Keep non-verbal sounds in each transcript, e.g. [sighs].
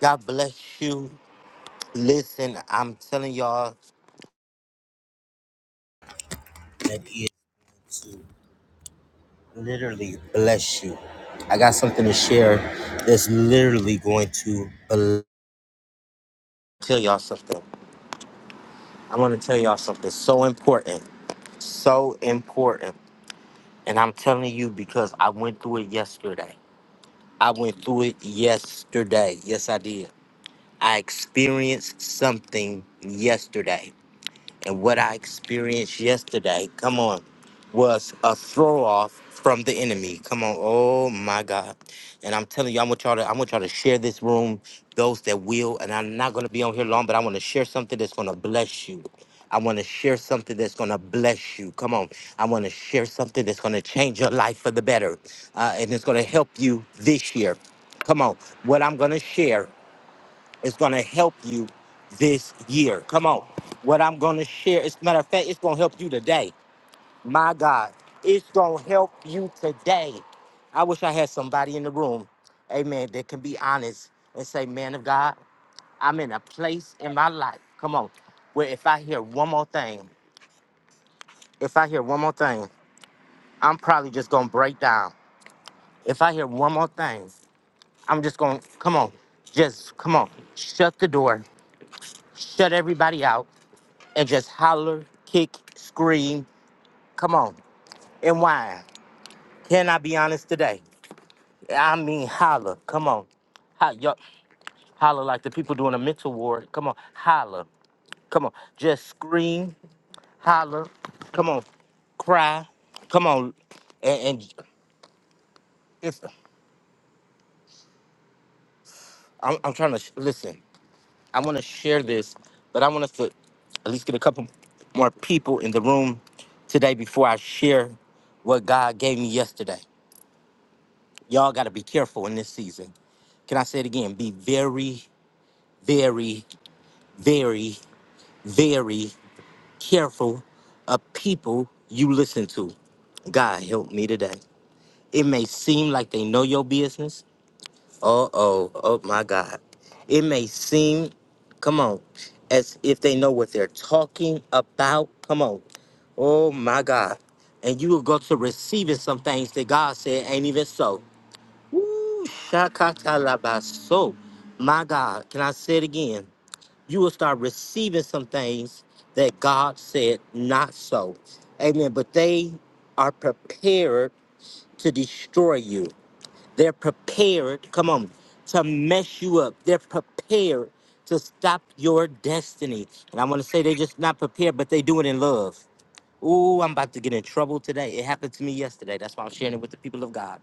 God bless you. Listen, I'm telling y'all that is literally bless you. I got something to share that's literally going to bl- tell y'all something. I want to tell y'all something so important, so important. And I'm telling you because I went through it yesterday. I went through it yesterday. Yes, I did. I experienced something yesterday And what I experienced yesterday, come on, was a throw off from the enemy. Come on, oh my God. And I'm telling you, I want y'all to I want y'all to share this room, those that will, and I'm not gonna be on here long, but I want to share something that's gonna bless you. I want to share something that's going to bless you. Come on. I want to share something that's going to change your life for the better. Uh, and it's going to help you this year. Come on. What I'm going to share is going to help you this year. Come on. What I'm going to share, as a matter of fact, it's going to help you today. My God, it's going to help you today. I wish I had somebody in the room, amen, that can be honest and say, man of God, I'm in a place in my life. Come on. Where if I hear one more thing, if I hear one more thing, I'm probably just going to break down. If I hear one more thing, I'm just going to, come on, just come on, shut the door, shut everybody out and just holler, kick, scream. Come on. And why? Can I be honest today? I mean, holler. Come on. Ho- yo- holler like the people doing a mental ward. Come on. Holler. Come on. Just scream, holler. Come on. Cry. Come on. And, and it's, I'm, I'm trying to sh- listen. I want to share this, but I want us to at least get a couple more people in the room today before I share what God gave me yesterday. Y'all got to be careful in this season. Can I say it again? Be very, very, very, very careful of people you listen to. God help me today. It may seem like they know your business. Uh oh, oh my God. It may seem, come on, as if they know what they're talking about. Come on. Oh my God. And you will go to receiving some things that God said ain't even so. Ooh, shakatalabaso. My God, can I say it again? You will start receiving some things that God said not so. Amen. But they are prepared to destroy you. They're prepared, come on, to mess you up. They're prepared to stop your destiny. And I want to say they're just not prepared, but they do it in love. Ooh, I'm about to get in trouble today. It happened to me yesterday. That's why I'm sharing it with the people of God.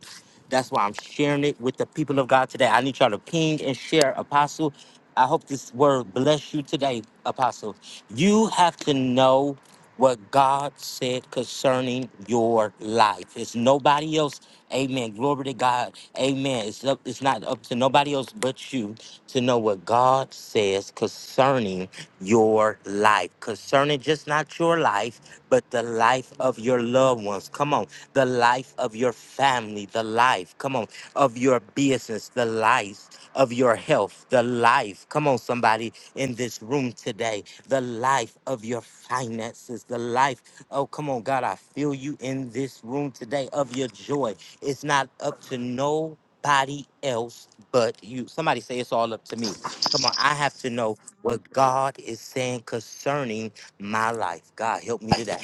That's why I'm sharing it with the people of God today. I need y'all to ping and share, Apostle. I hope this word bless you today, Apostle. You have to know what God said concerning your life. It's nobody else. Amen. Glory to God. Amen. It's up, it's not up to nobody else but you to know what God says concerning your life. Concerning just not your life but the life of your loved ones. Come on. The life of your family, the life, come on, of your business, the life of your health, the life. Come on, somebody in this room today, the life of your finances, the life. Oh, come on, God, I feel you in this room today of your joy. It's not up to nobody else but you. Somebody say it's all up to me. Come on, I have to know what God is saying concerning my life. God, help me today.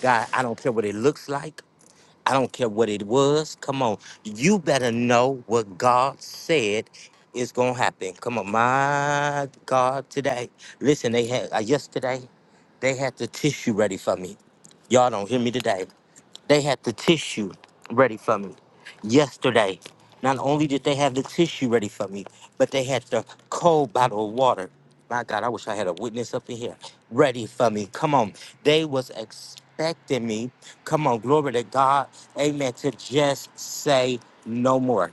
God, I don't care what it looks like. I don't care what it was. Come on. You better know what God said is going to happen. Come on. My God, today. Listen, they had, uh, yesterday, they had the tissue ready for me. Y'all don't hear me today. They had the tissue ready for me yesterday. Not only did they have the tissue ready for me, but they had the cold bottle of water. My God, I wish I had a witness up in here ready for me. Come on. They was expecting me. Come on, glory to God. Amen. To just say no more.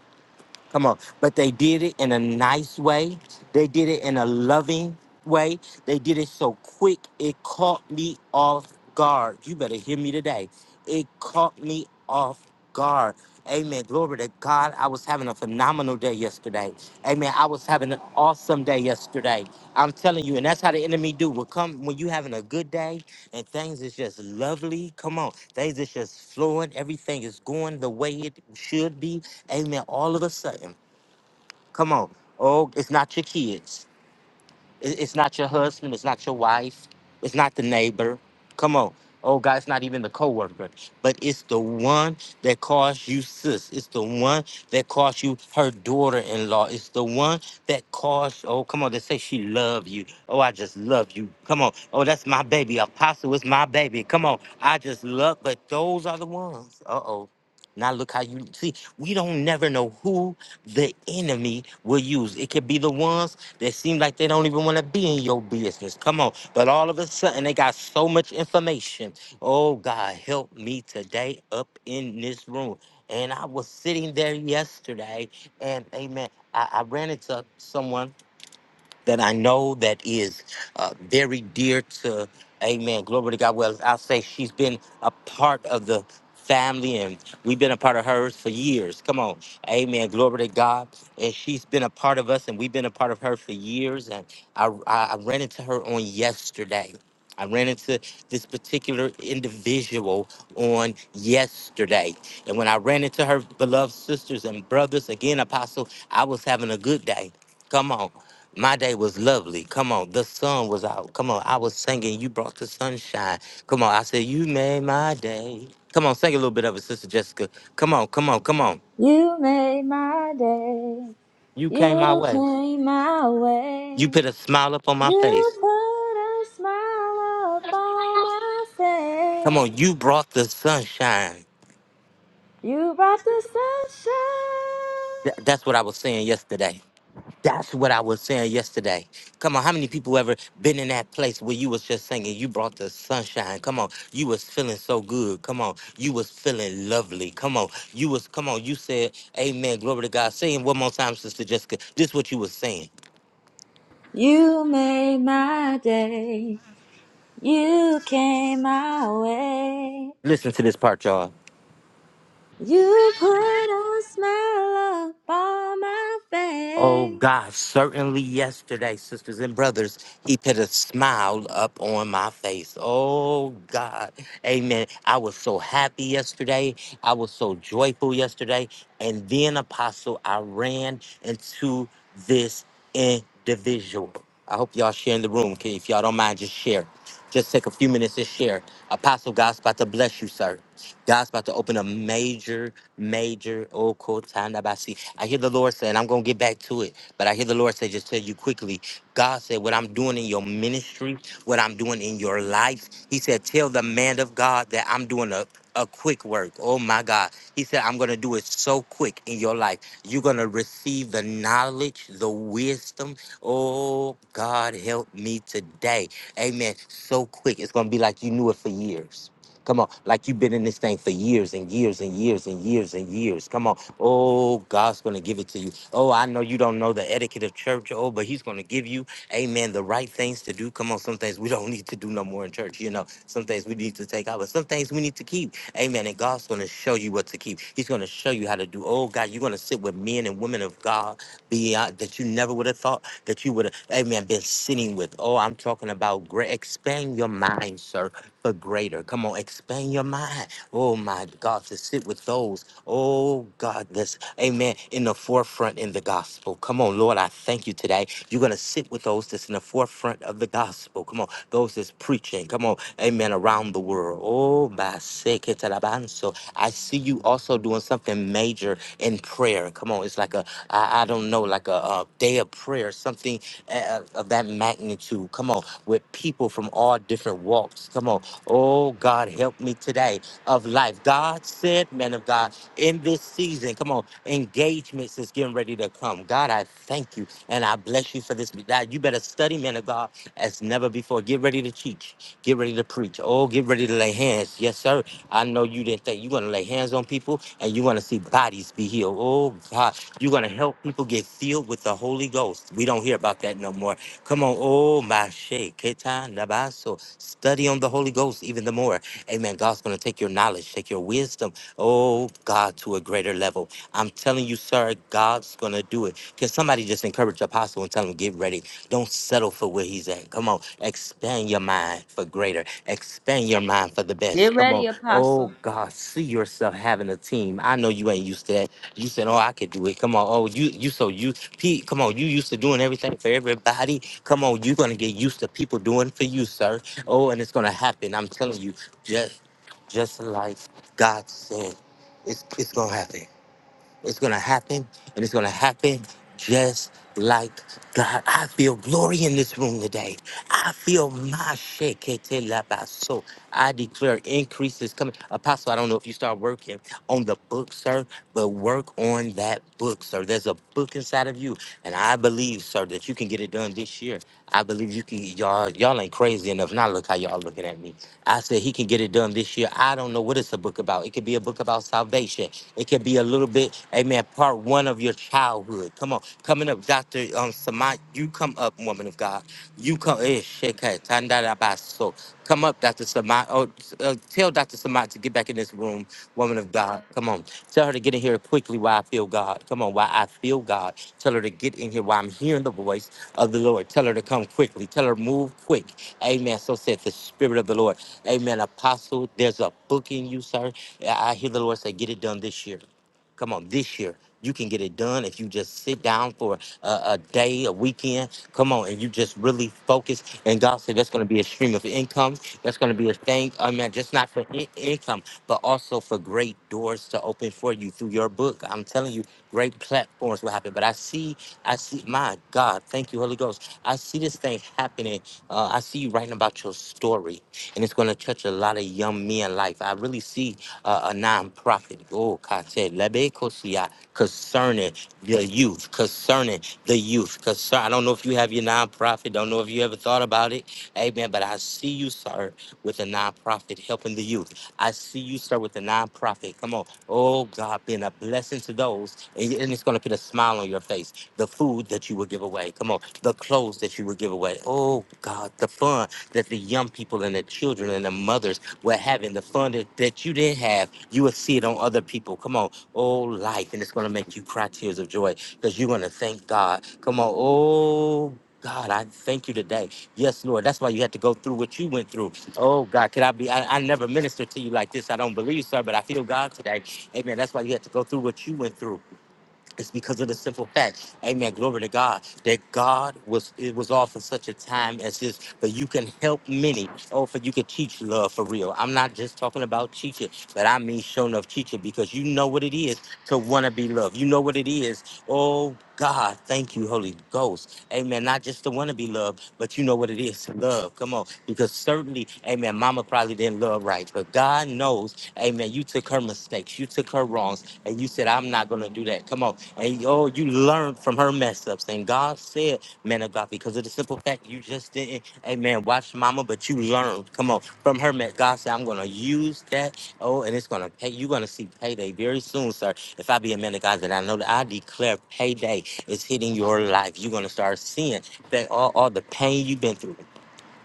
Come on. But they did it in a nice way. They did it in a loving way. They did it so quick, it caught me off guard. You better hear me today. It caught me off guard. Amen. Glory to God. I was having a phenomenal day yesterday. Amen. I was having an awesome day yesterday. I'm telling you, and that's how the enemy do. Will come when you having a good day and things is just lovely. Come on, things is just flowing. Everything is going the way it should be Amen. All of a sudden, come on. Oh, it's not your kids. It- It's not your husband. It's not your wife. It's not the neighbor. Come on. Oh God, it's not even the coworker, but it's the one that caused you sis. It's the one that caused you her daughter-in-law. It's the one that caused. Oh, come on, they say she love you. Oh, I just love you. Come on. Oh, that's my baby. Apostle is my baby. Come on, I just love. But those are the ones. Uh oh. Now look how you see. We don't never know who the enemy will use. It could be the ones that seem like they don't even want to be in your business. Come on. But all of a sudden, they got so much information. Oh, God, help me today up in this room. And I was sitting there yesterday, and amen, I, I ran into someone that I know that is uh, very dear to, amen, glory to God. Well, I'll say she's been a part of the family and we've been a part of hers for years. Come on. Amen. Glory to God. And she's been a part of us and we've been a part of her for years. And I, I I ran into her on yesterday. I ran into this particular individual on yesterday. And when I ran into her beloved sisters and brothers, again, Apostle, I was having a good day. Come on. My day was lovely. Come on, the sun was out. Come on, I was singing. You brought the sunshine. Come on, I said you made my day. Come on, sing a little bit of it, Sister Jessica. Come on, come on, come on. You made my day. You came my You way. came my You way. put a smile up on my You face. put a smile upon my Come on, face. you brought the sunshine. You brought the sunshine. Th- that's what I was saying yesterday. That's what I was saying yesterday. Come on, how many people ever been in that place where you was just singing? You brought the sunshine. Come on, you was feeling so good. Come on, you was feeling lovely. Come on, you was. Come on, you said, "Amen, glory to God." Say it one more time, Sister Jessica. This is what you was saying. You made my day. You came my way. Listen to this part, y'all. You put a smile upon my Oh face. God, certainly yesterday, sisters and brothers, he put a smile up on my face. Oh God, amen. I was so happy yesterday. I was so joyful yesterday. And then, Apostle, I ran into this individual. I hope y'all share in the room. Okay, If y'all don't mind, just share. Just take a few minutes to share. Apostle, God's about to bless you, sir. God's about to open a major major okotanabasi. I hear the Lord saying, I'm gonna get back to it, but I hear the Lord say, just tell you quickly. God said, What I'm doing in your ministry, what I'm doing in your life, He said, Tell the man of God that I'm doing a a quick work. Oh my God. He said, I'm going to do it so quick in your life. You're going to receive the knowledge, the wisdom. Oh, God, help me today. Amen. So quick. It's going to be like you knew it for years. Come on, like you've been in this thing for years and years and years and years and years. Come on. Oh, God's going to give it to you. Oh, I know you don't know the etiquette of church. Oh, but He's going to give you, amen, the right things to do. Come on, some things we don't [laughs] need to do no more in church. You know, some things we need to take out, but some things we need to keep. Amen. And God's going to show you what to keep. He's going to show you how to do. Oh, God, you're going to sit with men and women of God beyond that you never would have thought that you would have, amen, been sitting with. Oh, I'm talking about great. Expand your mind, sir for greater. Come on, expand your mind. Oh my God, to sit with those. Oh God, this, amen, in the forefront in the gospel. Come on, Lord, I thank you today. You're going to sit with those that's in the forefront of the gospel. Come on, those that's preaching. Come on, amen, around the world. Oh, my sake, it's alabanzo. I see you also doing something major in prayer. Come on, it's like a, I, I don't know, like a, a day of prayer, something uh, of that magnitude. Come on, with people from all different walks. Come on, Oh, God, help me today of life. God said, man of God, in this season, come on, engagements is getting ready to come. God, I thank you and I bless you for this. God, you better study, man of God, as never before. Get ready to teach. Get ready to preach. Oh, get ready to lay hands. Yes, sir. I know you didn't think you're going to lay hands on people and you're going to see bodies be healed. Oh, God, you're going to help people get filled with the Holy Ghost. We don't hear about that no more. Come on, oh my shake, Keta nabaso. Study on the Holy Ghost even the more. Amen. God's gonna take your knowledge, take your wisdom, oh God, to a greater level. I'm telling you, sir, God's gonna do it. Can somebody just encourage the apostle and tell him, get ready. Don't settle for where he's at. Come on, expand your mind for greater. Expand your mind for the Get best. Come ready, on. Oh Apostle. God, see yourself having a team. I know you ain't used to that. You said, "Oh, I could do it." Come on, oh, you, you, so you, Pete, come on, you used to doing everything for everybody. Come on, you're gonna get used to people doing for you, sir. Oh, and it's gonna happen. I'm telling you, just, just like God said, it's, it's gonna happen. It's going to happen, and it's going to happen just like God. I feel glory in this room today. I feel my shit. So I declare increase is coming. Apostle, I don't know if you start working on the book, sir, but work on that book, sir. There's a book inside of you, and I believe, sir, that you can get it done this year. I believe you can. Y'all, y'all ain't crazy enough. Now look how y'all looking at me. I said he can get it done this year. I don't know what it's a book about. It could be a book about salvation. It could be a little bit, amen, part one of your childhood. Come on. Coming up, Dr. Um, Samant, you come up, woman of God. You come, eh, shekha, tandarabaso. come up, Dr. Samant. Oh, uh, tell Dr. Samant to get back in this room, woman of God. Come on. Tell her to get in here quickly while I feel God. Come on, while I feel God. Tell her to get in here while I'm hearing the voice of the Lord. Tell her to come quickly. Tell her move quick. Amen. So said the Spirit of the Lord. Amen. Apostle, there's a book in you, sir. I I hear the Lord say, get it done this year. Come on, this year. You can get it done if you just sit down for a, a day, a weekend. Come on, and you just really focus. And God said that's going to be a stream of income. That's going to be a thing. I mean, just not for in- income, but also for great doors to open for you through your book. I'm telling you, great platforms will happen. But I see, I see, my God, thank you, Holy Ghost. I see this thing happening. Uh, I see you writing about your story, and it's going to touch a lot of young men life. I really see uh, a nonprofit. Oh, God said, Lebekosia, concerning the youth, concerning the youth. Concern, I don't know if you have your nonprofit, don't know if you ever thought about it. Amen. But I see you, sir, with a nonprofit helping the youth. I see you, sir, with a nonprofit. Come on. Oh, God, being a blessing to those. And and it's going to put a smile on your face. The food that you will give away. Come on. The clothes that you will give away. Oh, God, the fun that the young people and the children and the mothers where having the fun that, that you didn't have, you will see it on other people. Come on, oh life, and it's gonna make you cry tears of joy because you're gonna thank God. Come on, oh. God, I thank you today. Yes, Lord. That's why you had to go through what you went through. Oh, God, could I be? I, I never ministered to you like this. I don't believe, sir, but I feel God today. Amen. That's why you had to go through what you went through. It's because of the simple fact, Amen. Glory to God that God was it was all for such a time as this. But you can help many. Oh, for you can teach love for real. I'm not just talking about teaching, but I mean showing of teaching because you know what it is to want to be loved. You know what it is. Oh God, thank you, Holy Ghost. Amen. Not just to want to be loved, but you know what it is to love. Come on, because certainly, Amen. Mama probably didn't love right, but God knows, Amen. You took her mistakes, you took her wrongs and you said, I'm not gonna do that. Come on. And oh, you learned from her mess ups. And God said, man of God, because of the simple fact you just didn't, amen, watch mama, but you learned. Come on, from her mess. God said, I'm gonna use that. Oh, and it's gonna pay. You're gonna see payday very soon, sir. If I be a man of God, then I know that I declare payday is hitting your life. You're gonna start seeing that all, all the pain you've been through,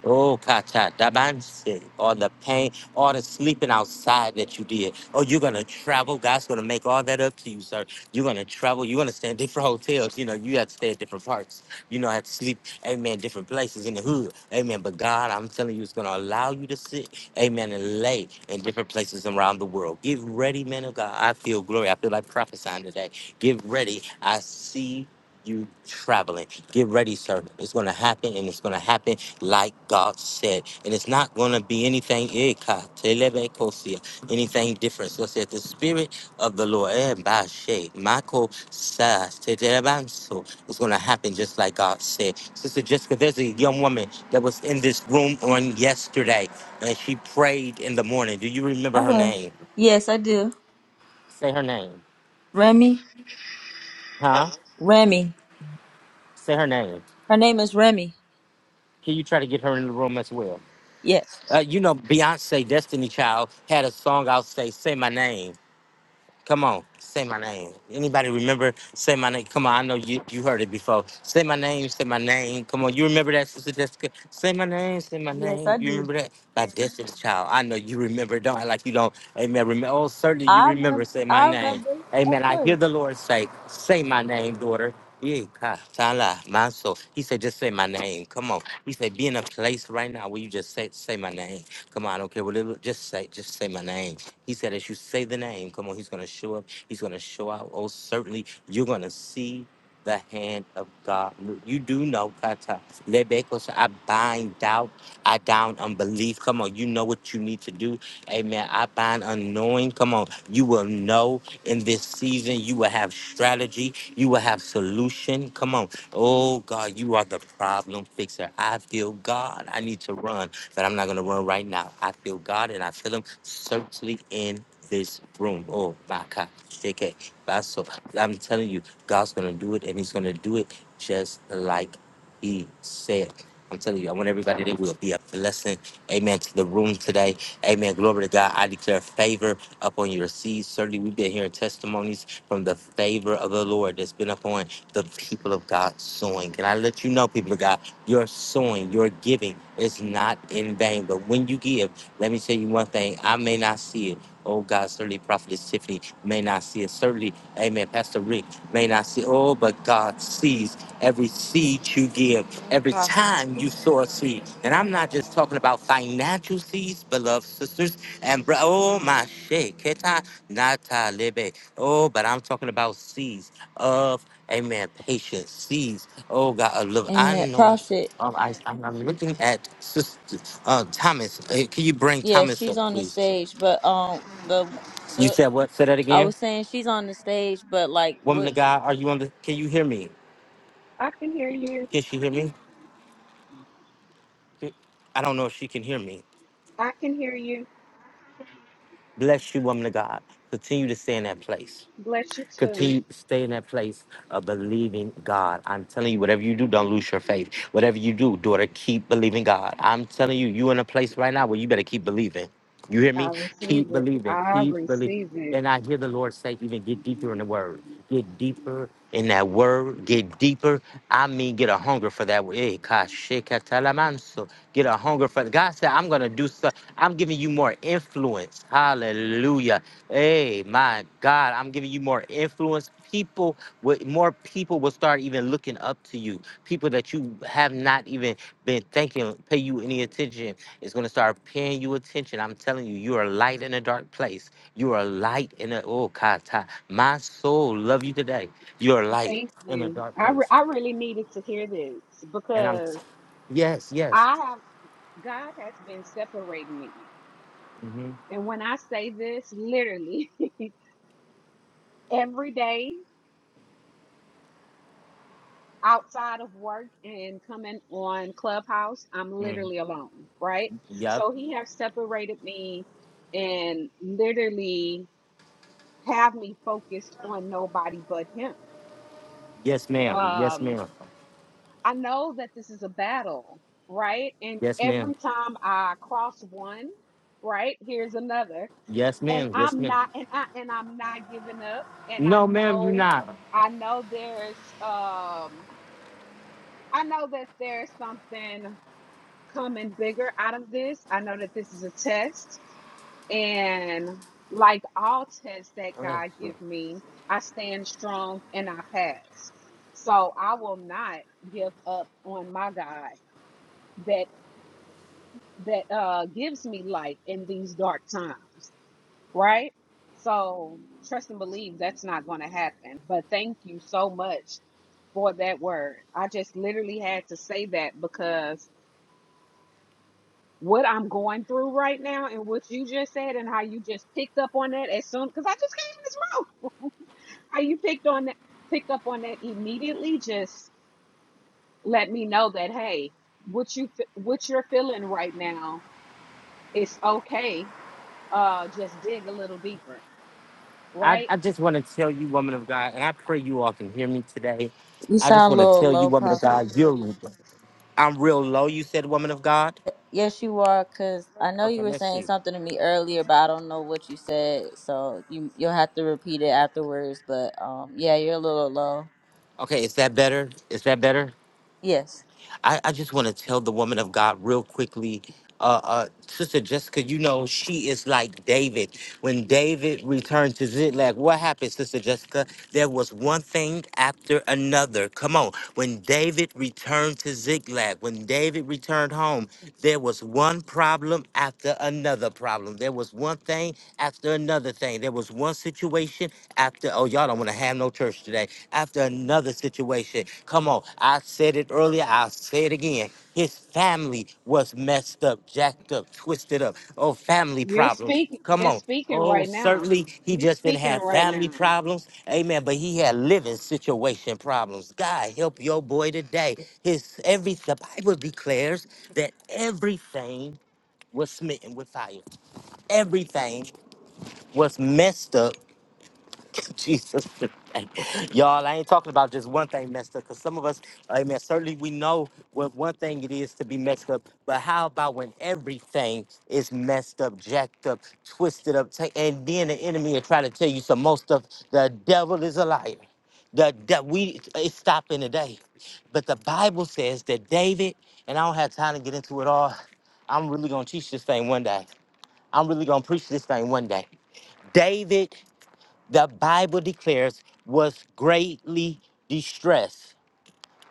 Oh, kata dabanse, all the pain, all the sleeping outside that you did. Oh, you're gonna travel. God's gonna make all that up to you, sir. You're gonna travel. You're gonna stay in different hotels. You know, you have to stay at different parts. You know, have to sleep. Amen. Different places in the hood. Amen. But God, I'm telling you, it's gonna allow you to sit. Amen. And lay in different places around the world. Get ready, man of God. I feel glory. I feel like prophesying today. Get ready. I see you traveling. Get ready, sir. It's going to happen and it's going to happen like God said. And it's not going to be anything eka, telebekosia, anything different. So it said, the Spirit of the Lord eh, bashe, mako sas, tetebanso, it's going to happen just like God said. Sister Jessica, there's a young woman that was in this room on yesterday, and she prayed in the morning. Do you I remember her will. name? Yes, I do. Say her name. Remy. Huh? Remy. Say her name. Her name is Remy. Can you try to get her in the room as well? Yes. Uh, you know, Beyonce, Destiny Child, had a song out say, Say My Name Come on, say my name. Anybody remember? Say my name. Come on, I know you you heard it before. Say my name, say my name. Come on, you remember that, Sister Jessica? Say my name, say my Yes, name. I You do. remember that? Like Destiny's Child. I know you remember. Don't act like you don't. Amen. Remember. Oh, certainly you I remember. remember. Say my I name. remember. Of Amen. I hear course. the Lord say, say my name, daughter. Yeah, God, Tala, my soul. He said, just say my name. Come on. He said, be in a place right now where you just say, say my name. Come on, I don't care what it was. Just say, just say my name. He said, as you say the name, come on, he's going to show up. He's going to show out. Oh, certainly, you're going to see the hand of God. You do know, Kata. Lebekos, I bind doubt. I down unbelief. Come on, you know what you need to do. Amen. I bind unknowing. Come on, you will know in this season. You will have strategy. You will have solution. Come on. Oh, God, you are the problem fixer. I feel God. I need to run that I'm not going to run right now. I feel God and I feel Him certainly in this room. Oh, my God. JK. That's so. I'm telling you, God's going to do it and He's going to do it just like He said. I'm telling you, I want everybody that will be a blessing. Amen. To the room today. Amen. Glory to God. I declare favor upon your seeds. Certainly, we've been hearing testimonies from the favor of the Lord that's been upon the people of God sowing. Can I let you know, people of God? Your sowing, your giving is not in vain. But when you give, let me tell you one thing. I may not see it. Oh God, certainly Prophetess Tiffany may not see it. Certainly, Amen. Pastor Rick may not see it. Oh, but God sees every seed you give Amen, every Prophet. time you sow a seed. And I'm not just talking about financial seeds, beloved sisters and bro. Oh my shit, keta nata lebe. Oh, but I'm talking about seeds of amen, patience, seeds. Oh God, uh, love. I Amen, know. Prophet. Um, I, I'm, I'm looking at sister uh, Thomas. Uh, can you bring Yeah, Thomas she's up, on the please? stage, but um, the You the said what? Say that I again. was saying she's on the stage, but like Woman what of God, are you on the? Can you hear me? I can hear you. Can she hear me? I don't know if she can hear me. I can hear you. Bless you, woman of God. Continue to stay in that place. Continue to stay in that place of believing God. I'm telling you, whatever you do, don't lose your faith. Whatever you do, daughter, keep believing God. I'm telling you, you in a place right now where you better keep believing. You hear I me? receive Keep it. believing. I Keep believing. receive it. And I hear the Lord say, even get deeper in the word. Get deeper in that word. Get deeper. I mean, get a hunger for that word. Eh, kashikatalamanso. Get a hunger for God said, I'm gonna do so. I'm giving you more influence. Hallelujah. Hey, my God, I'm giving you more influence. People with more more people will start even looking up to you. People that you have not even been thinking pay you any attention is going to start paying you attention. I'm telling you, you are a light in a dark place. You are a light in a oh kata. My soul love you today. You're a light Thank in a you. dark I, re- place. I really needed to hear this And I'm because yes, yes. I have, God has been separating me. hmm And when I say this, literally [laughs] every day outside of work and coming on Clubhouse, I'm Mm-hmm. literally alone, right? Yep. So he has separated me and literally have me focused on nobody but him. Yes, ma'am. Yes, Um, ma'am. I know that this is a battle, right? And Yes, ma'am. every time I cross one, right, here's another. Yes, And ma'am. Yes, I'm ma'am. not and I and I'm not giving up. And I No, ma'am, you're know not. I know there's um I know that there's something coming bigger out of this. I know that this is a test. And like all tests that God give me, I stand strong and I pass. So I will not give up on my God That that uh, gives me light in these dark times, right? So trust and believe that's not going to happen. But thank you so much for that word. I just literally had to say that because what I'm going through right now and what you just said and how you just picked up on that as soon because I just came in this room. How you picked on that picked up on that immediately just let me know that hey, what you fe- what you're feeling right now is okay. Uh just dig a little deeper I, right? I just want to tell you, woman of God, and I pray you all can hear me today. you I just sound a want to little tell you, low, woman of Prophet. God, you're I'm real low, you said, woman of God. Yes, you are, cause I know Okay, you were let's saying see. something to me earlier, but I don't know what you said, so you you'll have to repeat it afterwards. But um, yeah, you're a little low. Okay, is that better? Is that better? Yes. I, I just want to tell the woman of God real quickly. Uh, uh, Sister Jessica, you know, she is like David. When David returned to Ziklag, what happened, Sister Jessica? There was one thing after another. Come on. When David returned to Ziklag, when David returned home, there was one problem after another problem. There was one thing after another thing. There was one situation after oh y'all don't want to have no church today after another situation come on i said it earlier i'll say it again his family was messed up jacked up twisted up oh family You're problems speaking. come You're on speaking Oh, right now. certainly he You're just didn't speaking have right family now. problems. Amen. But he had living situation problems. God help your boy today. His every the Bible declares that everything was smitten with fire. Everything was messed up Jesus. [laughs] Y'all, I ain't talking about just one thing messed up, because some of us, amen, certainly we know what one thing it is to be messed up, but how about when everything is messed up, jacked up, twisted up, ta- and then the enemy will try to tell you some most of the devil is a liar. The, that we it's stopping today. But the Bible says that David, and I don't have time to get into it all. I'm really gonna teach this thing one day. I'm really gonna preach this thing one day. David the Bible declares, was greatly distressed.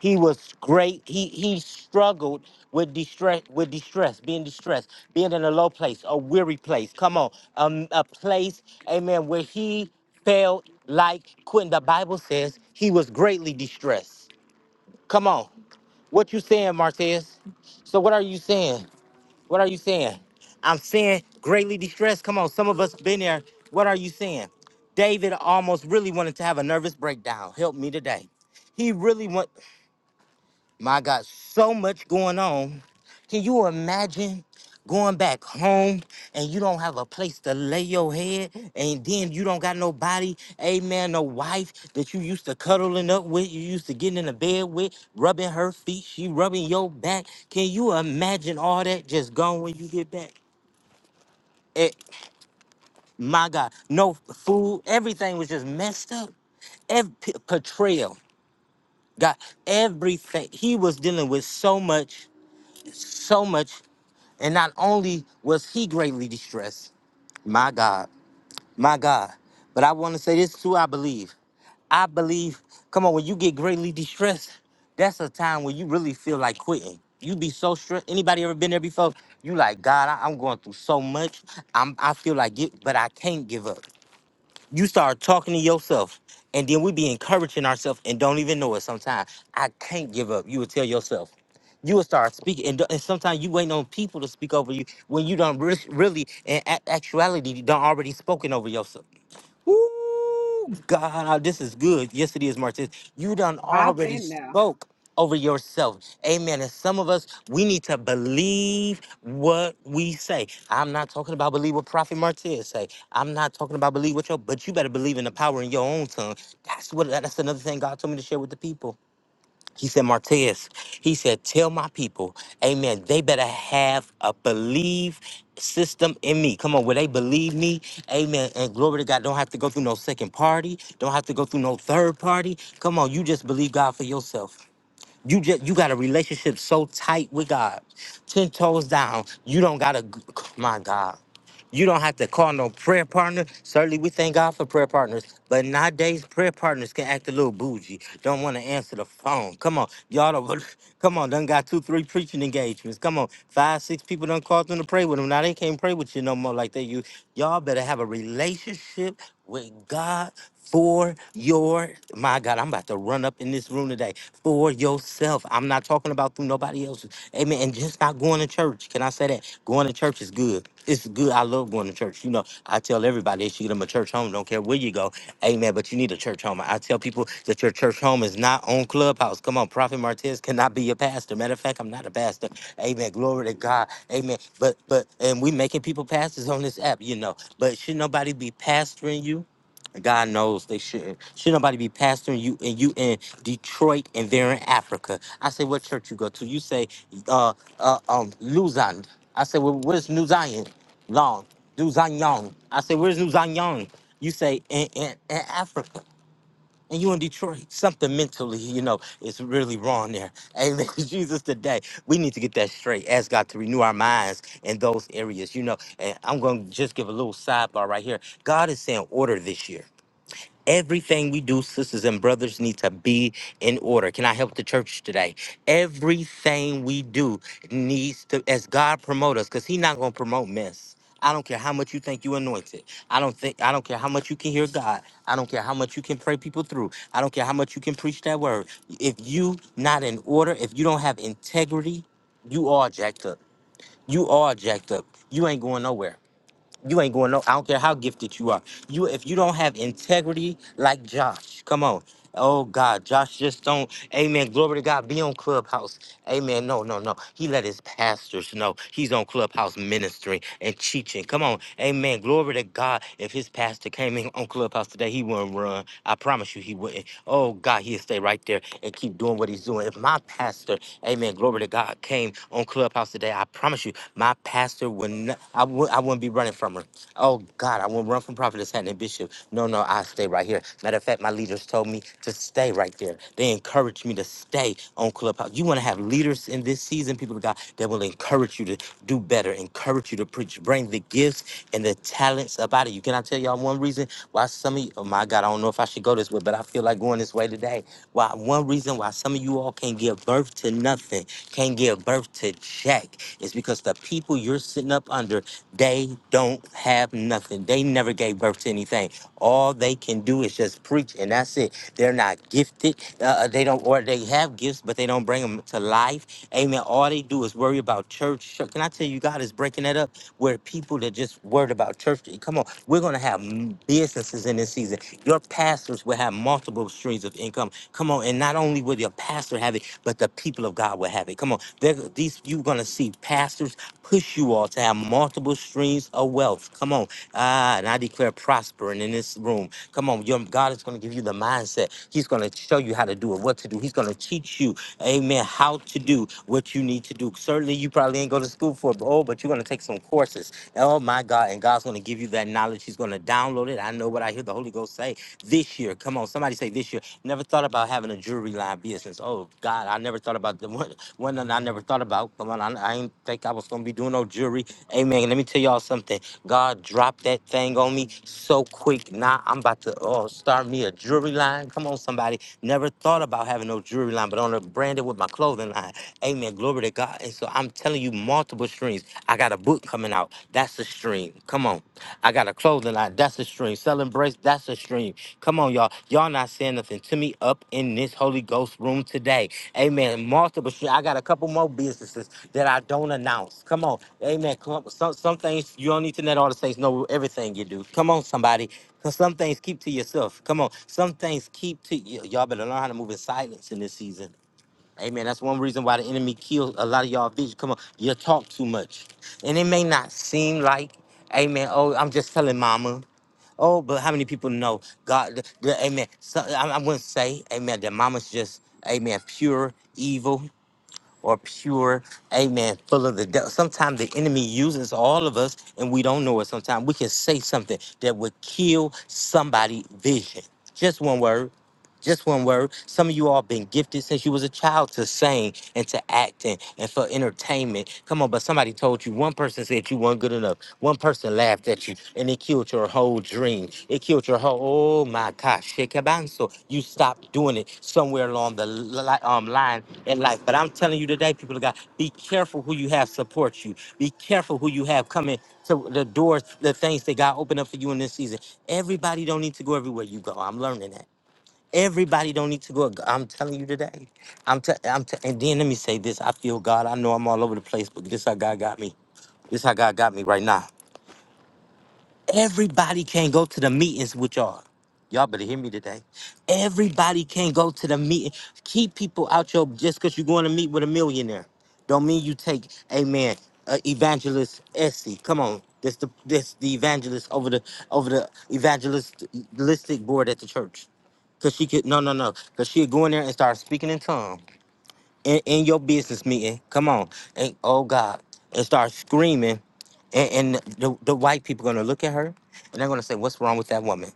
He was great. He he struggled with distress, with distress, being distressed, being in a low place, a weary place. Come on, um, a place, amen, where he felt like quitting. The Bible says he was greatly distressed. Come on, what you saying, Martez? So what are you saying? What are you saying? I'm saying greatly distressed. Come on, some of us been there. What are you saying? David almost really wanted to have a nervous breakdown. Help me today. He really want my God, so much going on. Can you imagine going back home and you don't have a place to lay your head and then you don't got nobody, amen, no wife that you used to cuddling up with, you used to getting in the bed with, rubbing her feet, she rubbing your back. Can you imagine all that just gone when you get back? It, my God, no food. Everything was just messed up. Every portrayal, God, everything. He was dealing with so much, so much, and not only was he greatly distressed, my God, my God. But I want to say this too. I believe, I believe. Come on, when you get greatly distressed, that's a time when you really feel like quitting. You be so stressed. Anybody ever been there before? You like God, I, am going through so much. I'm I feel like it, but I can't give up. you start talking to yourself and then we be encouraging ourselves and don't even know it sometimes i can't give up you will tell yourself you will start speaking and, and sometimes you waiting on people to speak over you when you don't really, really in a- actuality you not already spoken over yourself Ooh, God, this is good. Yes, it is, Martez. You done I've already been there. spoke over yourself. Amen. And some of us, we need to believe what we say. I'm not talking about believe what Prophet Martez say. I'm not talking about believe what your, but you better believe in the power in your own tongue. That's what, that's another thing God told me to share with the people. He said, Martez, he said, tell my people, amen, they better have a believe system in me. Come on, will they believe me, amen. And glory to God, don't have to go through no second party, don't have to go through no third party. Come on, you just believe God for yourself. You just you got a relationship so tight with God, ten toes down. You don't gotta. g- My God, you don't have to call no prayer partner. Certainly, we thank God for prayer partners, but nowadays prayer partners can act a little bougie. Don't want to answer the phone. Come on, y'all. Don't, [laughs] come on, done got two, three preaching engagements. Come on, five, six people done called them to pray with them. Now they can't pray with you no more like they you. Y'all better have a relationship with God for your my God, I'm about to run up in this room today for yourself. I'm not talking about through nobody else's. Amen. And just not going to church. Can I say that? Going to church is good. It's good. I love going to church. You know, I tell everybody they should get them a church home. Don't care where you go. Amen. But you need a church home. I tell people that your church home is not on Clubhouse. Come on, Prophet Martez cannot be your pastor. Matter of fact, I'm not a pastor. Amen. Glory to God. Amen. But but and we making people pastors on this app, you know. But should nobody be pastoring you? God knows they shouldn't. Should nobody be pastoring you and you in Detroit and they're in Africa? I say, what church you go to? You say, uh, uh um, Luzon. I say, well, where's New Zion? Long, New Zion. I say, where's New Zion? You say, in, in, in Africa. And you in Detroit, something mentally, you know, is really wrong there. Amen. [laughs] Jesus, today we need to get that straight. Ask God to renew our minds in those areas, you know. And I'm gonna just give a little sidebar right here. God is saying order this year. Everything we do, sisters and brothers, need to be in order. Can I help the church today? Everything we do needs to, as God promote us, because He's not gonna promote mess. I don't care how much you think you anointed. I don't think I don't care how much you can hear God. I don't care how much you can pray people through. I don't care how much you can preach that word. If you not in order, if you don't have integrity, you all jacked up. You all jacked up. You ain't going nowhere. You ain't going no. I don't care how gifted you are. You if you don't have integrity like Josh, come on. Oh God, Josh just don't. Amen. Glory to God. Be on Clubhouse. Amen. No, no, no. He let his pastors know he's on Clubhouse ministering and teaching. Come on. Amen. Glory to God. If his pastor came in on Clubhouse today, he wouldn't run. I promise you, he wouldn't. Oh God, he'd stay right there and keep doing what he's doing. If my pastor, Amen. Glory to God, came on Clubhouse today, I promise you, my pastor would not. I would. I wouldn't be wouldn't be running from her. Oh God, I wouldn't run from Prophetess Hatton and Bishop. No, no, I stay right here. Matter of fact, my leaders told me to stay right there. They encouraged me to stay on Clubhouse. You want to have leaders in this season, people of God, that will encourage you to do better, encourage you to preach, bring the gifts and the talents about it. You can I tell y'all one reason why some of you, oh my God, I don't know if I should go this way, but I feel like going this way today. Why one reason why some of you all can't give birth to nothing, can't give birth to jack, is because the people you're sitting up under they don't have nothing. They never gave birth to anything. All they can do is just preach, and that's it. They're not gifted. Uh, they don't, or they have gifts, but they don't bring them to life. Amen. All they do is worry about church. Can I tell you, God is breaking that up where people that just worried about church. Come on, we're gonna have m- businesses in this season. Your pastors will have multiple streams of income. Come on, and not only will your pastor have it, but the people of God will have it. Come on, They're- these you're gonna see pastors push you all to have multiple multiple streams of wealth. Come on. Ah, and I declare prospering in this room. Come on. Your, God is going to give you the mindset. He's going to show you how to do it, what to do. He's going to teach you, amen, how to do what you need to do. Certainly, you probably ain't go to school for it, but, oh, but you're going to take some courses. Oh, my God. And God's going to give you that knowledge. He's going to download it. I know what I hear the Holy Ghost say this year. Come on. Somebody say this year. Never thought about having a jewelry line business. Oh, God. I never thought about the [laughs] one, one that I never thought about. Come on. I, I did think I was going to be doing no jewelry. Amen. Let me tell y'all something. God dropped that thing on me so quick. Now I'm about to oh, start me a jewelry line. Come on, somebody. Never thought about having no jewelry line, but on a branded with my clothing line. Amen. Glory to God. And so I'm telling you multiple streams. I got a book coming out. That's a stream. Come on. I got a clothing line. That's a stream. Selling bricks. That's a stream. Come on, y'all. Y'all not saying nothing to me up in this Holy Ghost room today. Amen. Multiple stream. I got a couple more businesses that I don't announce. Come on. Amen. Come on. Some, some things you don't need to let all the saints know everything you do. Come on, somebody. Cause some things keep to yourself. Come on. Some things keep to you. Y'all better learn how to move in silence in this season. Amen. That's one reason why the enemy killed a lot of y'all vision. Come on, you talk too much. And it may not seem like, amen, oh, I'm just telling mama. Oh, but how many people know God? The, the- amen. So, I, I wouldn't say, amen, that mama's just, amen, pure evil or pure, amen, full of the devil. Sometimes the enemy uses all of us and we don't know it. Sometimes we can say something that would kill somebody's vision. Just one word. Just one word. Some of you all been gifted since you was a child to sing and to acting and for entertainment. Come on, but somebody told you. One person said you weren't good enough. One person laughed at you, and it killed your whole dream. It killed your whole. Oh my gosh, shekabanso. You stopped doing it somewhere along the li- um, line in life. But I'm telling you today, people of God, be careful who you have support you. Be careful who you have coming to the doors, the things that God opened up for you in this season. Everybody don't need to go everywhere you go. I'm learning that. Everybody don't need to go. I'm telling you today. I'm t- I'm t- and then let me say this. I feel God. I know I'm all over the place, but this how God got me. This how God got me right now. Everybody can't go to the meetings with y'all. Y'all better hear me today. Everybody can't go to the meeting. Keep people out your just because you're going to meet with a millionaire. Don't mean you take, amen, uh, evangelist Essie. Come on. That's the that's the evangelist over the over the evangelistic board at the church. Cause she could no no no. Cause she'd go in there and start speaking in tongues in, in your business meeting. Come on. And oh God. And start screaming. And, and the, the white people gonna look at her and they're gonna say, What's wrong with that woman?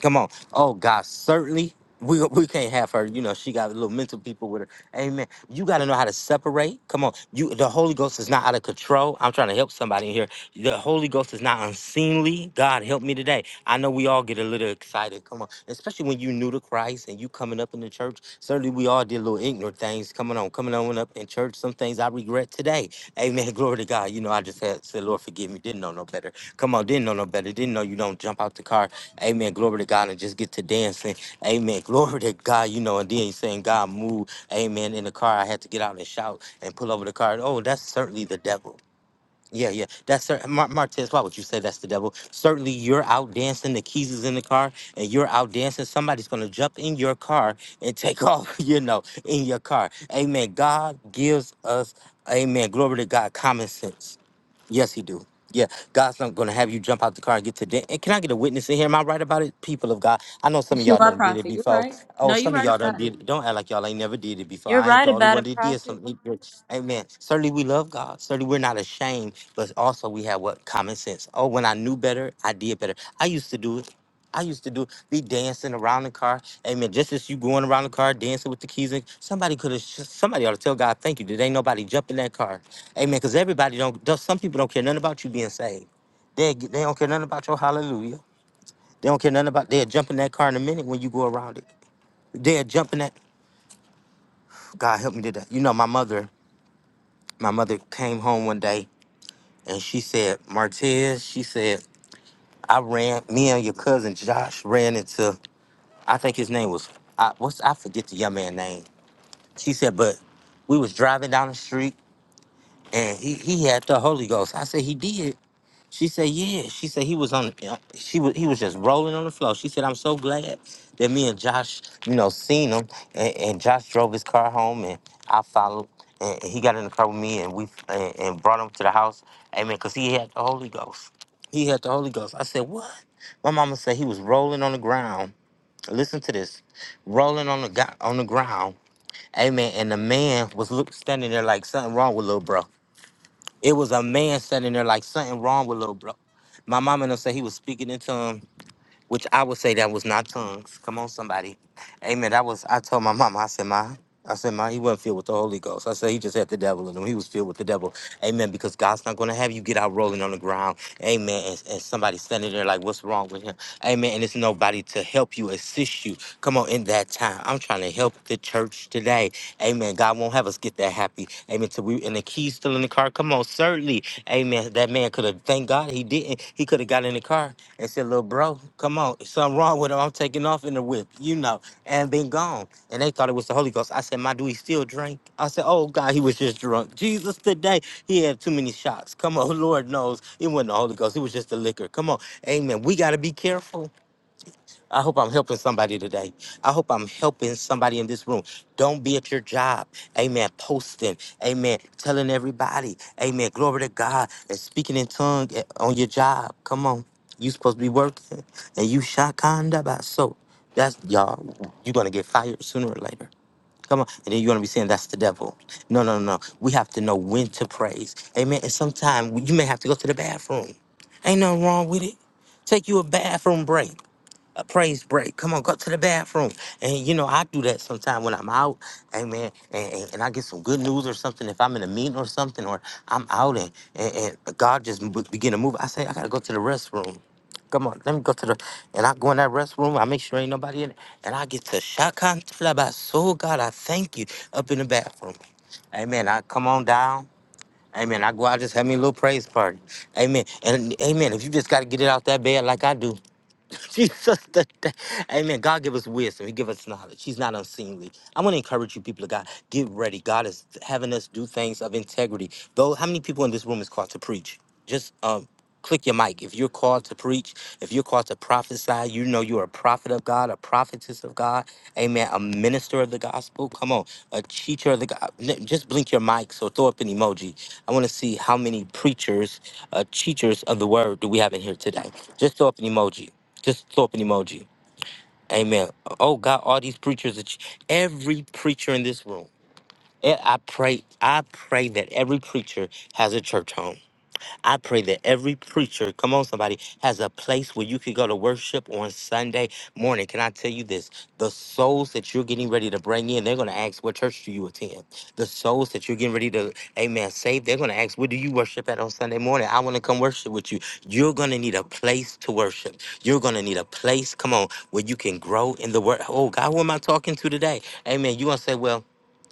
Come on. Oh God, certainly [laughs] we, we can't have her. You know, she got a little mental people with her. Amen. You gotta know how to separate. Come on. You the Holy Ghost is not out of control. I'm trying to help somebody in here. The Holy Ghost is not unseemly. God help me today. I know we all get a little excited. Come on. Especially when you new to Christ and you coming up in the church. Certainly we all did little ignorant things coming on, coming on up in church. Some things I regret today. Amen. [laughs] Glory to God. You know, I just had said, Lord, forgive me. Didn't know no better. Come on, didn't know no better. Didn't know you don't jump out the car. Amen. Glory to God and just get to dancing. Amen. [laughs] Glory to God. You know, and then saying, God, move. Amen. In the car, I had to get out and shout and pull over the car. Oh, that's certainly the devil. Yeah, yeah. That's cer- Mar- Martez. Why would you say that's the devil? Certainly, you're out dancing. The keys is in the car, and you're out dancing. Somebody's gonna jump in your car and take [laughs] off. You know, in your car. Amen. God gives us, Amen. Glory to God. Common sense. Yes, he do. Yeah, God's not gonna have you jump out the car and get to dent. And can I get a witness in here? Am I right about it, people of God? I know some of Yes, you y'all are, done did it Prophet. You're before. right. Oh, No, you're some of right y'all done about did. it. it. Don't act like y'all ain't never did it before. You're I ain't the right only about one it, that did Prophet. something. Amen. Certainly, we love God. Certainly, we're not ashamed. But also, we have what common sense. Oh, when I knew better, I did better. I used to do it. I used to do it. be dancing around the car. Amen. Just as you going around the car, dancing with the keys, and somebody could have. Somebody ought to tell God, "Thank you." Did ain't nobody jump in that car? Amen. Because everybody don't, don't- some people don't care nothing about you being saved. They, they don't care nothing about your hallelujah. They don't care nothing about, they'll jump in that car in a minute when you go around it. They'll jump in that, God help me today. You know, my mother, my mother came home one day and she said, Martez, she said, I ran, me and your cousin Josh ran into, I think his name was, I, what's, I forget the young man's name. She said, but we was driving down the street and he, he had the Holy Ghost. I said, he did. She said, "Yeah." She said he was on. the uh, She was. He was just rolling on the floor. She said, "I'm so glad that me and Josh, you know, seen him." And, and Josh drove his car home, and I followed. And he got in the car with me, and we and, and brought him to the house. Amen. Because he had the Holy Ghost. He had the Holy Ghost. I said, "What?" My mama said he was rolling on the ground. Listen to this, rolling on the go- on the ground. Amen. And the man was look, standing there like something wrong with little bro. It was a man standing there like something wrong with little bro. My mama and them said he was speaking in tongues which I would say that was not tongues. Come on, somebody. Amen. That was, I told my mama, I said, Ma, I said, Ma, he wasn't filled with the Holy Ghost. I said, he just had the devil in him. He was filled with the devil. Amen. Because God's not going to have you get out rolling on the ground. Amen. And, and somebody standing there like, what's wrong with him? Amen. And it's nobody to help you, assist you. Come on, in that time. I'm trying to help the church today. Amen. God won't have us get that happy. Amen. So we and the keys still in the car. Come on, certainly. Amen. That man could have thank God he didn't. He could have got in the car and said, "Little bro, come on, something wrong with him. I'm taking off in the whip, you know, and been gone." And they thought it was the Holy Ghost. I said, "My, do he still drink?" I said, "Oh God, he was just drunk. Jesus, today he had too many shots. Come on, [laughs] Lord knows it wasn't the Holy Ghost. It was just the liquor. Come on, Amen. We got to be careful. I hope I'm helping somebody today. I hope I'm helping somebody in this room. Don't be at your job. Amen. Posting. Amen. Telling everybody. Amen. Glory to God. And speaking in tongue at- on your job. Come on. You supposed to be working. And you shakanda by so. That's y'all. You're gonna get fired sooner or later. Come on. And then you're gonna be saying that's the devil. No, no, no. We have to know when to praise. Amen. And sometimes you may have to go to the bathroom. Ain't nothing wrong with it. Take you a bathroom break a praise break. Come on, go to the bathroom. And you know, I do that sometime when I'm out, amen. And, and, and I get some good news or something. If I'm in a meeting or something, or I'm out and, and, and God just b- begin to move, I say, I gotta go to the restroom. Come on, let me go to the, and I go in that restroom. I make sure ain't nobody in it, and I get to shakan about. So God, I thank you up in the bathroom. Amen. I come on down. Amen. I go out, just have me a little praise party. Amen. And amen. If you just got to get it out that bed like I do. [laughs] Jesus, the, the, Amen. God give us wisdom. He give us knowledge. He's not unseemly. i want to encourage you, people of God. Get ready. God is having us do things of integrity. Though, how many people in this room is called to preach? Just um, click your mic. If you're called to preach, if you're called to prophesy, you know you're a prophet of God, a prophetess of God. Amen. A minister of the gospel. Come on, a teacher of the God. Just blink your mics or throw up an emoji. I want to see how many preachers, uh, teachers of the word do we have in here today. Just throw up an emoji. Just throw up an emoji. Amen. Oh God, all these preachers, that you- every preacher in this room. eh, I pray, I pray that every preacher has a church home. I pray that every preacher, come on, somebody, has a place where you can go to worship on Sunday morning. Can I tell you this? The souls that you're getting ready to bring in, they're going to ask, What church do you attend? The souls that you're getting ready to, amen, save, they're going to ask, What do you worship at on Sunday morning? I want to come worship with you. You're going to need a place to worship. You're going to need a place, come on, where you can grow in the word. Oh, God, who am I talking to today? Amen. you want to say, Well,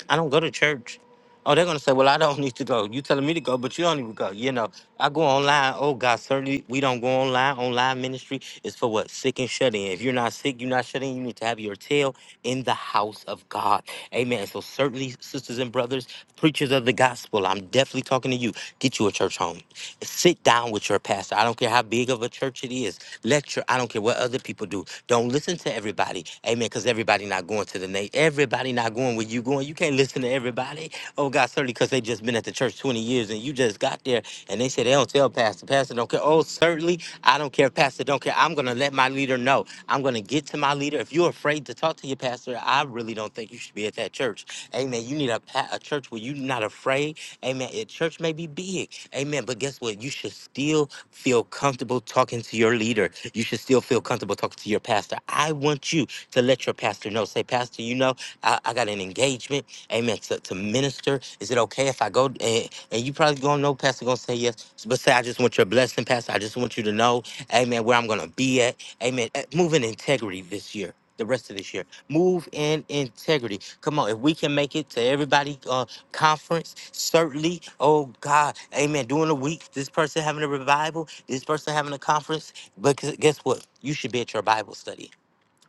I don't go to church. Oh, they're gonna say, well, I don't [laughs] need to go. You telling me to go, but you don't even go. You know, I go online. Oh God, certainly we don't go online. Online ministry is for what sick and shut in. If you're not sick, you're not shut in. You need to have your tail in the house of God. Amen. So certainly, sisters and brothers, preachers of the gospel, I'm definitely talking to you. Get you a church home. Sit down with your pastor. I don't care how big of a church it is. Lecture. I don't care what other people do. Don't listen to everybody. Amen. Because everybody not going to the name. Everybody not going where you going. You can't listen to everybody. Oh God, certainly because they just been at the church 20 years and you just got there and they said they don't tell Pastor. Pastor don't care. Oh, certainly I don't care. Pastor don't care. I'm gonna let my leader know. I'm gonna get to my leader. If you're afraid to talk to your pastor, I really don't think you should be at that church. Amen. You need a pa- a church where you're not afraid. Amen. Your church may be big. Amen. But guess what? You should still feel comfortable talking to your leader. You should still feel comfortable talking to your pastor. I want you to let your pastor know. Say, Pastor, you know, I, I got an engagement. Amen. To, to minister. Is it okay if I go? And, and you probably gonna know, Pastor gonna say yes. But say, I just want your blessing, Pastor. I just want you to know, Amen, where I'm gonna be at. Amen. Eh, Move in integrity this year. The rest of this year, move in integrity. Come on, if we can make it to everybody uh, conference certainly oh god amen during the week this person having a revival this person having a conference but gu- guess what you should be at your bible study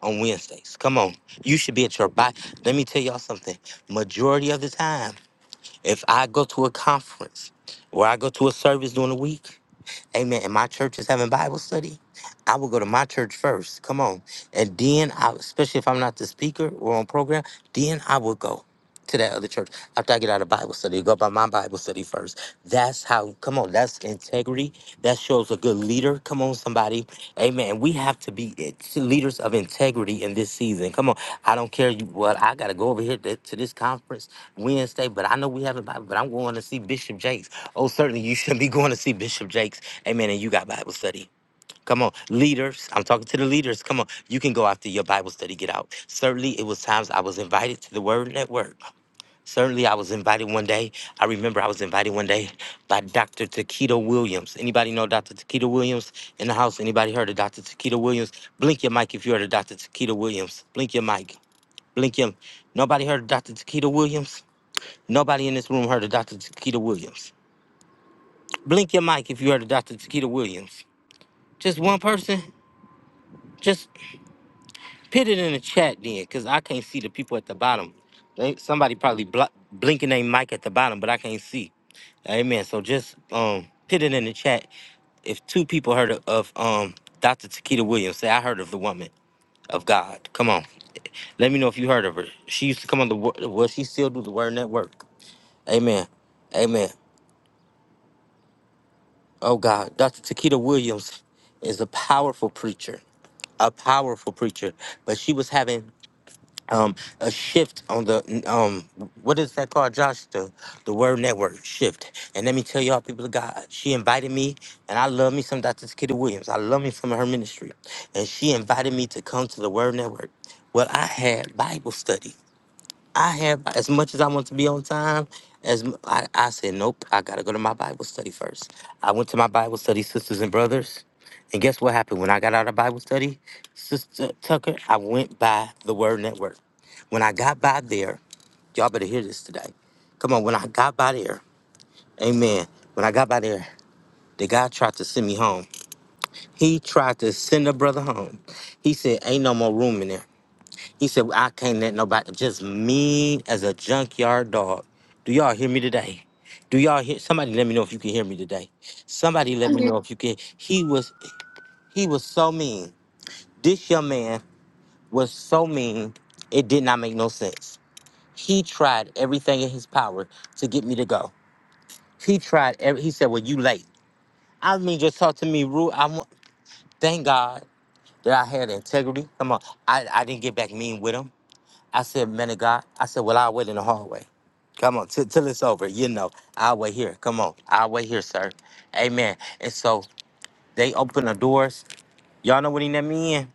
on wednesdays come on you should be at your bible let me tell y'all something majority of the time if i go to a conference or i go to a service during the week Amen. And my church is having Bible study. I will go to my church first. Come on. And then, I, especially if I'm not the speaker or on program, then I will go to that other church after I get out of Bible study. Go by my Bible study first. That's how, come on, that's integrity. That shows a good leader. Come on, somebody. Amen. We have to be it's leaders of integrity in this season. Come on. I don't care you what I got to go over here to, to this conference Wednesday, but I know we have a Bible, but I'm going to see Bishop Jakes. Oh, certainly you shouldn't be going to see Bishop Jakes. Amen. And you got Bible study. Come on, leaders. I'm talking to the leaders. Come on, you can go after your Bible study. Get out. Certainly, it was times I was invited to the Word Network. Certainly, I was invited one day. I remember I was invited one day by Dr. Taquito Williams. Anybody know Dr. Taquito Williams in the house? Anybody heard of Dr. Taquito Williams? Blink your mic if you heard of Dr. Taquito Williams. Blink your mic. Blink him. Nobody heard of Dr. Taquito Williams. Nobody in this room heard of Dr. Taquito Williams. Blink your mic if you heard of Dr. Takeda Williams. Just one person? Just put it in the chat then, because I can't see the people at the bottom. They, somebody probably blo- blinking their mic at the bottom, but I can't see. Amen. So just um put it in the chat. If two people heard of, of um Dr. Takeda Williams, say I heard of the woman of God. Come on. Let me know if you heard of her. She used to come on the word well, she still do the word network. Amen. Amen. Oh God, Dr. Takeda Williams is a powerful preacher. a powerful preacher, but she was having um, a shift on the um, what is that called, Josh? The the word network shift. And let me tell y'all, people of God, she invited me, and I love me some Dr. Kitty Williams. I love me some of her ministry, and she invited me to come to the Word Network. Well, I had Bible study. I have as much as I want to be on time. As m- I, I said, nope, I gotta go to my Bible study first. I went to my Bible study, sisters and brothers, and guess what happened when I got out of Bible study, Sister Tucker? I went by the Word Network. When I got by there, y'all better hear this today. Come on, when I got by there, Amen. When I got by there, the guy tried to send me home. He tried to send a brother home. He said, "Ain't no more room in there." He said, I can't let nobody, just mean as a junkyard dog. Do y'all hear me today? Do y'all hear? Somebody let me know if you can hear me today. Somebody let me know if you can. He was, he was so mean. This young man was so mean, it did not make no sense. He tried everything in his power to get me to go. He tried, every, he said, well, you late. I mean, just talk to me rude. I want, thank God that I had integrity. Come on. I, I didn't get back mean with him. I said, man of God, I said, well, I'll wait in the hallway. Come on, till till it's over. You know, I'll wait here. Come on, I'll wait here, sir. Amen. And so they open the doors. Y'all know what he let me in?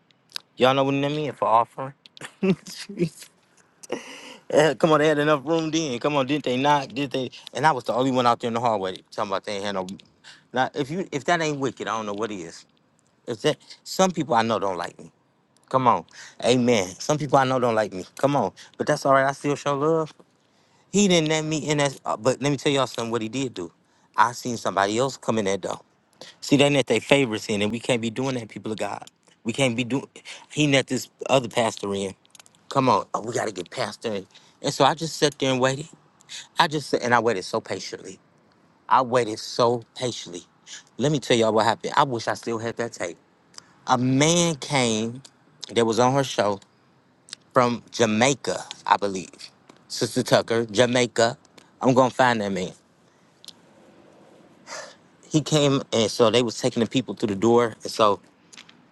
Y'all know what he let me in for offering? [laughs] Jeez. Yeah, come on, they had enough room then. Come on, didn't they not? Did they? And I was the only one out there in the hallway talking about they ain't had no. Now, if you if that ain't wicked, I don't know what is. If that, some people I know don't like me. Come on, Amen. Some people I know don't like me. Come on, but that's all right. I still show love. He didn't let me in that. uh, But let me tell y'all something. What he did do, I seen somebody else come in that door. See, they let their favorites in, and we can't be doing that, people of God. We can't be doing. He let this other pastor in. Come on, oh, we got to get pastor in. And so I just sat there and waited. I just sat, and I waited so patiently. I waited so patiently. Let me tell y'all what happened. I wish I still had that tape. A man came that was on her show from Jamaica, I believe. Sister Tucker, Jamaica. I'm gonna find that man. he came and so they was taking the people through the door and so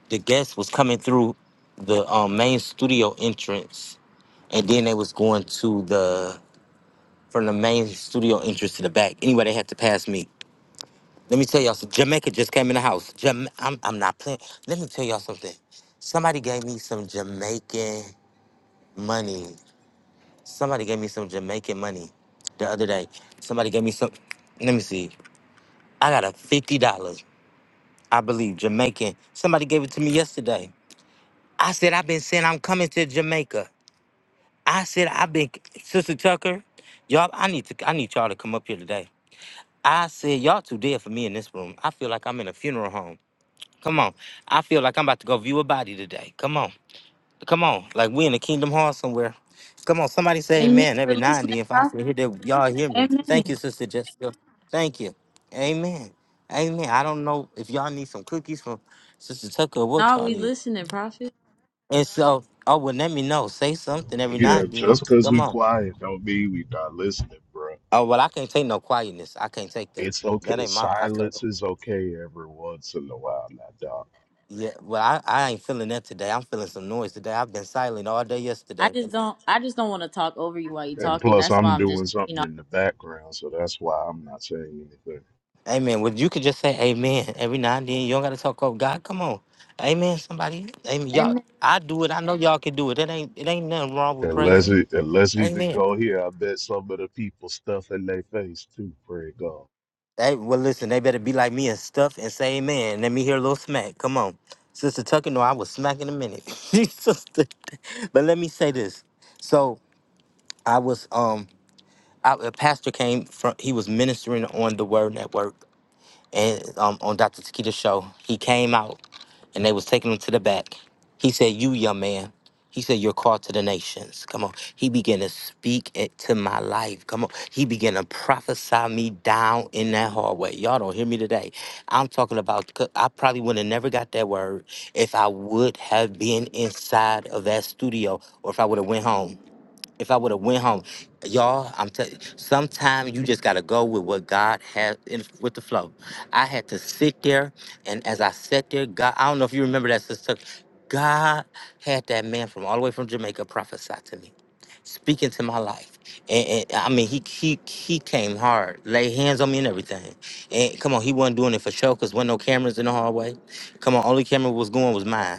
the guests was coming through the um, main studio entrance and then they was going to the from the main studio entrance to the back anyway they had to pass me let me tell y'all something jamaica just came in the house Jama- I'm, I'm not playing let me tell y'all something somebody gave me some jamaican money somebody gave me some jamaican money the other day somebody gave me some let me see i got a $50 i believe jamaican somebody gave it to me yesterday I said, I've been saying I'm coming to Jamaica. I said, I've been, Sister Tucker, y'all, I need to, I need y'all to come up here today. I said, y'all too dead for me in this room. I feel like I'm in a funeral home. Come on. I feel like I'm about to go view a body today. Come on. Come on. Like we in the kingdom hall somewhere. Come on. Somebody say Amen. amen We're every now and then. listening, If I can prophet. hear that, y'all hear me. Thank you, Amen. Sister Jessica. Thank you. Amen. Amen. I don't know if y'all need some cookies from Sister Tucker or what No, y'all we need. listening, prophet. And so, oh well, let me know. Say something every now Yeah, and just then. because Come we on. quiet don't mean we not listening, bro. Oh well, I can't take no quietness. I can't take that. It's That okay. ain't my. I can't. Silence is okay every once in a while, now, dog. Yeah. Well, I, I ain't feeling that today. I'm feeling some noise today. I've been silent all day I yesterday. just don't. I just don't want to talk over you while you are And talking. plus, That's why I'm I'm just, doing you something know. in the background, so that's why I'm not saying anything. Amen. Well, you could just say Amen every now and then. You don't gotta talk over God. Come on. Amen. Somebody. Amen. Y'all. Amen. I do it. I know y'all can do it. It ain't. It ain't nothing wrong with Unless, praising. it, unless even Amen. go here, I bet some of the people stuff in their face too. Pray God. Hey, well, listen, they better be like me and stuff and say amen. Let me hear a little smack. Come on. Sister Tucker, no, I was smacking in a minute. [laughs] Sister- but let me say this. So I was, um, I, a pastor came from, he was ministering on the word network and um, on Dr. Takeda's show, he came out and they was taking him to the back. He said, "You young man," he said, "You're called to the nations." Come on, he began to speak it to my life. Come on, he began to prophesy me down in that hallway. Y'all don't hear me today. I'm talking about. c- I probably would have never got that word if I would have been inside of that studio or if I would have went home if I would have went home, y'all, I'm telling. you, Sometimes you just gotta go with what God has in, with the flow. I had to sit there, and as I sat there, God, I don't know if you remember that, sister. God had that man from all the way from Jamaica prophesy to me, speaking to my life. And, and I mean, he he he came hard, laid hands on me and everything. And come on, he wasn't doing it for show, cause wasn't no cameras in the hallway. Come on, only camera was going was mine.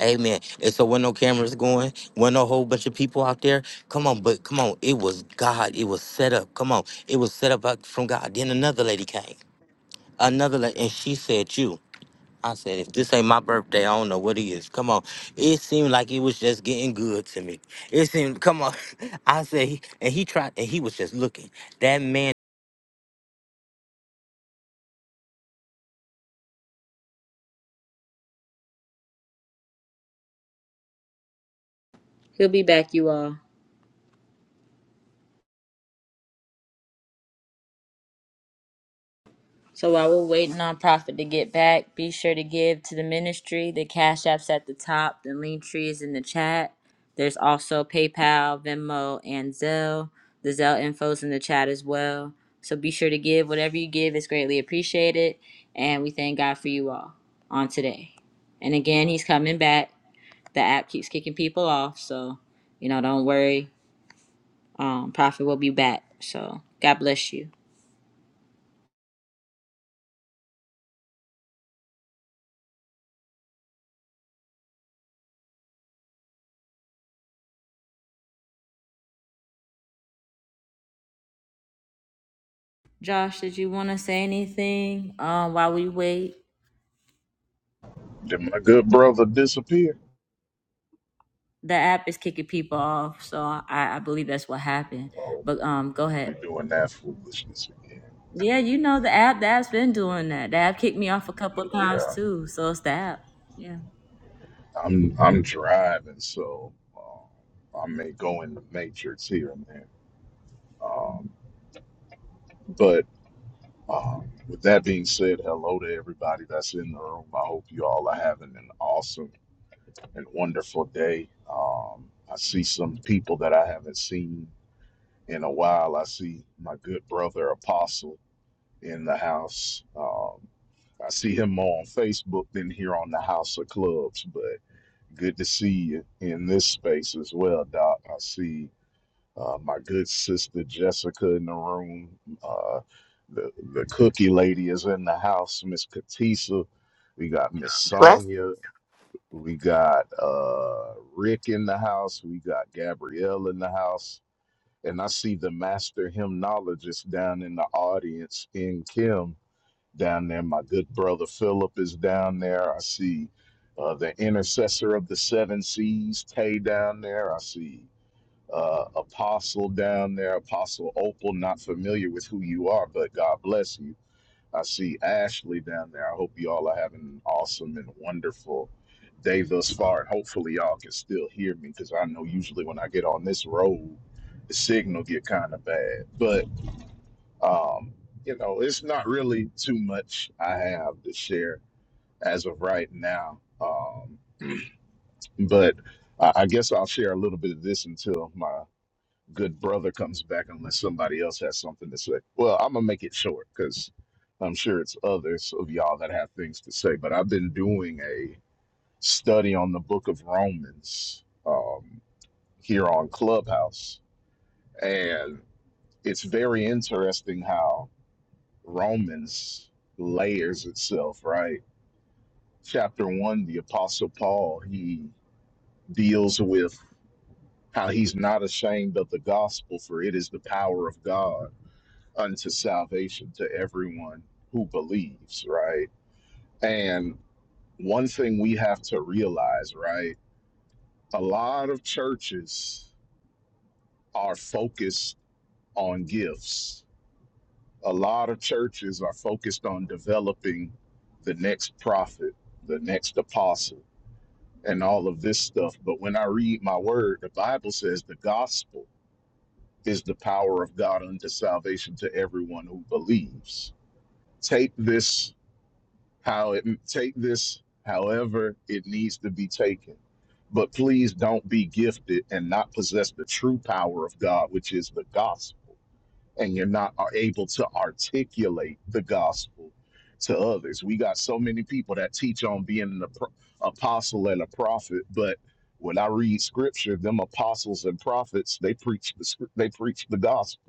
Amen. And so when no cameras going, when no whole bunch of people out there, come on, but come on, it was God. It was set up. Come on, it was set up by- from God. Then another lady came, another lady, and she said, "You." I said, if this ain't my birthday, I don't know what it is. Come on. It seemed like it was just getting good to me. It seemed, come on. [laughs] I said, he- and he tried, and he was just looking. That man. He'll be back, you all. So while we're waiting on Prophet to get back, be sure to give to the ministry. The Cash App's at the top, the link tree is in the chat. There's also PayPal, Venmo, and Zelle. The Zelle info's in the chat as well. So be sure to give. Whatever you give is greatly appreciated. And we thank God for you all on today. And again, he's coming back. The app keeps kicking people off. So, you know, don't worry. Um, Prophet will be back. So God bless you. Josh, did you want to say anything uh, while we wait? Did my good brother disappear? The app is kicking people off, so I, I believe that's what happened. Oh, But um, go ahead. we doing that foolishness again. Yeah, you know the app. The app's been doing that. The app kicked me off a couple of times Yeah, too, so it's the app. Yeah. I'm I'm driving, so uh, I may go in the matrix here and there. Um, But um, with that being said, hello to everybody that's in the room. I hope you all are having an awesome and wonderful day. Um, I see some people that I haven't seen in a while. I see my good brother Apostle in the house. Um, I see him more on Facebook than here on the House of Clubs, but good to see you in this space as well, Doc. I see uh, my good sister Jessica in the room. Uh, the the cookie lady is in the house, Miss Katisa. We got Miss Bless Sonia. We got uh, Rick in the house. We got Gabrielle in the house. And I see the master hymnologist down in the audience in Kim down there. My good brother Philip is down there. I see uh, the intercessor of the seven seas, Tay, down there. I see uh, Apostle down there, Apostle Opal. Not familiar with who you are, but God bless you. I see Ashley down there. I hope you all are having an awesome and wonderful day thus far. And hopefully, y'all can still hear me because I know usually when I get on this road, the signal get kind of bad. But um, you know, it's not really too much I have to share as of right now. Um, but I I guess I'll share a little bit of this until my good brother comes back unless somebody else has something to say. Well, I'm gonna make it short because I'm sure it's others of y'all that have things to say. But I've been doing a study on the Book of Romans um, here on Clubhouse, and it's very interesting how Romans layers itself. Right, chapter one, the Apostle Paul he deals with how he's not ashamed of the gospel, for it is the power of God unto salvation to everyone who believes, right? And one thing we have to realize, right? A lot of churches are focused on gifts. A lot of churches are focused on developing the next prophet, the next apostle, and all of this stuff. But when I read my word, the Bible says the gospel is the power of God unto salvation to everyone who believes. Take this how it take this however it needs to be taken but please don't be gifted and not possess the true power of god which is the gospel and you're not are able to articulate the gospel to others we got so many people that teach on being an apostle and a prophet but when i read scripture them apostles and prophets they preach the they preach the gospel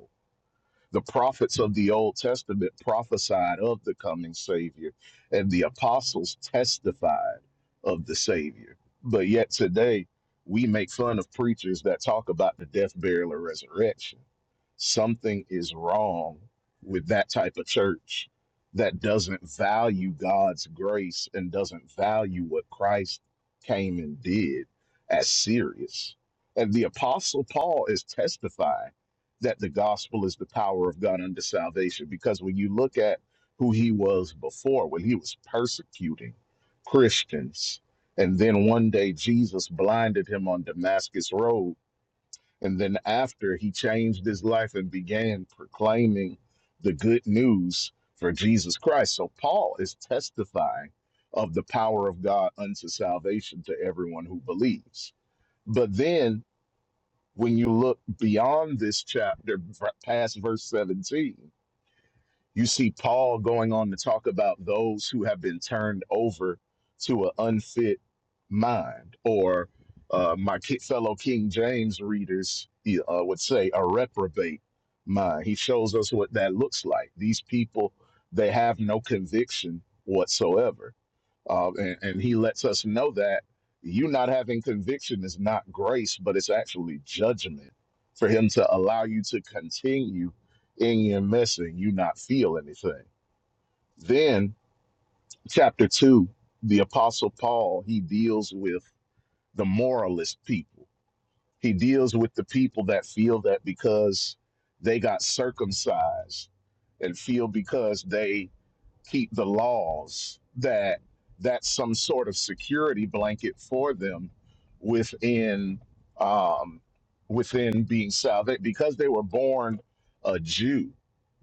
the prophets of the Old Testament prophesied of the coming Savior, and the apostles testified of the Savior. But yet today, we make fun of preachers that talk about the death, burial, and resurrection. Something is wrong with that type of church that doesn't value God's grace and doesn't value what Christ came and did as serious. And the Apostle Paul is testifying that the gospel is the power of God unto salvation. Because when you look at who he was before, when he was persecuting Christians, and then one day Jesus blinded him on Damascus Road, and then after he changed his life and began proclaiming the good news for Jesus Christ. So Paul is testifying of the power of God unto salvation to everyone who believes. But then when you look beyond this chapter, v- past verse 17, you see Paul going on to talk about those who have been turned over to an unfit mind, or uh, my ki- fellow King James readers uh, would say, a reprobate mind. He shows us what that looks like. These people, they have no conviction whatsoever uh, and, and he lets us know that you not having conviction is not grace, but it's actually judgment for him to allow you to continue in your mess and you not feel anything. Then, chapter two, the apostle Paul, he deals with the moralist people. He deals with the people that feel that because they got circumcised and feel because they keep the laws that that's some sort of security blanket for them within um, within being salvation because they were born a Jew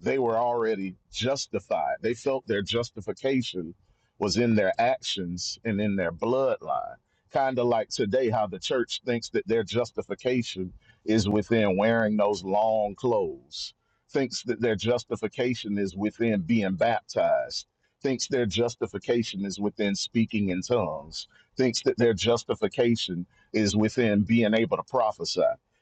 they were already justified they felt their justification was in their actions and in their bloodline kind of like today how the church thinks that their justification is within wearing those long clothes thinks that their justification is within being baptized, thinks their justification is within speaking in tongues, thinks that their justification is within being able to prophesy,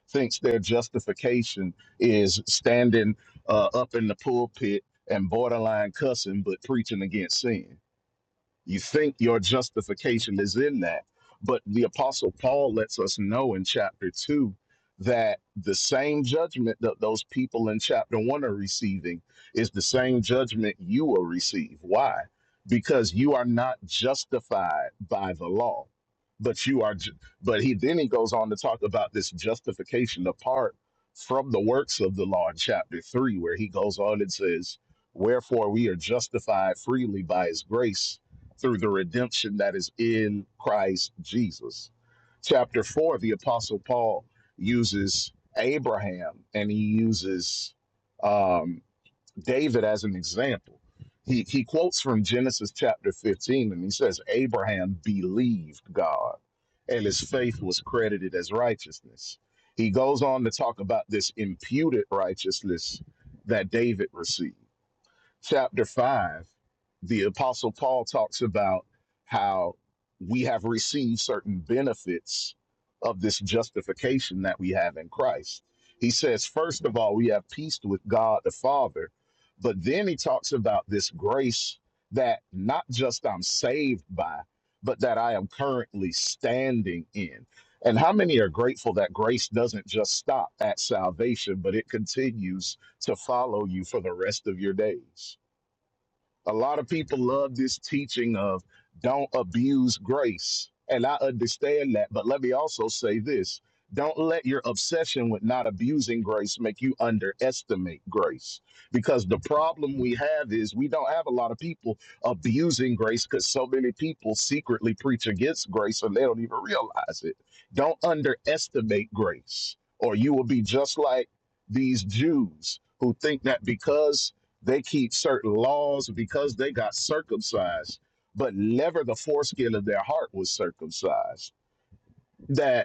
thinks their justification is standing uh, up in the pulpit and borderline cussing but preaching against sin you think your justification is in that. But the Apostle Paul lets us know in chapter 2 that the same judgment that those people in chapter 1 are receiving is the same judgment you will receive. Why? Because you are not justified by the law. But you are, ju- but he then he goes on to talk about this justification apart from the works of the law in chapter three, where he goes on and says, Wherefore we are justified freely by his grace through the redemption that is in Christ Jesus. Chapter 4, the Apostle Paul uses Abraham and he uses um, David as an example. He, he quotes from Genesis chapter 15 and he says, Abraham believed God and his faith was credited as righteousness. He goes on to talk about this imputed righteousness that David received chapter 5, the Apostle Paul talks about how we have received certain benefits of this justification that we have in Christ. He says, first of all, we have peace with God the Father. But then he talks about this grace that not just I'm saved by, but that I am currently standing in. And how many are grateful that grace doesn't just stop at salvation, but it continues to follow you for the rest of your days. A lot of people love this teaching of don't abuse grace. And I understand that. But let me also say this don't let your obsession with not abusing grace make you underestimate grace. Because the problem we have is we don't have a lot of people abusing grace because so many people secretly preach against grace and they don't even realize it. Don't underestimate grace, or you will be just like these Jews who think that because they keep certain laws because they got circumcised, but never the foreskin of their heart was circumcised. That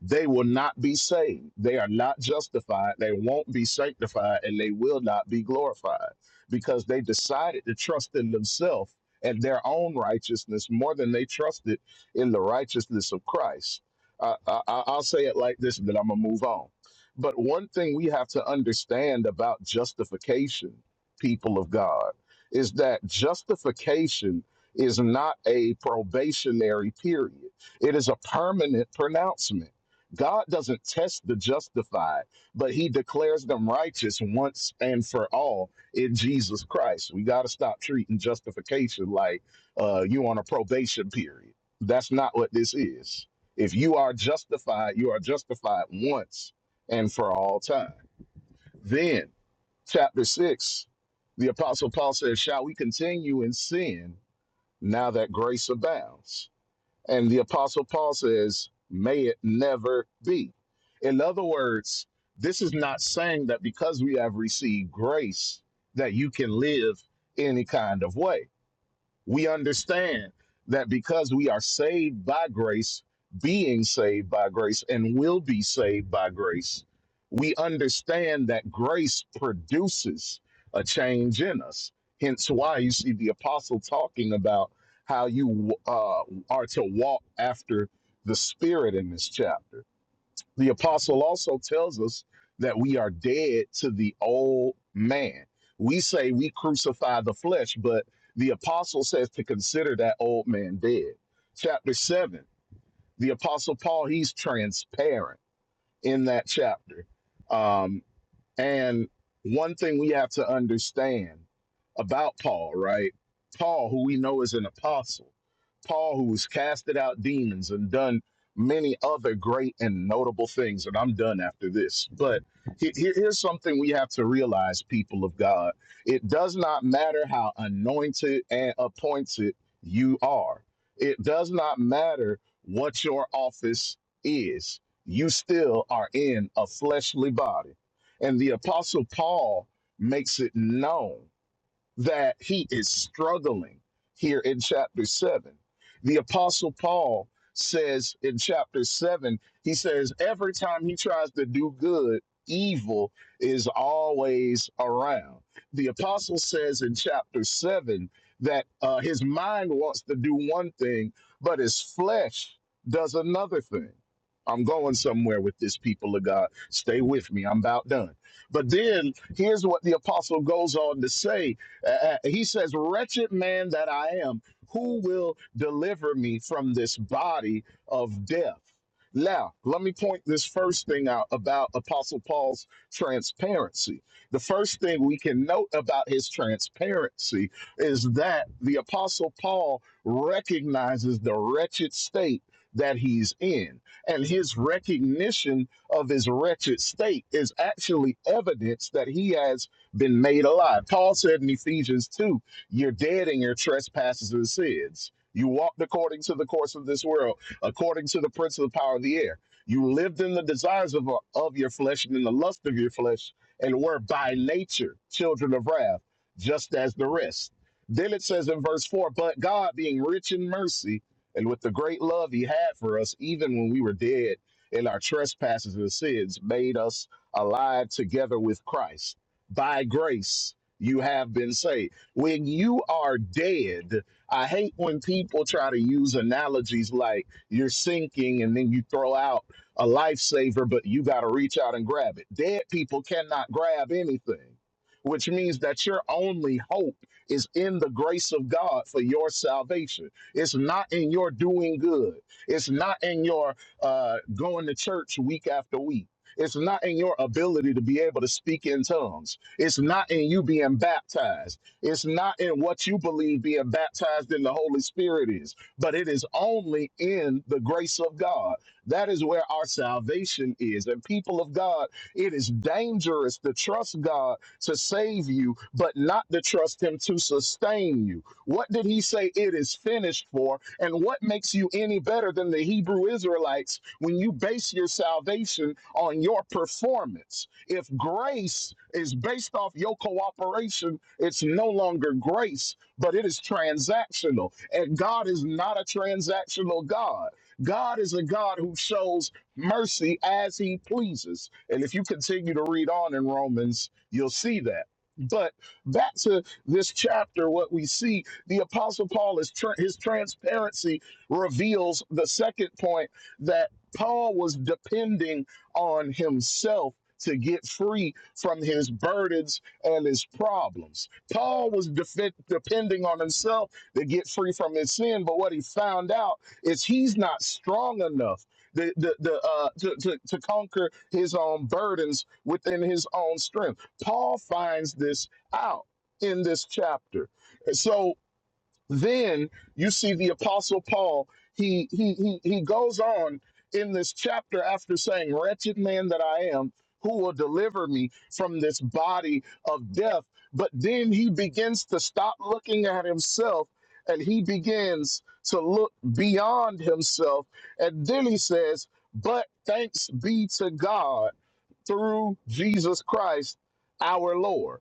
they will not be saved. They are not justified. They won't be sanctified and they will not be glorified because they decided to trust in themselves and their own righteousness more than they trusted in the righteousness of Christ. I, I, I- I'll say it like this, and then I'm going to move on. But one thing we have to understand about justification, people of God, is that justification is not a probationary period, it is a permanent pronouncement God doesn't test the justified, but he declares them righteous once and for all in Jesus Christ. We got to stop treating justification like uh, you on a probation period. That's not what this is. If you are justified, you are justified once and for all time. Then, chapter 6, the Apostle Paul says, Shall we continue in sin now that grace abounds? And the Apostle Paul says, may it never be. In other words, this is not saying that because we have received grace, that you can live any kind of way we understand that because we are saved by grace, being saved by grace, and will be saved by grace, we understand that grace produces a change in us. Hence, why you see the apostle talking about how you uh, are to walk after the Spirit in this chapter the apostle also tells us that we are dead to the old man. We say we crucify the flesh, but the apostle says to consider that old man dead. Chapter 7, the apostle Paul, he's transparent in that chapter. Um, and one thing we have to understand about Paul, right? Paul, who we know is an apostle, Paul, who has casted out demons and done many other great and notable things. And I'm done after this. But he- he- here's something we have to realize, people of God it does not matter how anointed and appointed you are, it does not matter what your office is. You still are in a fleshly body and the Apostle Paul makes it known that he is struggling here in chapter 7. The Apostle Paul says in chapter 7, he says, every time he tries to do good, evil is always around. The Apostle says in chapter 7 that uh, his mind wants to do one thing, but his flesh does another thing. I'm going somewhere with this people of God. Stay with me. I'm about done. But then here's what the apostle goes on to say uh, uh, he says, Wretched man that I am, who will deliver me from this body of death? Now, let me point this first thing out about Apostle Paul's transparency. The first thing we can note about his transparency is that the Apostle Paul recognizes the wretched state that he's in. And his recognition of his wretched state is actually evidence that he has been made alive. Paul said in Ephesians 2, you're dead in your trespasses and sins. You walked according to the course of this world, according to the prince of the power of the air. You lived in the desires of, of your flesh and in the lust of your flesh, and were by nature children of wrath, just as the rest. Then it says in verse 4 But God, being rich in mercy, and with the great love he had for us, even when we were dead in our trespasses and sins, made us alive together with Christ by grace you have been saved. When you are dead, I hate when people try to use analogies like you're sinking and then you throw out a lifesaver, but you got to reach out and grab it. Dead people cannot grab anything, which means that your only hope is in the grace of God for your salvation. It's not in your doing good, it's not in your uh, going to church week after week. It's not in your ability to be able to speak in tongues. It's not in you being baptized. It's not in what you believe being baptized in the Holy Spirit is, but it is only in the grace of God. That is where our salvation is. And people of God, it is dangerous to trust God to save you, but not to trust Him to sustain you. What did he say it is finished for? And what makes you any better than the Hebrew Israelites when you base your salvation on your performance? If grace is based off your cooperation, it's no longer grace, but it is transactional. And God is not a transactional God. God is a God who shows mercy as he pleases. And if you continue to read on in Romans, you'll see that. But back to this chapter, what we see the Apostle Paul is tr- his transparency reveals the second point that Paul was depending on himself to get free from his burdens and his problems. Paul was defe- depending on himself to get free from his sin, but what he found out is he's not strong enough the, the, the, uh, to, to, to conquer his own burdens within his own strength. Paul finds this out in this chapter. So then you see the apostle Paul, he he he he goes on in this chapter after saying, Wretched man that I am, who will deliver me from this body of death? But then he begins to stop looking at himself and he begins to look beyond himself. And then he says, But thanks be to God through Jesus Christ our Lord.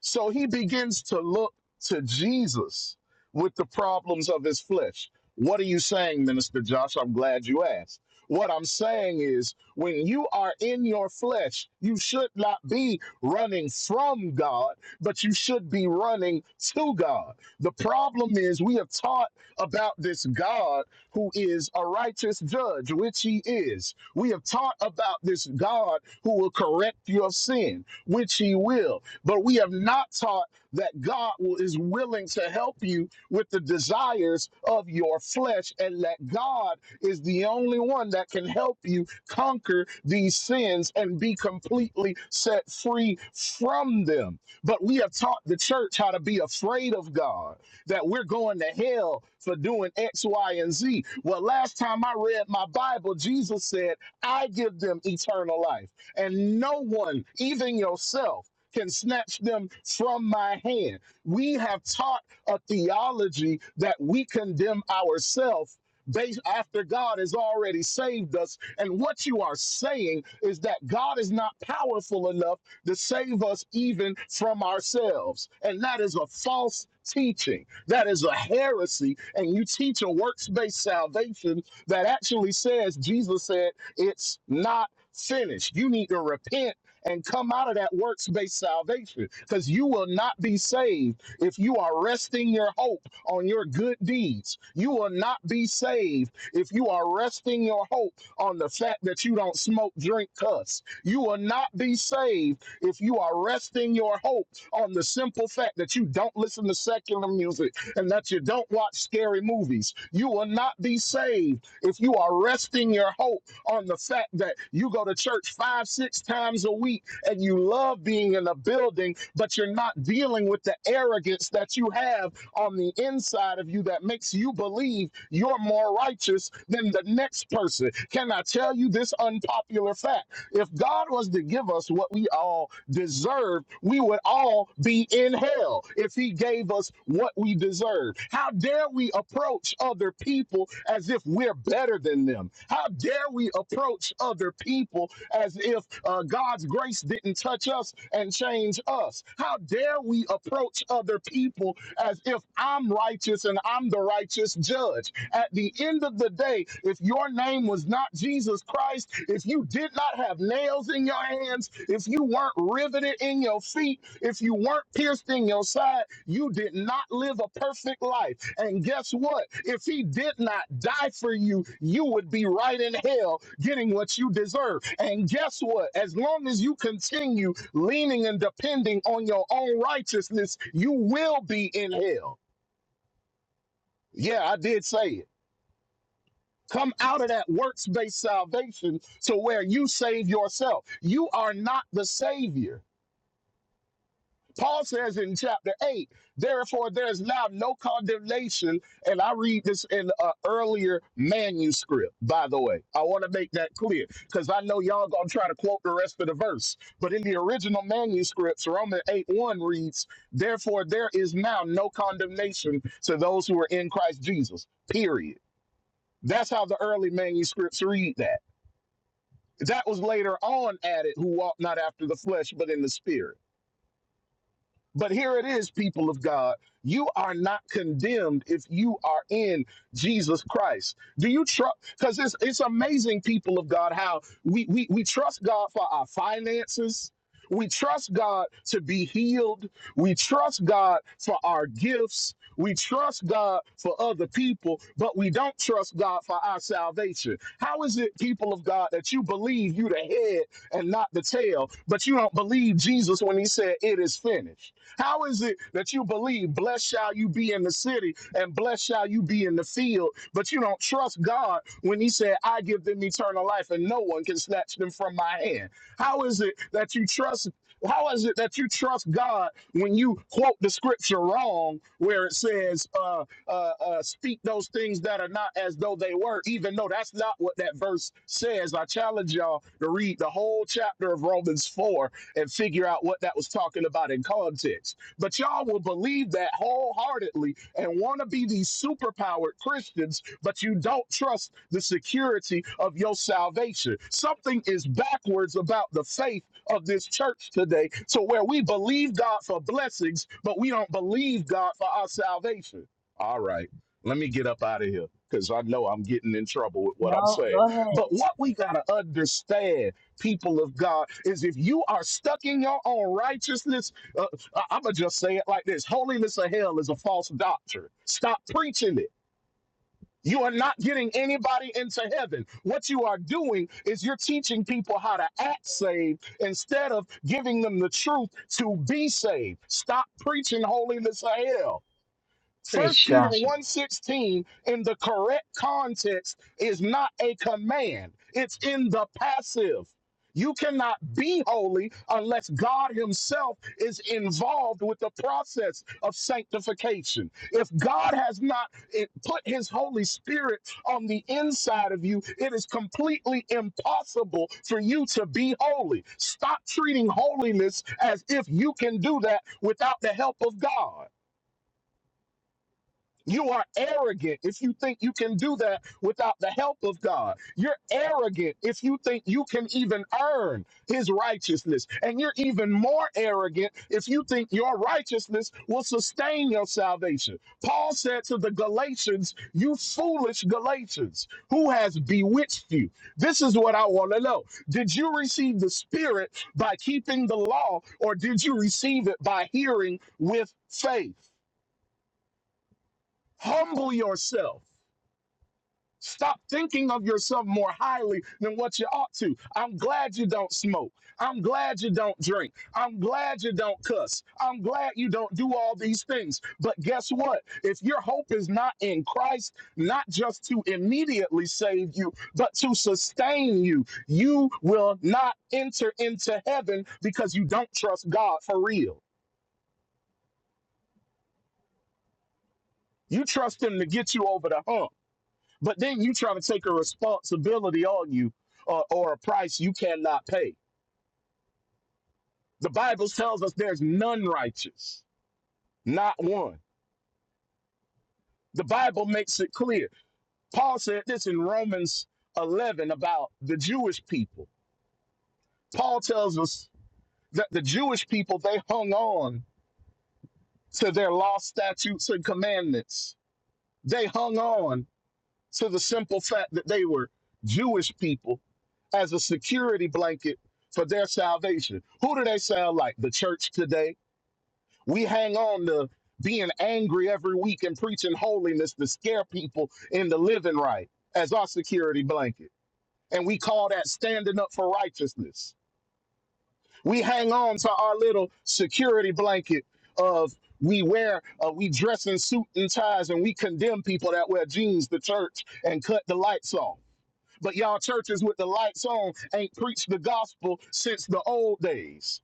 So he begins to look to Jesus with the problems of his flesh. What are you saying, Minister Josh? I'm glad you asked. What I'm saying is, when you are in your flesh, you should not be running from God, but you should be running to God. The problem is, we have taught about this God who is a righteous judge, which he is. We have taught about this God who will correct your sin, which he will but we have not taught that God will, is willing to help you with the desires of your flesh, and that God is the only one that can help you conquer these sins and be completely set free from them. But we have taught the church how to be afraid of God, that we're going to hell for doing X, Y, and Z. Well, last time I read my Bible, Jesus said, I give them eternal life and no one, even yourself can snatch them from my hand. We have taught a theology that we condemn ourselves based after God has already saved us. And what you are saying is that God is not powerful enough to save us even from ourselves. And that is a false teaching. That is a heresy. And you teach a works based salvation that actually says, Jesus said, it's not finished. You need to repent and come out of that works based salvation because you will not be saved if you are resting your hope on your good deeds. You will not be saved if you are resting your hope on the fact that you don't smoke, drink, cuss. You will not be saved if you are resting your hope on the simple fact that you don't listen to secular music and that you don't watch scary movies. You will not be saved if you are resting your hope on the fact that you go to church five, six times a week and you love being in a building, but you're not dealing with the arrogance that you have on the inside of you that makes you believe you're more righteous than the next person. Can I tell you this unpopular fact? If God was to give us what we all deserve, we would all be in hell if He gave us what we deserve. How dare we approach other people as if we're better than them? How dare we approach other people as if uh, God's grace didn't touch us and change us? How dare we approach other people as if I'm righteous and I'm the righteous judge? At the end of the day, if your name was not Jesus Christ, if you did not have nails in your hands, if you weren't riveted in your feet, if you weren't pierced in your side, you did not live a perfect life. And guess what? If he did not die for you, you would be right in hell getting what you deserve. And guess what? As long as you continue leaning and depending on your own righteousness, you will be in hell. Yeah, I did say it. Come out of that works based salvation to where you save yourself. You are not the Savior. Paul says in chapter 8, therefore there is now no condemnation. And I read this in an earlier manuscript, by the way. I want to make that clear because I know y'all going to try to quote the rest of the verse. But in the original manuscripts, Romans 8 1 reads, therefore there is now no condemnation to those who are in Christ Jesus, period. That's how the early manuscripts read that. That was later on added, who walk not after the flesh, but in the spirit. But here it is, people of God. You are not condemned if you are in Jesus Christ. Do you trust? Because it's, it's amazing, people of God, how we, we, we trust God for our finances. We trust God to be healed. We trust God for our gifts. We trust God for other people, but we don't trust God for our salvation. How is it, people of God, that you believe you the head and not the tail, but you don't believe Jesus when he said, It is finished? How is it that you believe, blessed shall you be in the city and blessed shall you be in the field, but you don't trust God when He said, I give them eternal life and no one can snatch them from my hand? How is it that you trust? How is it that you trust God when you quote the scripture wrong, where it says, uh, uh, uh, speak those things that are not as though they were, even though that's not what that verse says? I challenge y'all to read the whole chapter of Romans 4 and figure out what that was talking about in context. But y'all will believe that wholeheartedly and want to be these superpowered Christians, but you don't trust the security of your salvation. Something is backwards about the faith of this church today to where we believe God for blessings, but we don't believe God for our salvation. All right, let me get up out of here because I know I'm getting in trouble with what I'm No, saying. go ahead. But what we got to understand people of God, is if you are stuck in your own righteousness, uh, I'm going to just say it like this holiness of hell is a false doctrine. Stop preaching it. You are not getting anybody into heaven. What you are doing is you're teaching people how to act saved instead of giving them the truth to be saved. Stop preaching holiness of hell. First Preach, Peter Joshua. one sixteen in the correct context is not a command. It's in the passive. You cannot be holy unless God himself is involved with the process of sanctification. If God has not eh, put his Holy Spirit on the inside of you, it is completely impossible for you to be holy. Stop treating holiness as if you can do that without the help of God. You are arrogant if you think you can do that without the help of God. You're arrogant if you think you can even earn his righteousness. And you're even more arrogant if you think your righteousness will sustain your salvation. Paul said to the Galatians, You foolish Galatians, who has bewitched you? This is what I want to know. Did you receive the Spirit by keeping the law, or did you receive it by hearing with faith? Humble yourself Stop thinking of yourself more highly than what you ought to. I'm glad you don't smoke. I'm glad you don't drink. I'm glad you don't cuss. I'm glad you don't do all these things. But guess what? If your hope is not in Christ, not just to immediately save you, but to sustain you, you will not enter into heaven because you don't trust God for real. You trust Him to get you over the hump. But then you try to take a responsibility on you uh, or a price you cannot pay. The Bible tells us there's none righteous, not one. The Bible makes it clear. Paul said this in Romans 11 about the Jewish people. Paul tells us that the Jewish people, they hung on to their law, statutes, and commandments. They hung on to the simple fact that they were Jewish people as a security blanket for their salvation. Who do they sound like? The church today? We hang on to being angry every week and preaching holiness to scare people into living right as our security blanket. And we call that standing up for righteousness. We hang on to our little security blanket of we wear, uh, we dress in suit and ties, and we condemn people that wear jeans to church and cut the lights off. But y'all churches with the lights on ain't preached the gospel since the old days.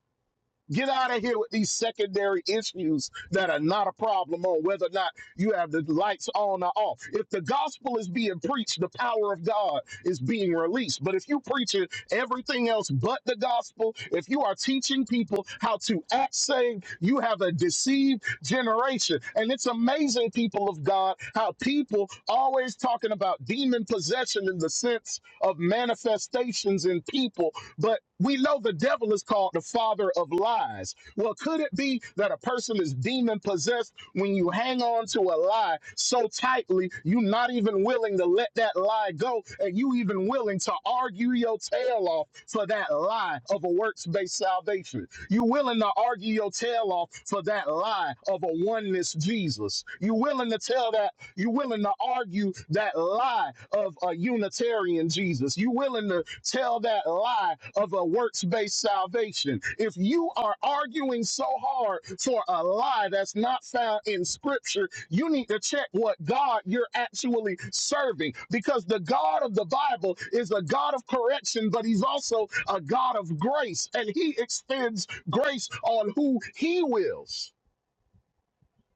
Get out of here with these secondary issues that are not a problem on whether or not you have the lights on or off. If the gospel is being preached, the power of God is being released. But if you preach it, everything else but the gospel, if you are teaching people how to act saved, you have a deceived generation. And it's amazing, people of God, how people always talking about demon possession in the sense of manifestations in people, but we know the devil is called the father of lies. Well, could it be that a person is demon possessed when you hang on to a lie so tightly, you're not even willing to let that lie go, and you even willing to argue your tail off for that lie of a works based salvation? You willing to argue your tail off for that lie of a oneness Jesus? You willing to tell that? You willing to argue that lie of a Unitarian Jesus? You willing to tell that lie of a works-based salvation? If you are arguing so hard for a lie that's not found in Scripture, you need to check what God you're actually serving, because the God of the Bible is a God of correction, but He's also a God of grace, and He extends grace on who he wills.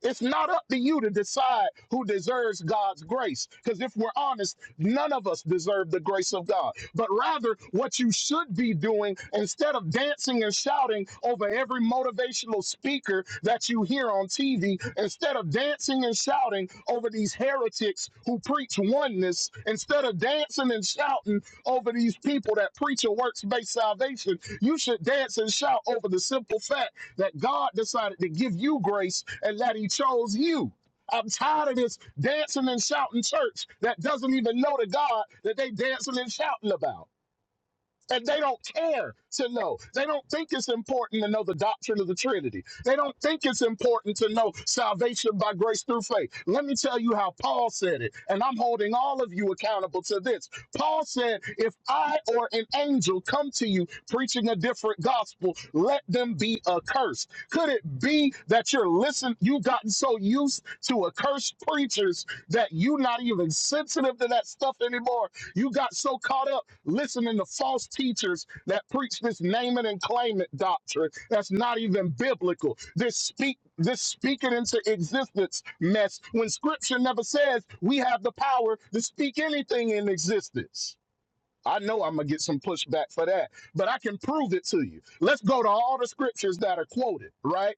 It's not up to you to decide who deserves God's grace. Because if we're honest, none of us deserve the grace of God. But rather, what you should be doing instead of dancing and shouting over every motivational speaker that you hear on TV, instead of dancing and shouting over these heretics who preach oneness, instead of dancing and shouting over these people that preach a works based salvation, you should dance and shout over the simple fact that God decided to give you grace and that He chose you. I'm tired of this dancing and shouting church that doesn't even know the God that they dancing and shouting about and they don't care to know. They don't think it's important to know the doctrine of the Trinity. They don't think it's important to know salvation by grace through faith. Let me tell you how Paul said it, and I'm holding all of you accountable to this. Paul said, If I or an angel come to you preaching a different gospel, let them be accursed. Could it be that you're listen? you've gotten so used to accursed preachers that you're not even sensitive to that stuff anymore? You got so caught up listening to false teachers that preach this name it and claim it doctrine that's not even biblical. This speak this speak it into existence mess when scripture never says we have the power to speak anything in existence. I know I'm gonna get some pushback for that, but I can prove it to you. Let's go to all the scriptures that are quoted, right?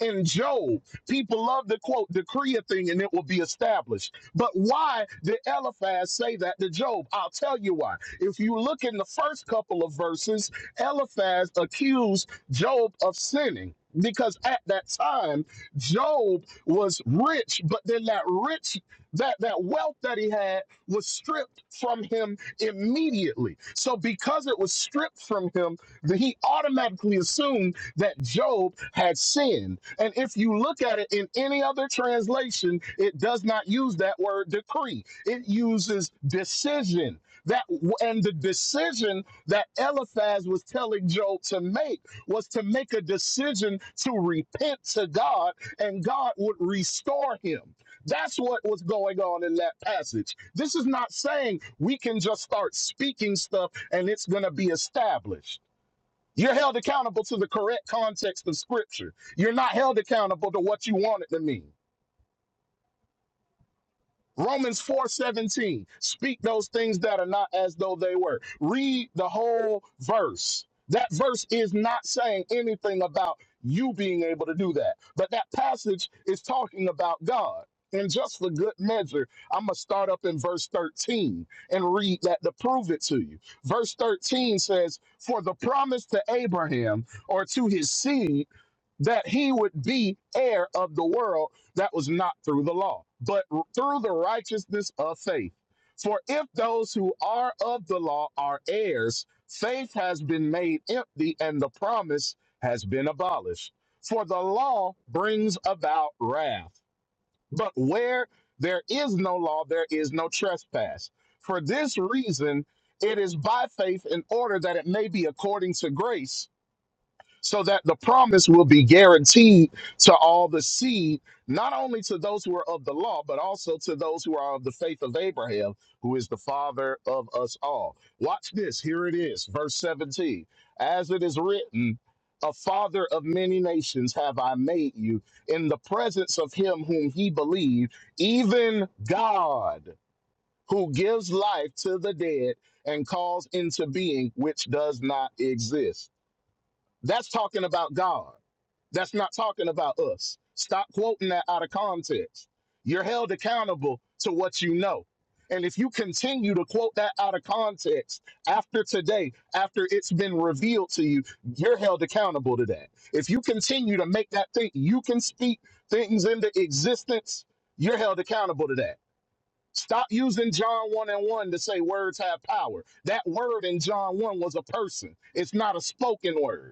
in Job. People love to quote, decree a thing and it will be established. But why did Eliphaz say that to Job? I'll tell you why. If you look in the first couple of verses, Eliphaz accused Job of sinning. Because at that time, Job was rich, but then that rich, that, that wealth that he had was stripped from him immediately. So because it was stripped from him, that he automatically assumed that Job had sinned. And if you look at it in any other translation, it does not use that word decree, it uses decision. That and the decision that Eliphaz was telling Job to make was to make a decision to repent to God, and God would restore him. That's what was going on in that passage. This is not saying we can just start speaking stuff and it's going to be established. You're held accountable to the correct context of scripture. You're not held accountable to what you want it to mean. Romans 4:17. Speak those things that are not as though they were. Read the whole verse. That verse is not saying anything about you being able to do that. But that passage is talking about God. And just for good measure, I'm going to start up in verse 13 and read that to prove it to you. Verse 13 says, For the promise to Abraham or to his seed that he would be heir of the world that was not through the law, but through the righteousness of faith. For if those who are of the law are heirs, faith has been made empty and the promise has been abolished. For the law brings about wrath. But where there is no law, there is no trespass. For this reason, it is by faith in order that it may be according to grace so that the promise will be guaranteed to all the seed, not only to those who are of the law, but also to those who are of the faith of Abraham, who is the father of us all. Watch this. Here it is, verse 17. As it is written, a father of many nations have I made you in the presence of him whom he believed, even God, who gives life to the dead and calls into being which does not exist. That's talking about God. That's not talking about us. Stop quoting that out of context. You're held accountable to what you know. And if you continue to quote that out of context after today, after it's been revealed to you, you're held accountable to that. If you continue to make that think you can speak things into existence, you're held accountable to that. Stop using John 1 and 1 to say words have power. That word in John 1 was a person, it's not a spoken word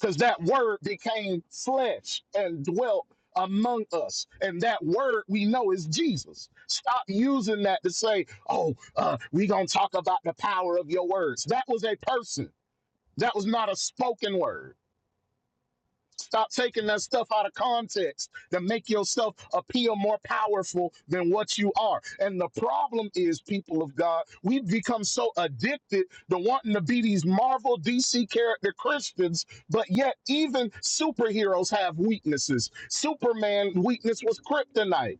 because that word became flesh and dwelt among us and that word we know is jesus stop using that to say oh uh, we gonna talk about the power of your words that was a person that was not a spoken word Stop taking that stuff out of context to make yourself appear more powerful than what you are. And the problem is, people of God, we've become so addicted to wanting to be these Marvel DC character Christians, but yet even superheroes have weaknesses. Superman weakness was kryptonite.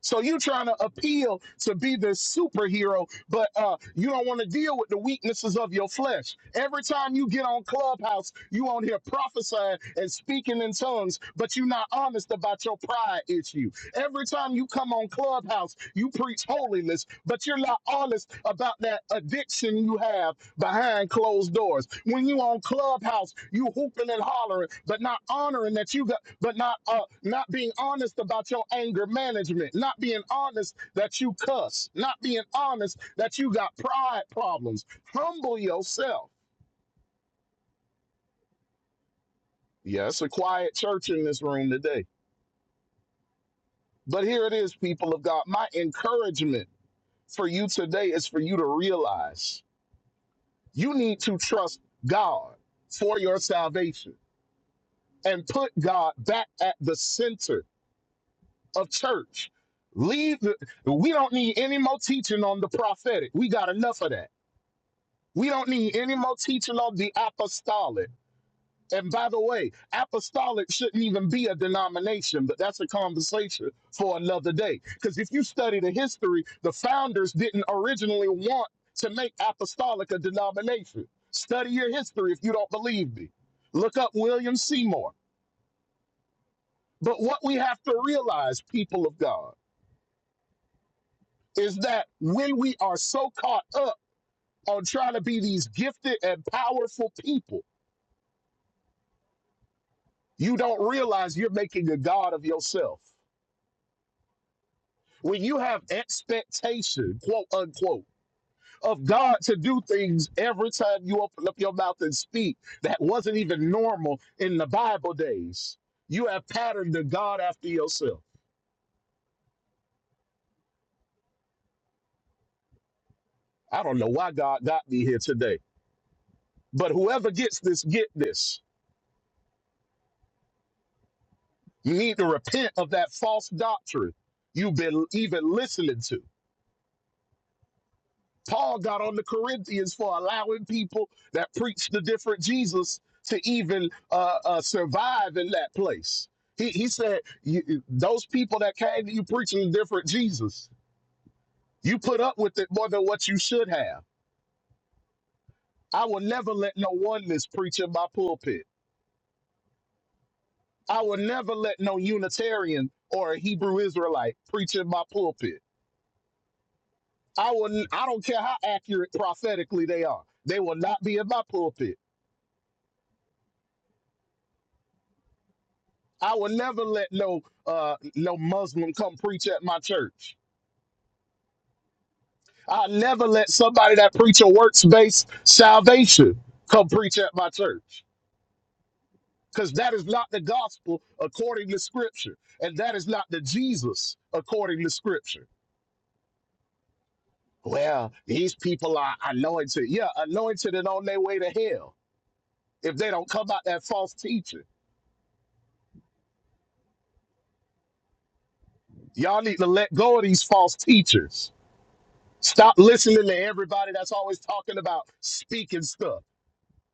So you trying to appeal to be this superhero, but uh, you don't want to deal with the weaknesses of your flesh. Every time you get on Clubhouse, you on here prophesying and speaking in tongues, but you're not honest about your pride issue. Every time you come on Clubhouse, you preach holiness, but you're not honest about that addiction you have behind closed doors. When you on Clubhouse, you hooping and hollering, but not honoring that you got, but not uh, not being honest about your anger management, not being honest that you cuss, not being honest that you got pride problems. Humble yourself. Yes, a quiet church in this room today. But here it is, people of God. My encouragement for you today is for you to realize you need to trust God for your salvation. and put God back at the center of church. Leave the, we don't need any more teaching on the prophetic. We got enough of that. We don't need any more teaching on the apostolic. And by the way, apostolic shouldn't even be a denomination, but that's a conversation for another day. Because if you study the history, the founders didn't originally want to make apostolic a denomination. Study your history if you don't believe me. Look up William Seymour. But what we have to realize, people of God, is that when we are so caught up on trying to be these gifted and powerful people, you don't realize you're making a God of yourself. When you have expectation, quote unquote, of God to do things every time you open up your mouth and speak that wasn't even normal in the Bible days, you have patterned the God after yourself. I don't know why God got me here today, but whoever gets this, get this You need to repent of that false doctrine you've been even listening to. Paul got on the Corinthians for allowing people that preach the different Jesus to even uh, uh, survive in that place. He, he said, you, Those people that came to you preaching the different Jesus, you put up with it more than what you should have. I will never let no oneness preach in my pulpit. I will never let no Unitarian or a Hebrew Israelite preach in my pulpit. I will. I don't care how accurate prophetically they are. They will not be in my pulpit. I will never let no uh no Muslim come preach at my church. I'll never let somebody that preach a works based salvation come preach at my church because that is not the gospel according to Scripture, and that is not the Jesus according to Scripture. Well, these people are anointed. Yeah, anointed and on their way to hell if they don't come out that false teaching. Y'all need to let go of these false teachers. Stop listening to everybody that's always talking about speaking stuff,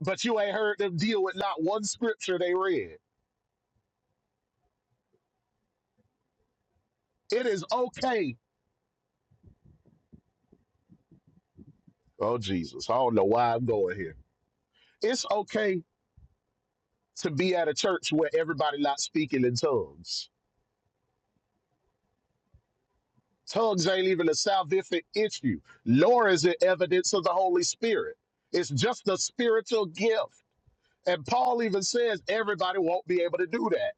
but you ain't heard them deal with not one scripture they read. It is okay. Oh, Jesus. I don't know why I'm going here. It's okay to be at a church where everybody not speaking in tongues. Tongues ain't even a salvific issue, nor is it evidence of the Holy Spirit. It's just a spiritual gift. And Paul even says everybody won't be able to do that.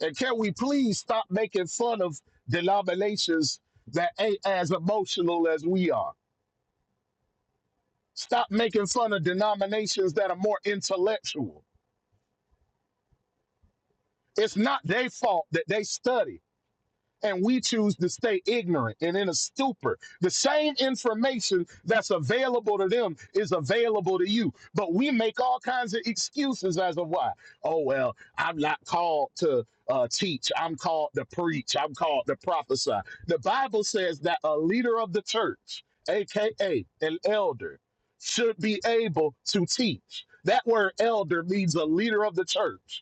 And can we please stop making fun of denominations that ain't as emotional as we are? Stop making fun of denominations that are more intellectual. It's not their fault that they study. and we choose to stay ignorant and in a stupor. The same information that's available to them is available to you, but we make all kinds of excuses as of why. Oh well, I'm not called to uh, teach. I'm called to preach. I'm called to prophesy. The Bible says that a leader of the church, aka an elder, should be able to teach. That word elder means a leader of the church.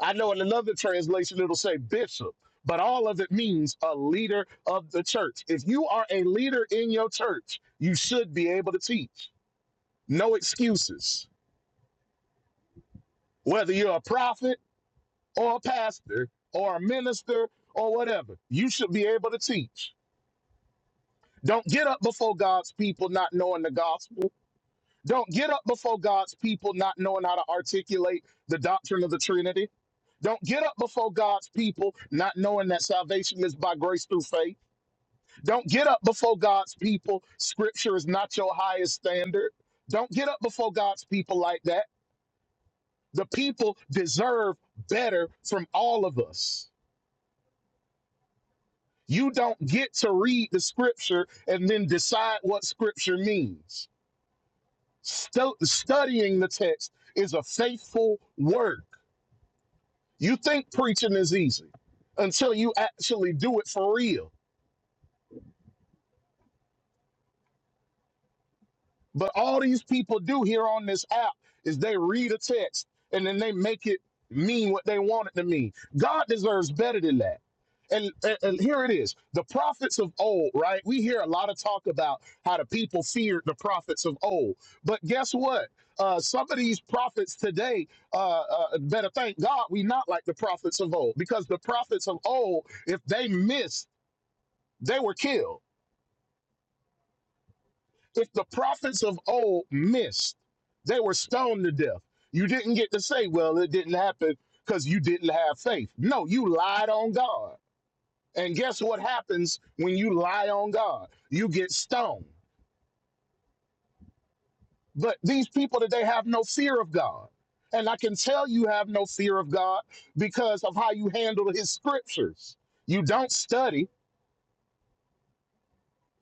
I know in another translation it'll say bishop, but all of it means a leader of the church. If you are a leader in your church, you should be able to teach. No excuses. Whether you're a prophet or a pastor or a minister or whatever, you should be able to teach. Don't get up before God's people not knowing the gospel. Don't get up before God's people not knowing how to articulate the doctrine of the Trinity. Don't get up before God's people not knowing that salvation is by grace through faith. Don't get up before God's people. Scripture is not your highest standard. Don't get up before God's people like that. The people deserve better from all of us. You don't get to read the scripture and then decide what scripture means. Stu- studying the text is a faithful work. You think preaching is easy until you actually do it for real. But all these people do here on this app is they read a text and then they make it mean what they want it to mean. God deserves better than that. And, and, and here it is the prophets of old, right? We hear a lot of talk about how the people feared the prophets of old. But guess what? Uh, some of these prophets today uh, uh, better thank God we not like the prophets of old because the prophets of old, if they missed, they were killed If the prophets of old missed, they were stoned to death. You didn't get to say, well, it didn't happen because you didn't have faith. No, you lied on God. And guess what happens when you lie on God? You get stoned. But these people today have no fear of God. And I can tell you have no fear of God because of how you handle his scriptures. You don't study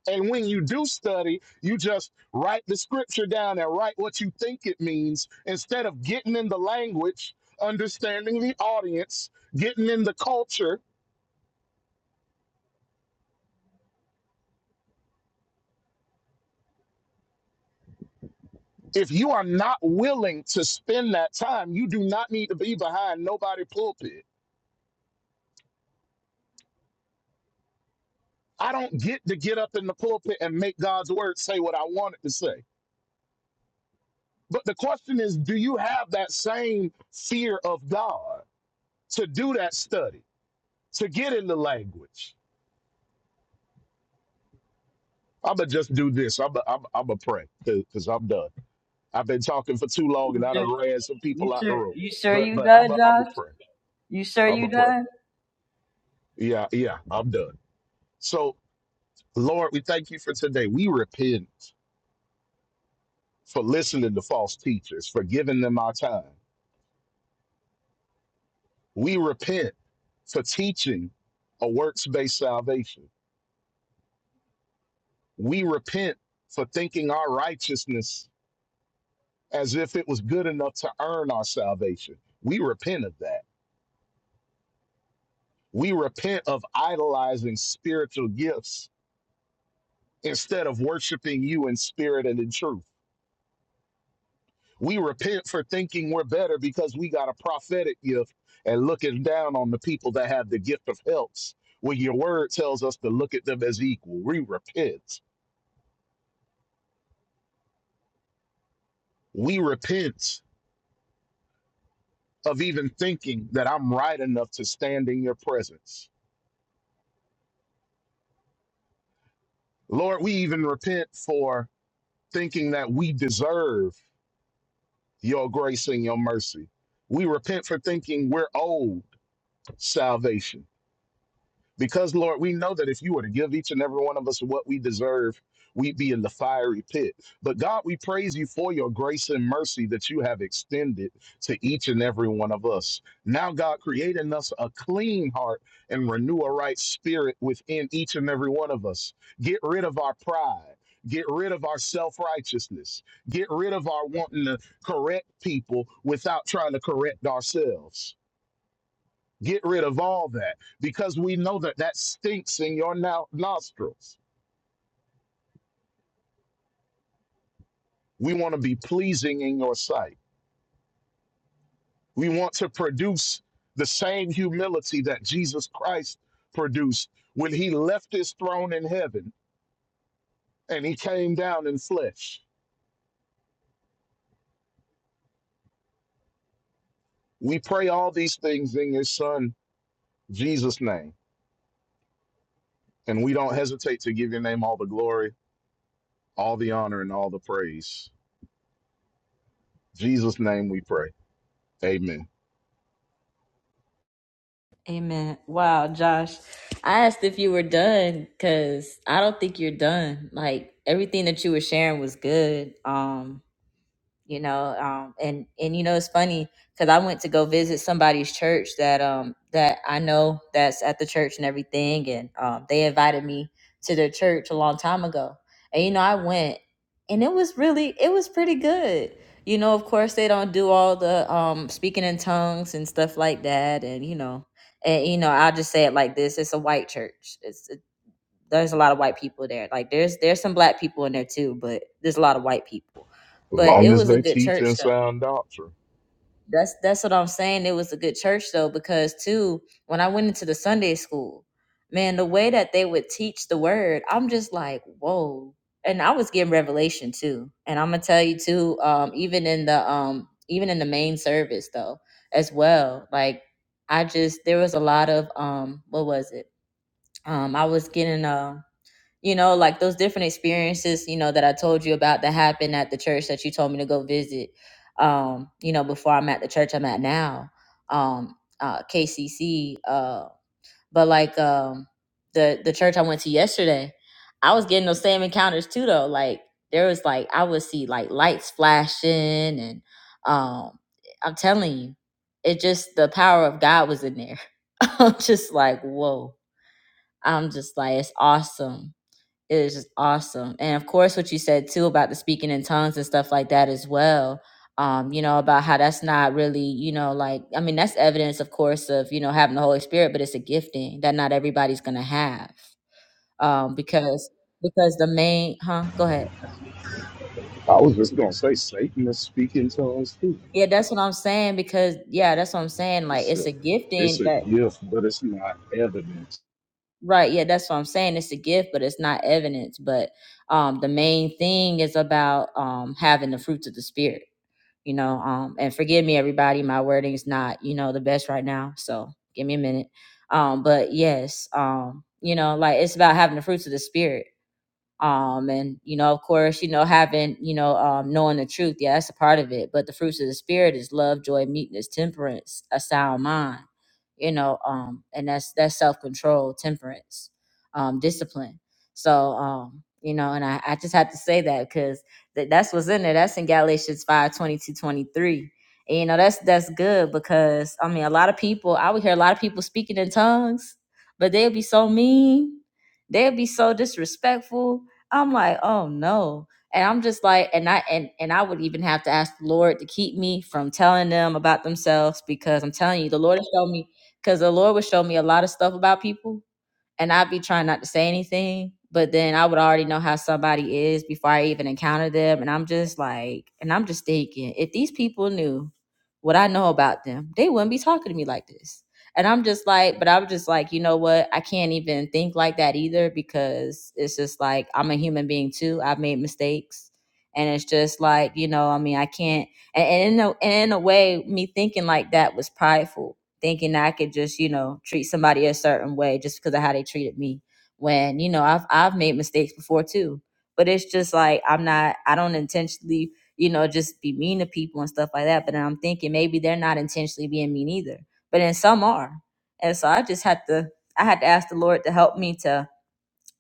And when you do study, you just write the scripture down and write what you think it means instead of getting in the language, understanding the audience, getting in the culture. If you are not willing to spend that time, you do not need to be behind nobody's pulpit. I don't get to get up in the pulpit and make God's word say what I want it to say. But the question is, do you have that same fear of God to do that study, to get in the language? I'm gonna just do this. I'm i I'm I'm gonna pray because I'm done. I've been talking for too long and You I sure? done ran some You people out the sure room. you sure But you but I'm i done, I'm gonna Josh? pray. You sure I'm you gonna pray. done? Yeah yeah. I'm done. So Lord, we thank you for today. We repent for listening to false teachers, for giving them our time. We repent for teaching a works based salvation. We repent for thinking our righteousness as if it was good enough to earn our salvation. We repent of that. We repent of idolizing spiritual gifts instead of worshiping you in spirit and in truth. We repent for thinking we're better because we got a prophetic gift and looking down on the people that have the gift of helps when your word tells us to look at them as equal. We repent. We repent of even thinking that I'm right enough to stand in your presence. Lord, we even repent for thinking that we deserve your grace and your mercy. We repent for thinking we're owed salvation. Because, Lord, we know that if you were to give each and every one of us what we deserve, we'd be in the fiery pit. But, God, we praise you for your grace and mercy that you have extended to each and every one of us. Now, God, create in us a clean heart and renew a right spirit within each and every one of us. Get rid of our pride. Get rid of our self righteousness. Get rid of our wanting to correct people without trying to correct ourselves Get rid of all that because we know that that stinks in your no- nostrils. We want to be pleasing in your sight. We want to produce the same humility that Jesus Christ produced when he left his throne in heaven and he came down in flesh. We pray all these things in his son, Jesus' name. And we don't hesitate to give your name all the glory, all the honor, and all the praise. Jesus' name we pray. Amen. Amen. Wow, Josh. I asked if you were done because I don't think you're done. Like everything that you were sharing was good. Um, you know um and and you know it's funny because i went to go visit somebody's church that um that i know that's at the church and everything and um they invited me to their church a long time ago and you know i went and it was really it was pretty good you know of course they don't do all the um speaking in tongues and stuff like that and you know and you know i'll just say it like this it's a white church there's a lot of white people there. Like there's there's some black people in there too, but there's a lot of white people. But Long it as was a they good teach church and though. sound doctrine. That's that's what I'm saying. It was a good church though because too when I went into the Sunday school, man, the way that they would teach the word, I'm just like, whoa. And I was getting revelation too. And I'm gonna tell you too, um, even in the um even in the main service though, as well. Like I just there was a lot of um what was it? Um I was getting um you know like those different experiences you know that i told you about that happened at the church that you told me to go visit um you know before i'm at the church i'm at now um uh kcc uh but like um the the church i went to yesterday i was getting those same encounters too though like there was like i would see like lights flashing and um i'm telling you it just the power of god was in there [laughs] i'm just like whoa i'm just like it's awesome it is just awesome. And of course, what you said too about the speaking in tongues and stuff like that as well. Um, you know, about how that's not really, you know, like, I mean, that's evidence, of course, of, you know, having the Holy Spirit, but it's a gifting that not everybody's going to have. Um, because, because the main, huh? Go ahead. I was just gonna say Satan is speaking tongues too. Yeah, that's what I'm saying. Because, yeah, that's what I'm saying. Like, It's it's a, a it's gifting a that, gift, but it's not evidence. right. Yeah, that's what I'm saying. It's a gift, but it's not evidence. But, um, the main thing is about, um, having the fruits of the Spirit you know um and forgive me everybody my wording's not you know the best right now so give me a minute um but yes um you know like it's about having the fruits of the spirit um and you know of course you know having you know um knowing the truth yeah that's a part of it but the fruits of the spirit is love joy meekness temperance a sound mind you know um and that's that's self-control temperance um discipline so um you know and i, I just have to say that because th- that's what's in there that's in galatians 5 22 23. and you know that's that's good because i mean a lot of people i would hear a lot of people speaking in tongues but they'll be so mean they'll be so disrespectful I'm like, oh no. And I'm just like, and I and and I would even have to ask the Lord to keep me from telling them about themselves because I'm telling you, the Lord has shown me because the Lord would show me a lot of stuff about people and I'd be trying not to say anything, but then I would already know how somebody is before I even encounter them. And I'm just like, and I'm just thinking, if these people knew what I know about them, they wouldn't be talking to me like this. And I'm just like, but I'm just like, you know what? I can't even think like that either because it's just like I'm a human being too. I've made mistakes. And it's just like, you know, I mean, I can't and, and in a and in a way, me thinking like that was prideful thinking I could just, you know, treat somebody a certain way just because of how they treated me. When, you know, I've I've made mistakes before too. But it's just like I'm not I don't intentionally, you know, just be mean to people and stuff like that. But then I'm thinking maybe they're not intentionally being mean either. But then some are. And so I just had to I had to ask the Lord to help me to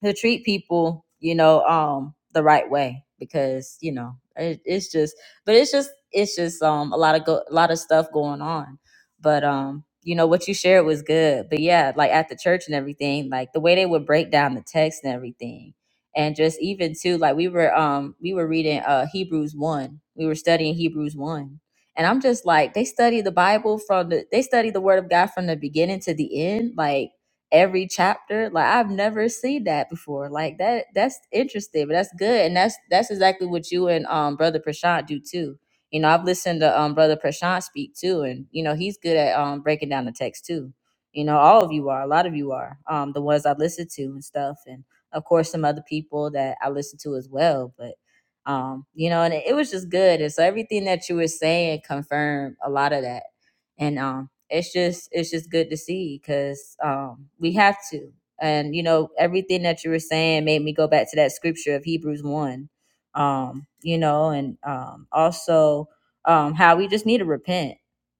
to treat people, you know, um, the right way because you know it, it's just, but it's just, it's just um a lot of go, a lot of stuff going on, but um, you know what you shared was good, but yeah, like at the church and everything, like the way they would break down the text and everything, and just even too, like we were um we were reading uh Hebrews one, we were studying Hebrews one. And I'm just like, they study the Bible from the, they study the word of God from the beginning to the end. Like, every chapter. Like I've never seen that before. Like that that's interesting, but that's good. And that's that's exactly what you and um brother Prashant do too. You know, I've listened to um brother Prashant speak too, and you know, he's good at um breaking down the text too. You know, all of you are, a lot of you are, um, the ones I listen to and stuff, and of course some other people that I listen to as well. But um, you know, and it, it was just good. And so everything that you were saying confirmed a lot of that. And um it's just it's just good to see because um, we have to. And you know, everything that you were saying made me go back to that scripture of Hebrews one. Um, you know, and um, also um, how we just need to repent.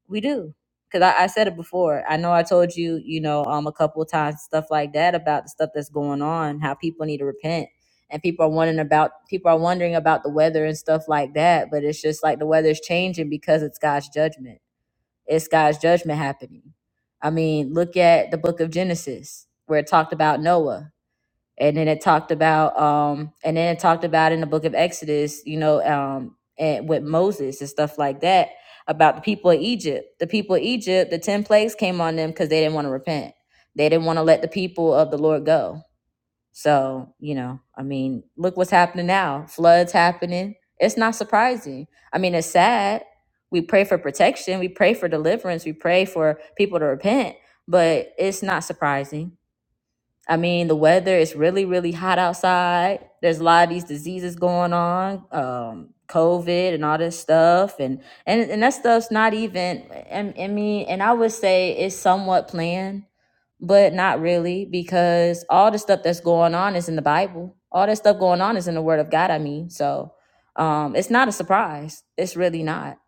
We do because I, I said it before. I know I told you, you know, um, a couple of times stuff like that about the stuff that's going on, how people need to repent. And people are wondering about people are wondering about the weather and stuff like that, but it's just like the weather's changing because it's God's judgment it's God's judgment happening. I mean, look at the book of Genesis where it talked about Noah. And then it talked about um and then it talked about in the book of Exodus, you know, um and with Moses and stuff like that about the people of Egypt. The people of Egypt, the 10 plagues came on them cuz they didn't want to repent. They didn't want to let the people of the Lord go so, you know, I mean, look what's happening now. Floods happening. It's not surprising. I mean, it's sad. We pray for protection, we pray for deliverance, we pray for people to repent, but it's not surprising I mean, the weather is really, really hot outside. There's a lot of these diseases going on, um, COVID and all this stuff, and and and that stuff's not even. And I mean, and I would say it's somewhat planned, but not really because all the stuff that's going on is in the Bible. All that stuff going on is in the Word of God. I mean, so um, it's not a surprise. It's really not,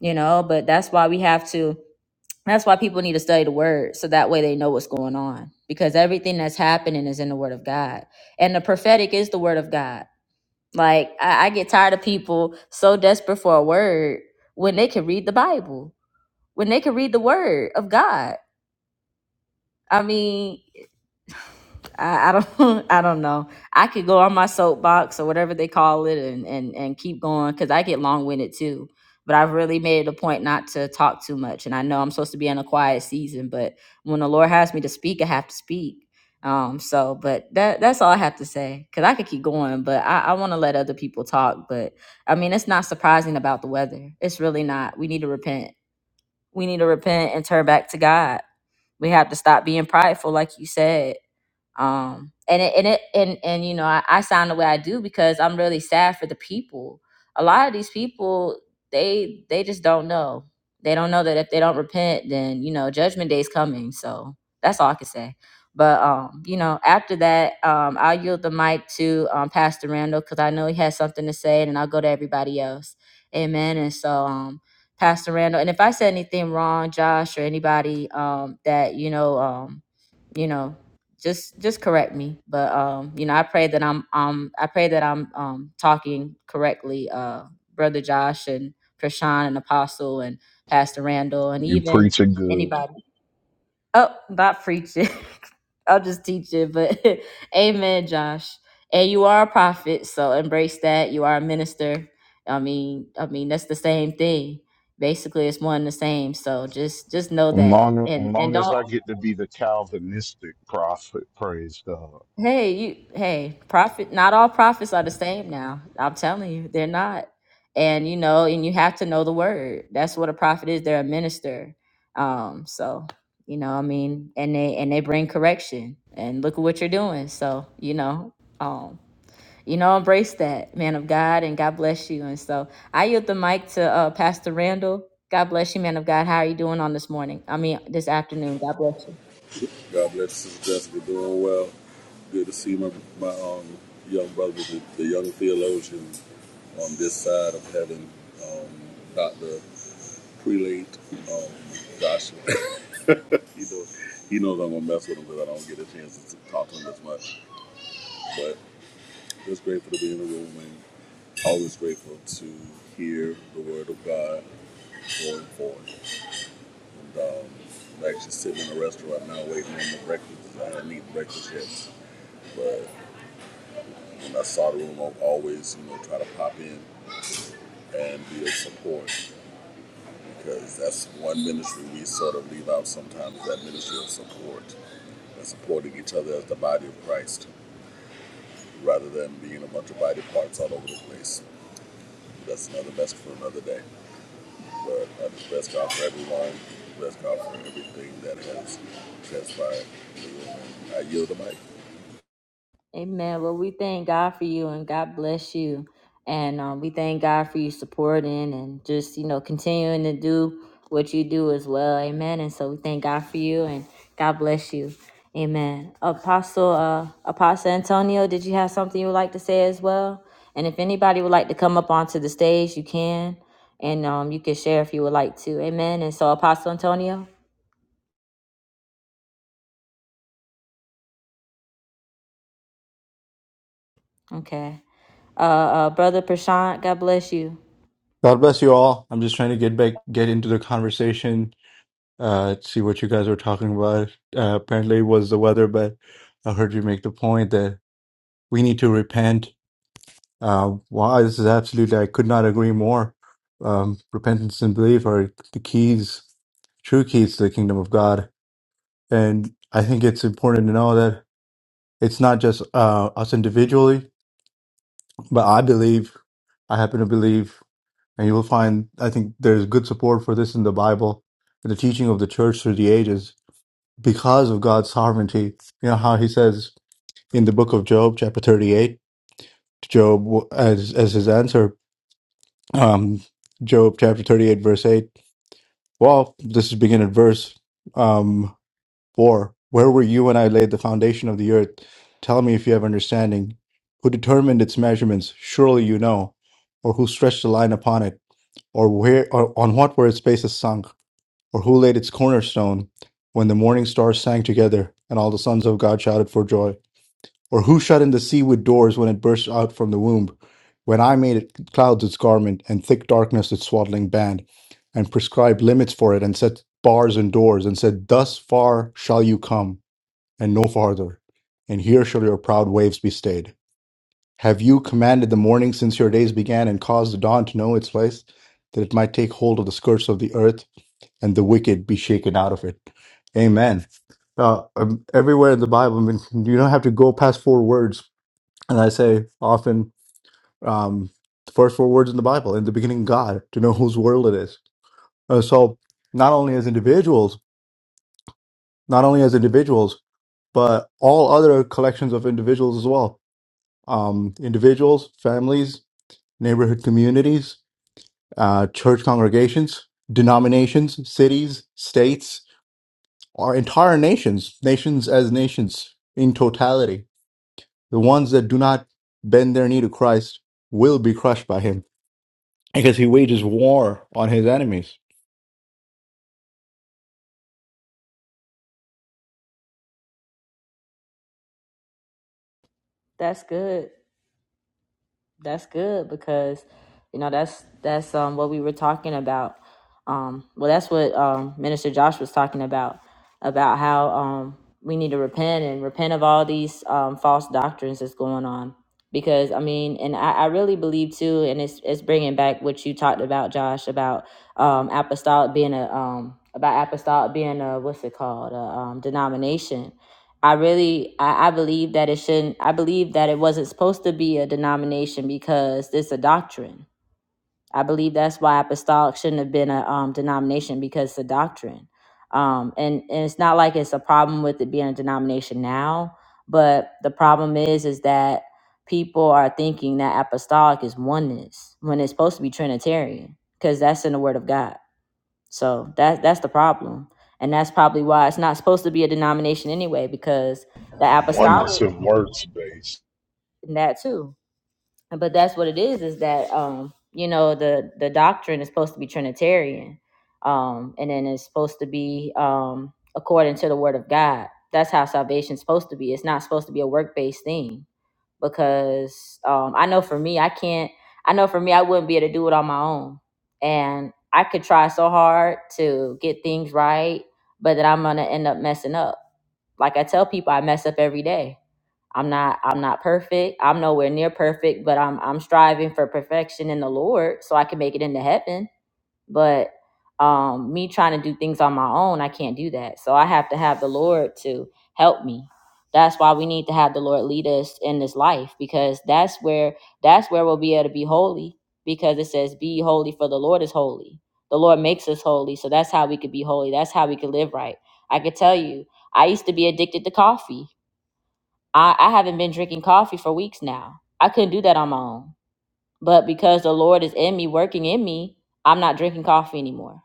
you know. But that's why we have to. That's why people need to study the word so that way they know what's going on because everything that's happening is in the word of God. And the prophetic is the word of God. Like, I, I get tired of people so desperate for a word when they can read the Bible, when they can read the word of God. I mean, I, I don't [laughs] I don't know. I could go on my soapbox or whatever they call it and and and keep going cuz I get long-winded too. But I've really made it a point not to talk too much and I know I'm supposed to be in a quiet season, but when the Lord has me to speak, I have to speak. Um so but that that's all I have to say cuz I could keep going, but I I want to let other people talk, but I mean, it's not surprising about the weather. It's really not. We need to repent. We need to repent and turn back to God. We have to stop being prideful like you said um and it and it and and you know I, I sound the way i do because i'm really sad for the people a lot of these people they they just don't know they don't know that if they don't repent then you know judgment day's coming so that's all i can say but um you know after that um i'll yield the mic to um pastor randall because i know he has something to say and then i'll go to everybody else amen and so um pastor randall and if i said anything wrong josh or anybody um that you know um you know just just correct me but um you know i pray that i'm um i pray that i'm um talking correctly uh brother josh and prashan and apostle and pastor randall and You even preaching good. anybody oh not preaching [laughs] i'll just teach it but [laughs] amen josh and you are a prophet so embrace that you are a minister i mean i mean that's the same thing basically it's one and the same so just just know As that Long, and as and long as don't I get to be the Calvinistic prophet, praise God. Hey, you hey, prophet not all prophets are the same now. I'm telling you, they're not. And you know, and you have to know the word. That's what a prophet is. They're a minister. Um, so you know, I mean, and they and they bring correction. And look at what you're doing. So, you know, um, you know, embrace that, man of God, and God bless you. And so I yield the mic to uh Pastor Randall. God bless you, man of God. How are you doing on this morning? I mean this afternoon. God bless you. God bless you, Sister Jessica, doing well. Good to see my, my um, young brother, the, the young theologian on this side of heaven, um, Dr. Prelate um, Joshua. [laughs] he, knows, he knows I'm going to mess with him because I don't get a chance to talk to him as much. But just grateful to be in the room and always grateful to hear the word of God going forth. And um, I'm actually sitting in a restaurant now waiting on the breakfast. I haven't eaten breakfast yet. but. I saw the room. I'll always, you know, try to pop in and be of support because that's one ministry we sort of leave out sometimes is that ministry of support and supporting each other as the body of Christ rather than being a bunch of body parts all over the place. That's another message for another day. But I just bless God for everyone. Bless God for everything that has transpired. I yield the mic. Amen. Well, we thank God for you and God bless you. And um, we thank God for you supporting and just, you know, continuing to do what you do as well. Amen. And so we thank God for you and God bless you. Amen. Apostle, uh, Apostle Antonio, did you have something you would like to say as well? And if anybody would like to come up onto the stage, you can. And um, you can share if you would like to. Amen. And so, Apostle Antonio, okay. Uh, uh, Brother Prashant, God bless you. God bless you all. I'm just trying to get back, get into the conversation, uh, see what you guys were talking about. Uh, apparently, it was the weather, but I heard you make the point that we need to repent. Uh, wow, this is absolutely, I could not agree more. Um, repentance and belief are the keys, true keys to the kingdom of God. And I think it's important to know that it's not just uh, us individually, but I believe, I happen to believe. And you will find, I think there's good support for this in the Bible, in the teaching of the church through the ages, because of God's sovereignty. You know how he says in the book of Job, chapter 38, Job, as, as his answer, um, Job chapter 38, verse 8. Well, this is begin at verse um, 4. Where were you when I laid the foundation of the earth? Tell me if you have understanding. Who determined its measurements? Surely you know. Or who stretched the line upon it? Or where or on what were its bases sunk? or who laid its cornerstone when the morning stars sang together and all the sons of God shouted for joy? Or who shut in the sea with doors when it burst out from the womb? When I made it clouds its garment and thick darkness its swaddling band, and prescribed limits for it and set bars and doors, and said, Thus far shall you come, and no farther, and here shall your proud waves be stayed. Have you commanded the morning since your days began, and caused the dawn to know its place, that it might take hold of the skirts of the earth? and the wicked be shaken out of it. Amen. Uh, um, everywhere in the Bible, I mean, you don't have to go past four words. And I say often, um, the first four words in the Bible, in the beginning, God, to know whose world it is. Uh, so not only as individuals, not only as individuals, but all other collections of individuals as well. Um, individuals, families, neighborhood communities, uh, church congregations, denominations, cities, states, our entire nations, nations as nations in totality. The ones that do not bend their knee to Christ will be crushed by him because he wages war on his enemies. That's good. That's good because you know that's that's um what we were talking about. Um well that's what um Minister Josh was talking about about how um we need to repent and repent of all these um false doctrines that's going on because I mean and I, I really believe too and it's it's bringing back what you talked about Josh about um apostolic being a um about apostolic being a what's it called a um denomination I really I, I believe that it shouldn't I believe that it wasn't supposed to be a denomination because it's a doctrine. I believe that's why apostolic shouldn't have been a um, denomination because it's a doctrine. Um, and, and it's not like it's a problem with it being a denomination now, but the problem is is that people are thinking that apostolic is oneness when it's supposed to be Trinitarian because that's in the Word of God so that that's the problem, and that's probably why it's not supposed to be a denomination anyway, because the Oneness apostolic and works based. and that too. But that's what it is: is that um, you know the the doctrine is supposed to be Trinitarian, um, and then it's supposed to be um, according to the Word of God. That's how salvation's supposed to be. It's not supposed to be a work based thing because um, I know for me, I can't. I know for me, I wouldn't be able to do it on my own, and I could try so hard to get things right, but then I'm gonna end up messing up. Like I tell people, I mess up every day. I'm not. I'm not perfect. I'm nowhere near perfect, but I'm. I'm striving for perfection in the Lord, so I can make it into heaven but um me trying to do things on my own i can't do that so i have to have the lord to help me that's why we need to have the lord lead us in this life because that's where that's where we'll be able to be holy because it says be holy for the lord is holy the lord makes us holy so that's how we could be holy that's how we could live right i could tell you i used to be addicted to coffee i, I haven't been drinking coffee for weeks now i couldn't do that on my own but because the lord is in me working in me i'm not drinking coffee anymore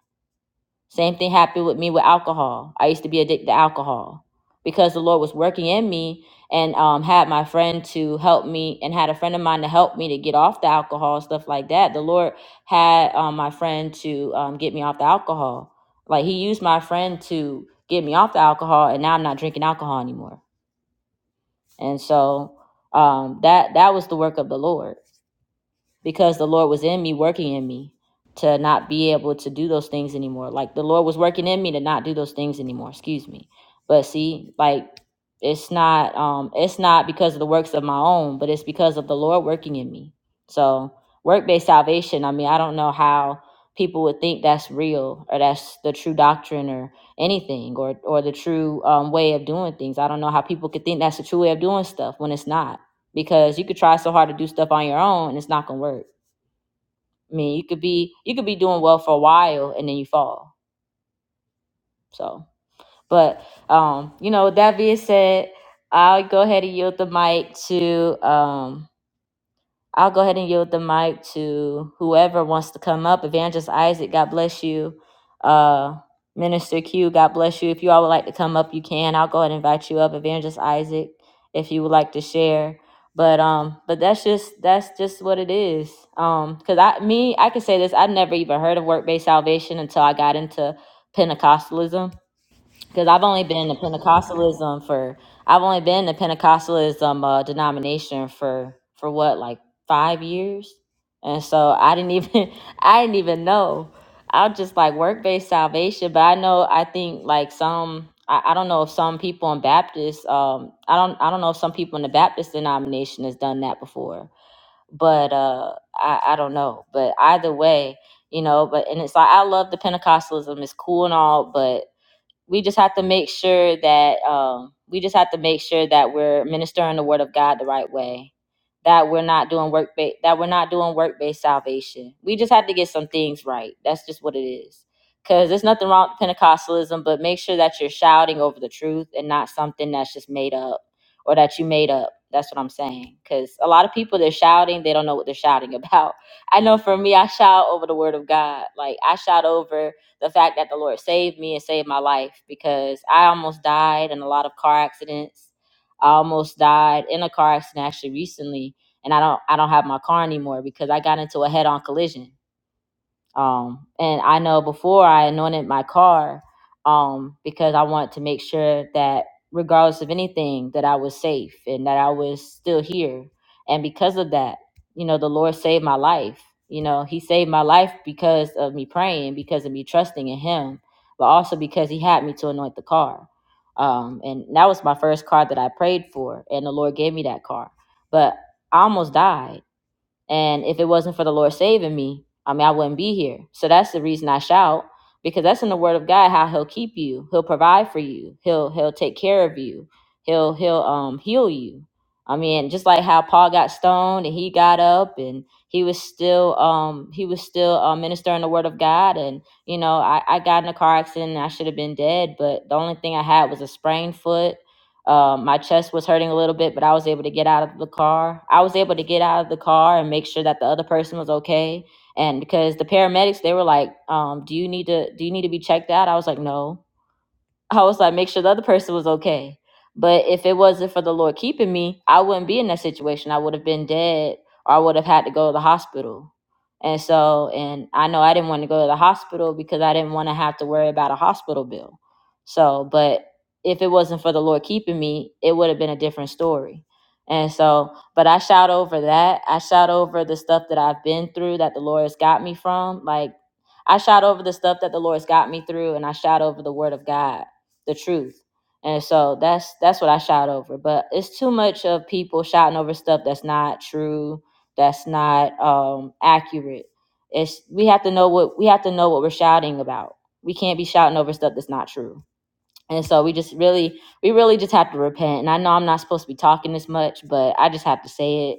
same thing happened with me with alcohol. I used to be addicted to alcohol because the Lord was working in me and um, had my friend to help me and had a friend of mine to help me to get off the alcohol, stuff like that. The Lord had um, my friend to um, get me off the alcohol. Like He used my friend to get me off the alcohol, and now I'm not drinking alcohol anymore. And so um, that that was the work of the Lord because the Lord was in me, working in me to not be able to do those things anymore. Like the Lord was working in me to not do those things anymore. Excuse me. But see, like it's not um it's not because of the works of my own, but it's because of the Lord working in me. So work-based salvation, I mean, I don't know how people would think that's real or that's the true doctrine or anything or or the true um, way of doing things. I don't know how people could think that's the true way of doing stuff when it's not because you could try so hard to do stuff on your own and it's not gonna work. I mean, you could be you could be doing well for a while and then you fall. So, but um, you know, with that being said, I'll go ahead and yield the mic to um I'll go ahead and yield the mic to whoever wants to come up. Evangelist Isaac, God bless you. Uh, Minister Q, God bless you. If you all would like to come up, you can. I'll go ahead and invite you up, Evangelist Isaac, if you would like to share. But um, but that's just that's just what it is. Um, because I me I can say this. I never even heard of work based salvation until I got into Pentecostalism because I've only been to Pentecostalism for I've only been to Pentecostalism uh, denomination for for what like five years, and so I didn't even [laughs] I didn't even know. I'm just like work based salvation, but I know I think like some I, I don't know if some people in Baptist um I don't I don't know if some people in the Baptist denomination has done that before, but uh I I don't know. But either way, you know but and it's like i love the pentecostalism it's cool and all but we just have to make sure that um, we just have to make sure that we're ministering the word of God the right way. That we're not doing work ba- that we're not doing work based salvation. We just have to get some things right. That's just what it is. Cause there's nothing wrong with Pentecostalism, but make sure that you're shouting over the truth and not something that's just made up or that you made up. That's what I'm saying. Cause a lot of people they're shouting, they don't know what they're shouting [laughs] about. I know for me, I shout over the word of God. Like I shout over the fact that the Lord saved me and saved my life because I almost died in a lot of car accidents. I almost died in a car accident actually recently, and I don't I don't have my car anymore because I got into a head-on collision um, and I know before I anointed my car um, because I wanted to make sure that regardless of anything that I was safe and that I was still here. And because of that, you know, the Lord saved my life. You know, he saved my life because of me praying, because of me trusting in him, but also because he had me to anoint the car. Um, and that was my first car that I prayed for, and the Lord gave me that car. But I almost died and if it wasn't for the Lord saving me, I mean, I wouldn't be here. So that's the reason I shout because that's in the word of God how he'll keep you. He'll provide for you. He'll he'll take care of you. He'll he'll um heal you. I mean, just like how Paul got stoned and he got up and he was still um he was still uh, ministering the word of God and you know, I I got in a car accident and I should have been dead, but the only thing I had was a sprained foot um, my chest was hurting a little bit, but I was able to get out of the car. I was able to get out of the car and make sure that the other person was okay. And because the paramedics, they were like, um, "Do you need to? Do you need to be checked out?" I was like, "No." I was like, make sure the other person was okay. But if it wasn't for the Lord keeping me, I wouldn't be in that situation. I would have been dead or I would have had to go to the hospital. And so, and I know I didn't want to go to the hospital because I didn't want to have to worry about a hospital bill. So, but if it wasn't for the Lord keeping me, it would have been a different story. And so, but I shout over that. I shout over the stuff that I've been through that the Lord has got me from. Like, I shout over the stuff that the Lord's got me through, and I shout over the Word of God the truth. And so that's that's what I shout over. But it's too much of people shouting over stuff that's not true, that's not um accurate. It's we have to know what we have to know what we're shouting about. We can't be shouting over stuff that's not true and so we just really we really just have to repent and i know i'm not supposed to be talking this much but i just have to say it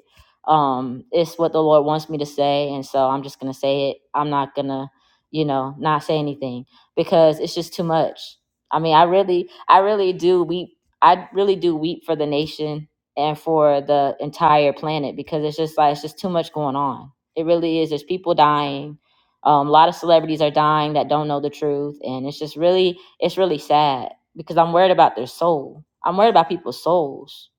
um it's what the lord wants me to say and so i'm just gonna say it i'm not gonna you know not say anything because it's just too much i mean i really i really do weep i really do weep for the nation and for the entire planet because it's just like it's just too much going on it really is there's people dying um, a lot of celebrities are dying that don't know the truth and it's just really it's really sad because I'm worried about their soul. I'm worried about people's souls.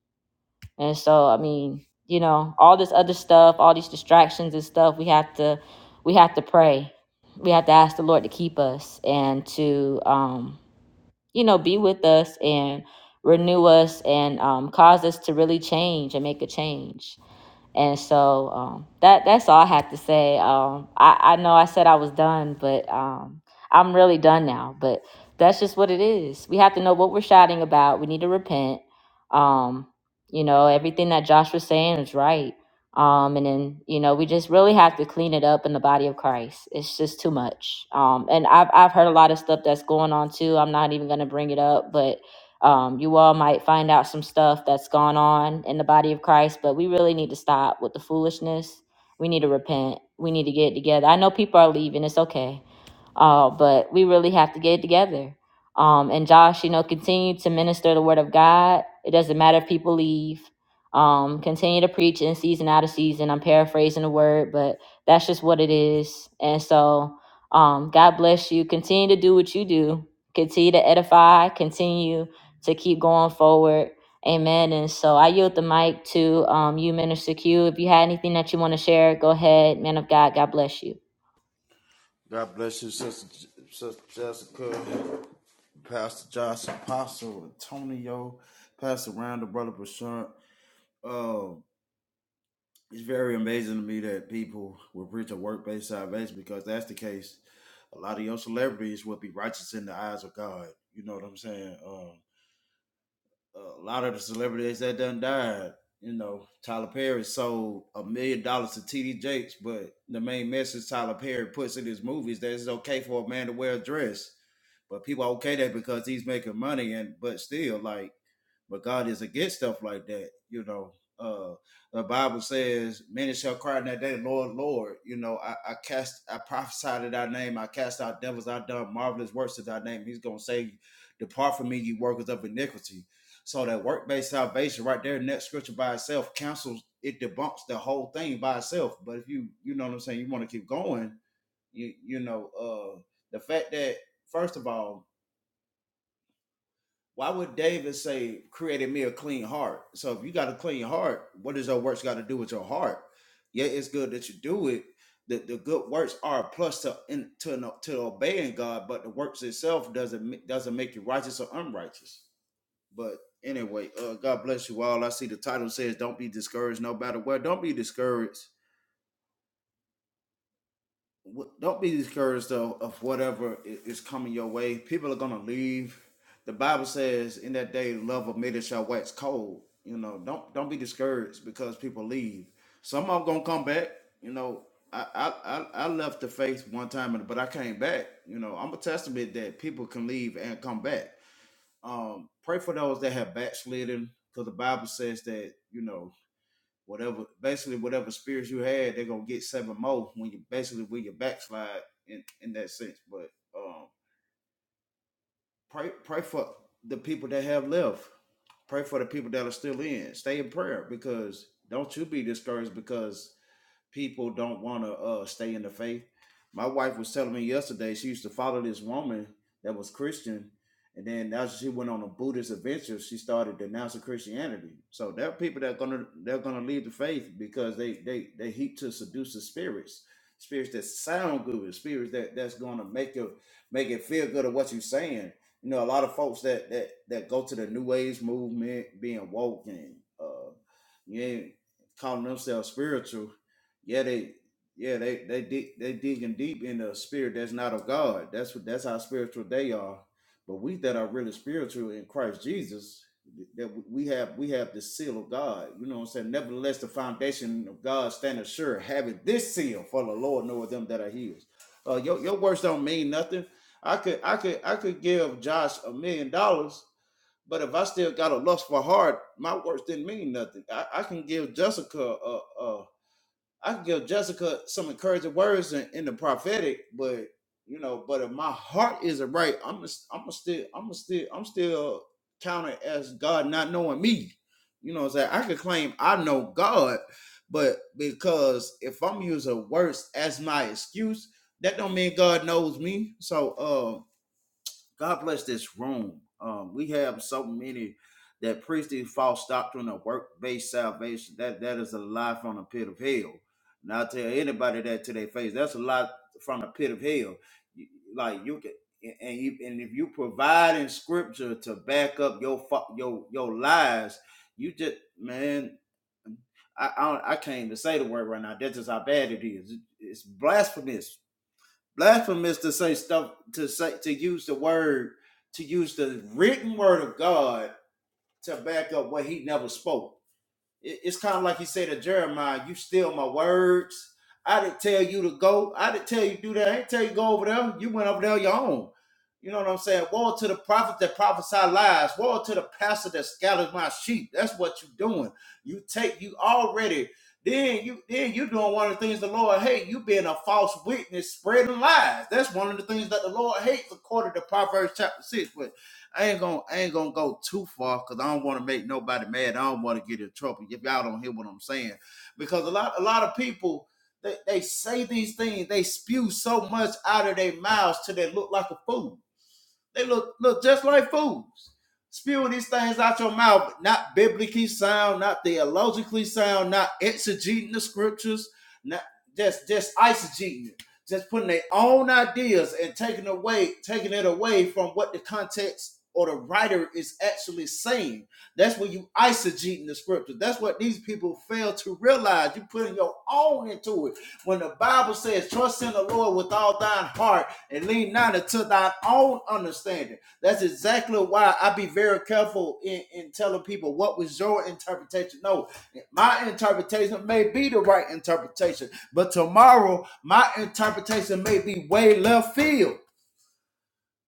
And so, I mean, you know, all this other stuff, all these distractions and stuff, we have to we have to pray. We have to ask the Lord to keep us and to um, you know, be with us and renew us and um cause us to really change and make a change. And so um, that that's all I have to say. Um, I, I know I said I was done, but um, I'm really done now. But that's just what it is. We have to know what we're shouting about. We need to repent. Um, you know, everything that Josh was saying is right. Um, and then you know, we just really have to clean it up in the body of Christ. It's just too much. Um, and I've I've heard a lot of stuff that's going on too. I'm not even going to bring it up, but um, you all might find out some stuff that's gone on in the body of Christ, but we really need to stop with the foolishness. We need to repent. We need to get it together. I know people are leaving. It's okay. Uh, but we really have to get it together. Um, and Josh, you know, continue to minister the word of God. It doesn't matter if people leave. Um, continue to preach in season out of season. I'm paraphrasing the word, but that's just what it is. And so, um, God bless you. Continue to do what you do. Continue to edify. Continue to keep going forward. Amen. And so I yield the mic to um, you, Minister Q. If you had anything that you want to share, go ahead, man of God. God bless you. God bless you, Sister, Sister Jessica, Pastor Josh, Apostle Antonio, Pastor Randall, Brother Prashant. Uh, it's very amazing to me that people will preach a work-based salvation because that's the case. A lot of your celebrities will be righteous in the eyes of God. You know what I'm saying? Um, a lot of the celebrities that done died, you know, Tyler Perry sold a million dollars to T.D. Jakes, but the main message Tyler Perry puts in his movies that it's okay for a man to wear a dress But people are okay that because he's making money and but still like but God is against stuff like that, you know. Uh the Bible says, Many shall cry in that day, Lord, Lord, you know, I, I cast I prophesied in thy name, I cast out devils, I done marvelous works in thy name. He's gonna say, Depart from me, you workers of iniquity. So that work-based salvation right there in that scripture by itself cancels it debunks the whole thing by itself. But if you you know what I'm saying, you want to keep going, you you know, uh the fact that first of all, why would David say, created me a clean heart? So if you got a clean heart, what does your works got to do with your heart? Yeah, it's good that you do it. The, the good works are a plus to in, to no- to obeying God, but the works itself doesn't ma- doesn't make you righteous or unrighteous. But anyway, uh, God bless you all. I see the title says, "Don't be discouraged, no matter where." Don't be discouraged wh- don't be discouraged though of whatever i- is coming your way. People are gonna leave. The Bible says, "In that day, love of many shall wax cold." You know, don't don't be discouraged because people leave. Some of them gonna come back. You know, I I I, I left the faith one time, but I came back. You know, I'm a testament that people can leave and come back. Um, pray for those that have backslidden, because the Bible says that you know whatever basically whatever spirits you had, they're gonna get seven more when you basically when you backslide in, in that sense. But um pray pray for the people that have left. Pray for the people that are still in. Stay in prayer because don't you be discouraged because people don't want to uh, stay in the faith. My wife was telling me yesterday she used to follow this woman that was Christian, and then as she went on a Buddhist adventure, she started denouncing Christianity. So there are people that are gonna they're gonna leave the faith because they they they heap to seduce the spirits, spirits that sound good, spirits that that's gonna make you make it feel good of what you're saying. You know, a lot of folks that that that go to the New Age movement, being woke and uh, you ain't calling themselves spiritual yeah, they yeah they they dig they digging deep in the spirit that's not of God. That's what that's how spiritual they are. But we that are really spiritual in Christ Jesus, that we have we have the seal of God. You know what I'm saying? Nevertheless, the foundation of God standeth sure, having this seal for the Lord knoweth them that are His. Uh, your your words don't mean nothing. I could I could I could give Josh a million dollars. But if I still got a lustful heart, my words didn't mean nothing. I, I can give Jessica a, a I can give Jessica some encouraging words in, in the prophetic, but you know, but if my heart isn't right, I'm i I'm a still I'm a still I'm still counted as God not knowing me. You know, what I'm saying I could claim I know God, but because if I'm using words as my excuse, that don't mean God knows me. So, uh, God bless this room. Um, we have so many that preach the false doctrine of work-based salvation. That that is a lie from the pit of hell. And I tell anybody that to their face, that's a lie from the pit of hell. You- Like you can, and you, and if you provide in scripture to back up your fa- your your lies, you just man, I I, don't, I can't even say the word right now. That's just how bad it is. It's blasphemous Blasphemous to say stuff to say to use the word to use the written word of God to back up what he never spoke it's kind of like he said to Jeremiah, you steal my words. I didn't tell you to go. I didn't tell you to do that. I didn't tell you to go over there. You went over there on your own. You know what I'm saying? Woe to the prophet that prophesy lies. Woe to the pastor that scatters my sheep. That's what you are doing. You take you already. Then you then you doing one of the things the Lord hates. You being a false witness, spreading lies. That's one of the things that the Lord hates, according to Proverbs chapter six. I ain't gonna I ain't gonna go too far because I don't want to make nobody mad. I don't want to get in trouble if y'all don't hear what I'm saying. Because a lot a lot of people they, they say these things, they spew so much out of their mouths till they look like a fool. They look look just like fools. Spewing these things out your mouth, not biblically sound, not theologically sound, not exegeting the scriptures, not just just eisegeting it, just putting their own ideas and taking away, taking it away from what the context or the writer is actually saying. That's when you eisegeting the scripture. That's what these people fail to realize. You putting your own into it. When the Bible says, "Trust in the Lord with all thine heart." and lean not into thine own understanding. That's exactly why I be very careful in, in telling people what was your interpretation. No, my interpretation may be the right interpretation, but tomorrow my interpretation may be way left field.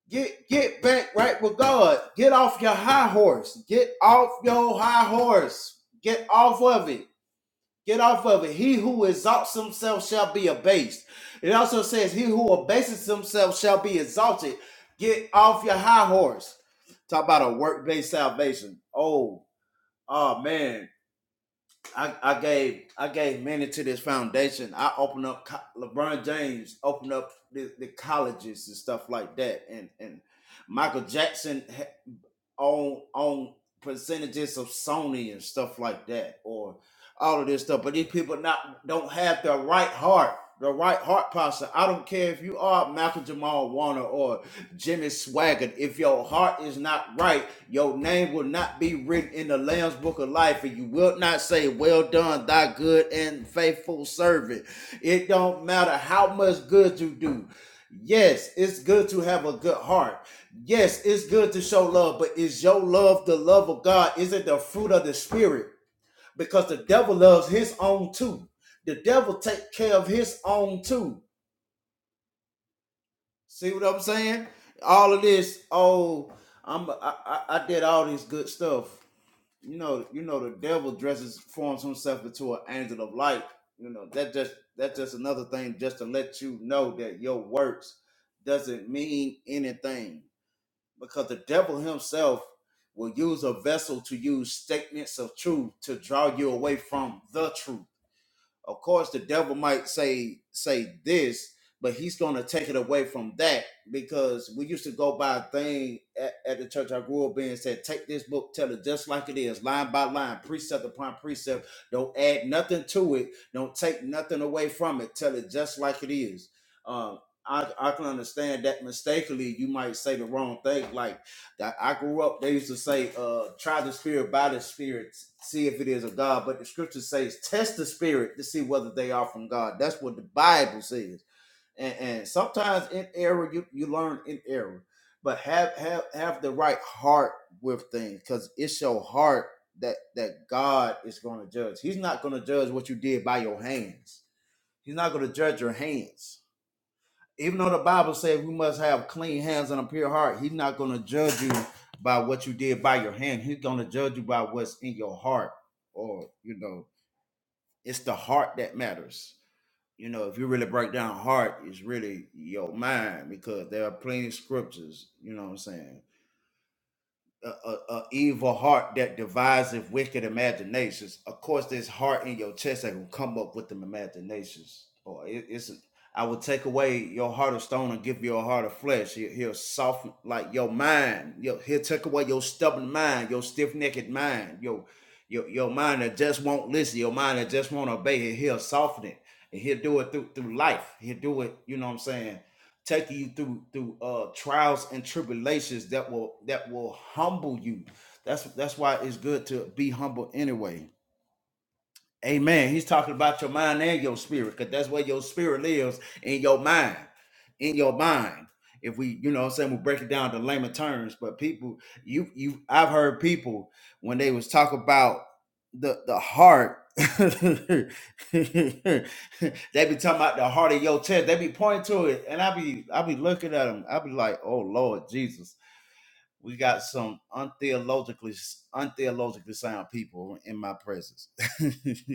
Get get back right with God. Get off your high horse. Get off your high horse. Get off of it Get off of it. He who exalts himself shall be abased. It also says, He who abases himself shall be exalted. Get off your high horse. Talk about a work-based salvation. Oh, oh man. I, I gave I gave many to this foundation. I opened up LeBron James opened up the, the colleges and stuff like that. And and Michael Jackson on on percentages of Sony and stuff like that, or all of this stuff. But these people not don't have the right heart, the right heart posture. I don't care if you are Malcolm Jamal Warner or Jimmy Swaggart. If your heart is not right, your name will not be written in the Lamb's Book of Life, and you will not say, "Well done, thy good and faithful servant." It don't matter how much good you do. Yes, it's good to have a good heart Yes, it's good to show love, but is your love the love of God? Is it the fruit of the spirit? Because the devil loves his own too. The devil take care of his own too. See what I'm saying? All of this, oh, I'm I, I, I did all this good stuff. You know, you know, the devil dresses forms himself into an angel of light. You know, that just that's just another thing just to let you know that your works doesn't mean anything because the devil himself will use a vessel to use statements of truth to draw you away from the truth. Of course, the devil might say say this, but he's going to take it away from that because we used to go by a thing at, at the church I grew up in said, "Take this book, tell it just like it is, line by line, precept upon precept. Don't add nothing to it. Don't take nothing away from it. Tell it just like it is." Um, I, I can understand that mistakenly you might say the wrong thing like that I grew up, they used to say, uh, try the spirit by the spirit, see if it is of God. But the scripture says, test the spirit to see whether they are from God. That's what the Bible says. And, and sometimes in error, you, you learn in error, but have, have, have the right heart with things because it's your heart that, that God is going to judge. He's not going to judge what you did by your hands. He's not going to judge your hands even though the Bible says we must have clean hands and a pure heart, He's not going to judge you by what you did by your hand. He's going to judge you by what's in your heart, or you know, it's the heart that matters. You know, if you really break down heart, it's really your mind because there are plenty of scriptures. You know what I'm saying? a, a, a evil heart that deviseth wicked imaginations. Of course, this heart in your chest that will come up with them imaginations. Boy, it, it's. A, I will take away your heart of stone and give you a heart of flesh. He, he'll soften like your mind. He'll, he'll take away your stubborn mind, your stiff necked mind, your your your mind that just won't listen, your mind that just won't obey. He'll soften it, and he'll do it through through life. He'll do it. You know what I'm saying? taking you through through uh trials and tribulations that will that will humble you that's that's why it's good to be humble anyway Amen. He's talking about your mind and your spirit, because that's where your spirit lives in your mind. In your mind. If we, you know what I'm saying, we break it down to layman terms, but people, you you I've heard people when they was talking about the the heart. [laughs] they be talking about the heart of your chest. They be pointing to it, and I be I be looking at them. I be like, "Oh Lord Jesus," we got some untheologically untheologically sound people in my presence. [laughs]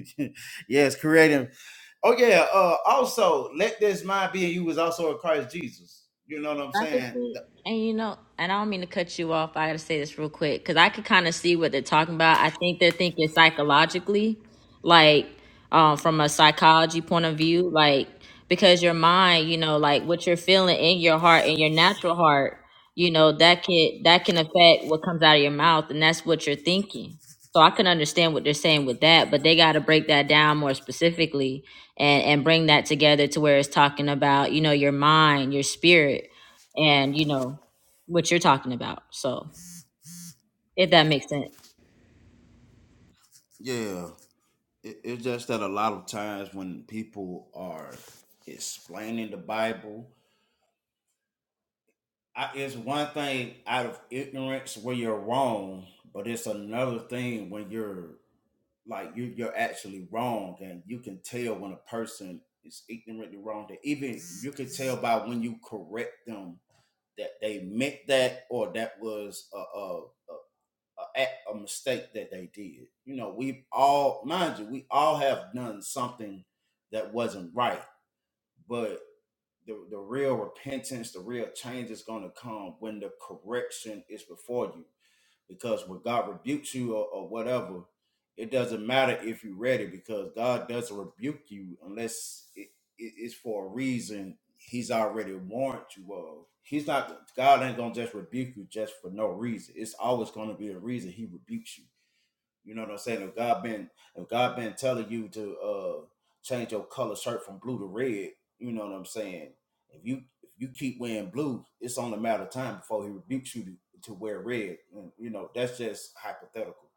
yes, creating. Oh yeah. Uh, also, let this mind be in you was also in Christ Jesus. You know what I'm I could saying? see, and you know, and I don't mean to cut you off. I got to say this real quick because I could kind of see what they're talking about. I think they're thinking psychologically, like um, from a psychology point of view, like because your mind, you know, like what you're feeling in your heart in your natural heart, you know, that can that can affect what comes out of your mouth, and that's what you're thinking. So I can understand what they're saying with that, but they got to break that down more specifically and and bring that together to where it's talking about, you know, your mind, your spirit and you know what you're talking about. So if that makes sense. Yeah. It, it's just that a lot of times when people are explaining the Bible I, it's one thing out of ignorance where you're wrong, but it's another thing when you're like you you're actually wrong, and you can tell when a person is ignorantly wrong. That even you can tell by when you correct them that they meant that or that was a a, a, a, a mistake that they did. You know, we all mind you, we all have done something that wasn't right, but the, the real repentance, the real change is going to come when the correction is before you. Because when God rebukes you or, or whatever, it doesn't matter if you're ready because God doesn't rebuke you unless it, it- it's for a reason He's already warned you of. He's not, God ain't going to just rebuke you just for no reason. It's always going to be a reason He rebukes you. You know what I'm saying? If God been if God been telling you to uh change your color shirt from blue to red, you know what I'm saying? If you if you keep wearing blue, it's only a matter of time before he rebukes you to, to wear red. And you know, that's just hypothetical.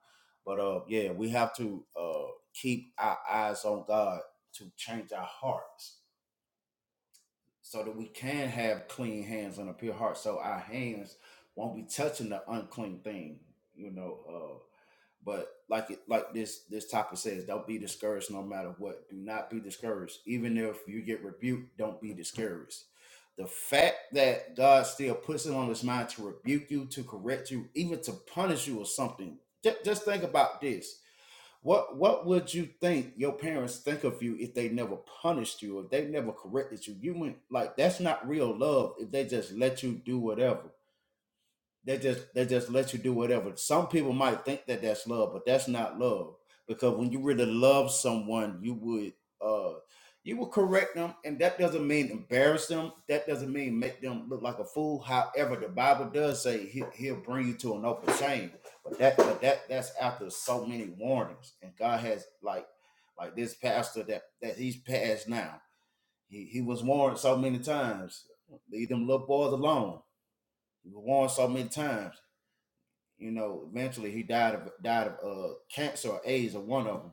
But uh yeah, we have to uh keep our eyes on God to change our hearts so that we can have clean hands and a pure heart so our hands won't be touching the unclean thing you know uh but like it like this this topic says don't be discouraged no matter what do not be discouraged even if you get rebuked don't be discouraged the fact that god still puts it on his mind to rebuke you to correct you even to punish you or something just think about this what what would you think your parents think of you if they never punished you, if they never corrected you? You went like that's not real love if they just let you do whatever. They just they just let you do whatever. Some people might think that that's love, but that's not love because when you really love someone, you would uh you would correct them, and that doesn't mean embarrass them. That doesn't mean make them look like a fool. However, the Bible does say he, he'll bring you to an open shame, but that but that that's after so many warnings, and God has like like this pastor that that he's passed now. He he was warned so many times. Leave them little boys alone. We were warned so many times you know, eventually he died of died of uh, cancer or AIDS or one of them.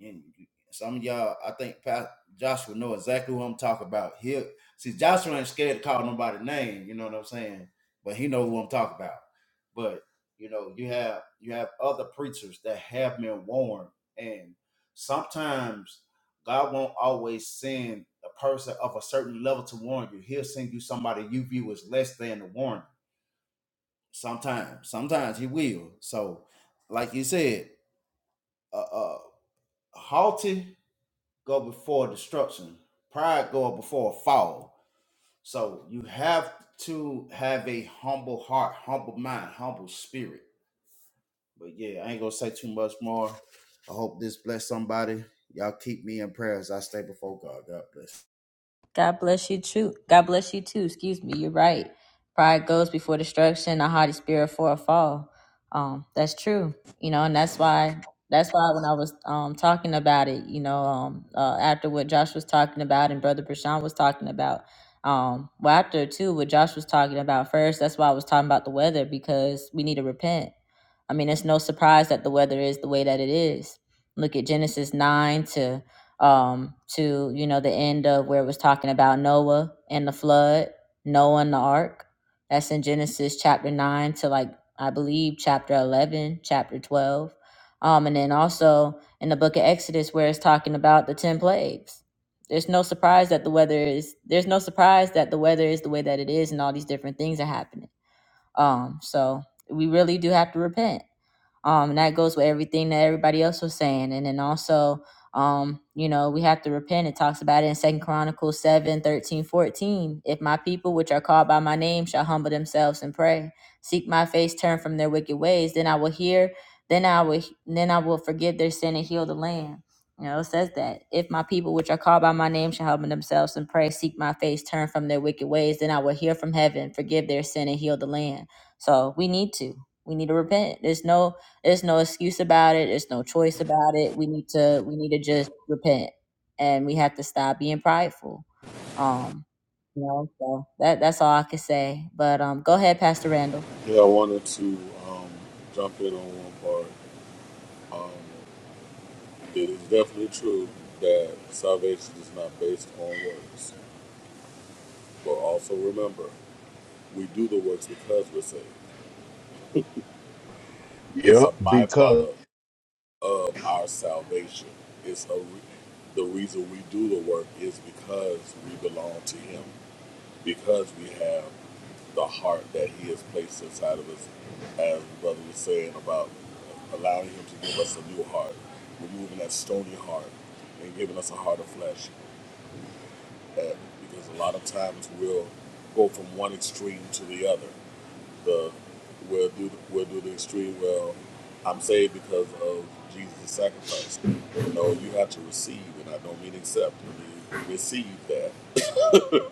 And some of y'all, I think Pastor Joshua know exactly who I'm talking about. He see Joshua ain't scared to call nobody name. You know what I'm saying? But he know who I'm talking about. But you know, you have you have other preachers that have been warned, and sometimes God won't always send a person of a certain level to warn you. He'll send you somebody you view as less than to warn Sometimes, sometimes he will. So, like you said, uh, uh, haughty go before destruction. Pride go before a fall. So you have to have a humble heart, humble mind, humble spirit. But yeah, I ain't gonna say too much more. I hope this bless somebody. Y'all keep me in prayers. I stay before God. God bless. God bless you too. God bless you too. Excuse me. You're right. Pride goes before destruction, a haughty spirit for a fall. Um, that's true. You know, and that's why that's why when I was um talking about it, you know, um uh, after what Josh was talking about and Brother Prashan was talking about, um, well after too what Josh was talking about first, that's why I was talking about the weather because we need to repent. I mean, it's no surprise that the weather is the way that it is. Look at Genesis nine to um, to you know the end of where it was talking about Noah and the flood, Noah and the ark. That's in Genesis chapter nine to like I believe chapter eleven, chapter twelve, um, and then also in the book of Exodus where it's talking about the ten plagues. There's no surprise that the weather is there's no surprise that the weather is the way that it is and all these different things are happening. Um, so we really do have to repent um, and that goes with everything that everybody else was saying. And then also, um, you know, we have to repent. It talks about it in Second Chronicles 7 13 14. If my people which are called by my name shall humble themselves and pray, seek my face, turn from their wicked ways, then I will hear, then I will then I will forgive their sin and heal the land. You know, it says that if my people which are called by my name shall humble themselves and pray, seek my face, turn from their wicked ways, then I will hear from heaven, forgive their sin and heal the land. So we need to. We need to repent. There's no there's no excuse about it. There's no choice about it. We need to we need to just repent, and we have to stop being prideful. Um, you know, so that that's all I can say. But um, go ahead, Pastor Randall. Yeah, I wanted to um, jump in on one part. Um, It is definitely true that salvation is not based on works. But also remember, we do the works because we're saved. It's Yep, a because byproduct of our salvation. It's a re- the reason we do the work is because we belong to Him, because we have the heart that He has placed inside of us. As Brother was saying about allowing Him to give us a new heart, removing that stony heart and giving us a heart of flesh. uh, because a lot of times we'll go from one extreme to the other. The we'll do the, we'll do the extreme. Well, I'm saved because of Jesus' sacrifice. You know, you have to receive, and I don't mean accept. I mean receive that.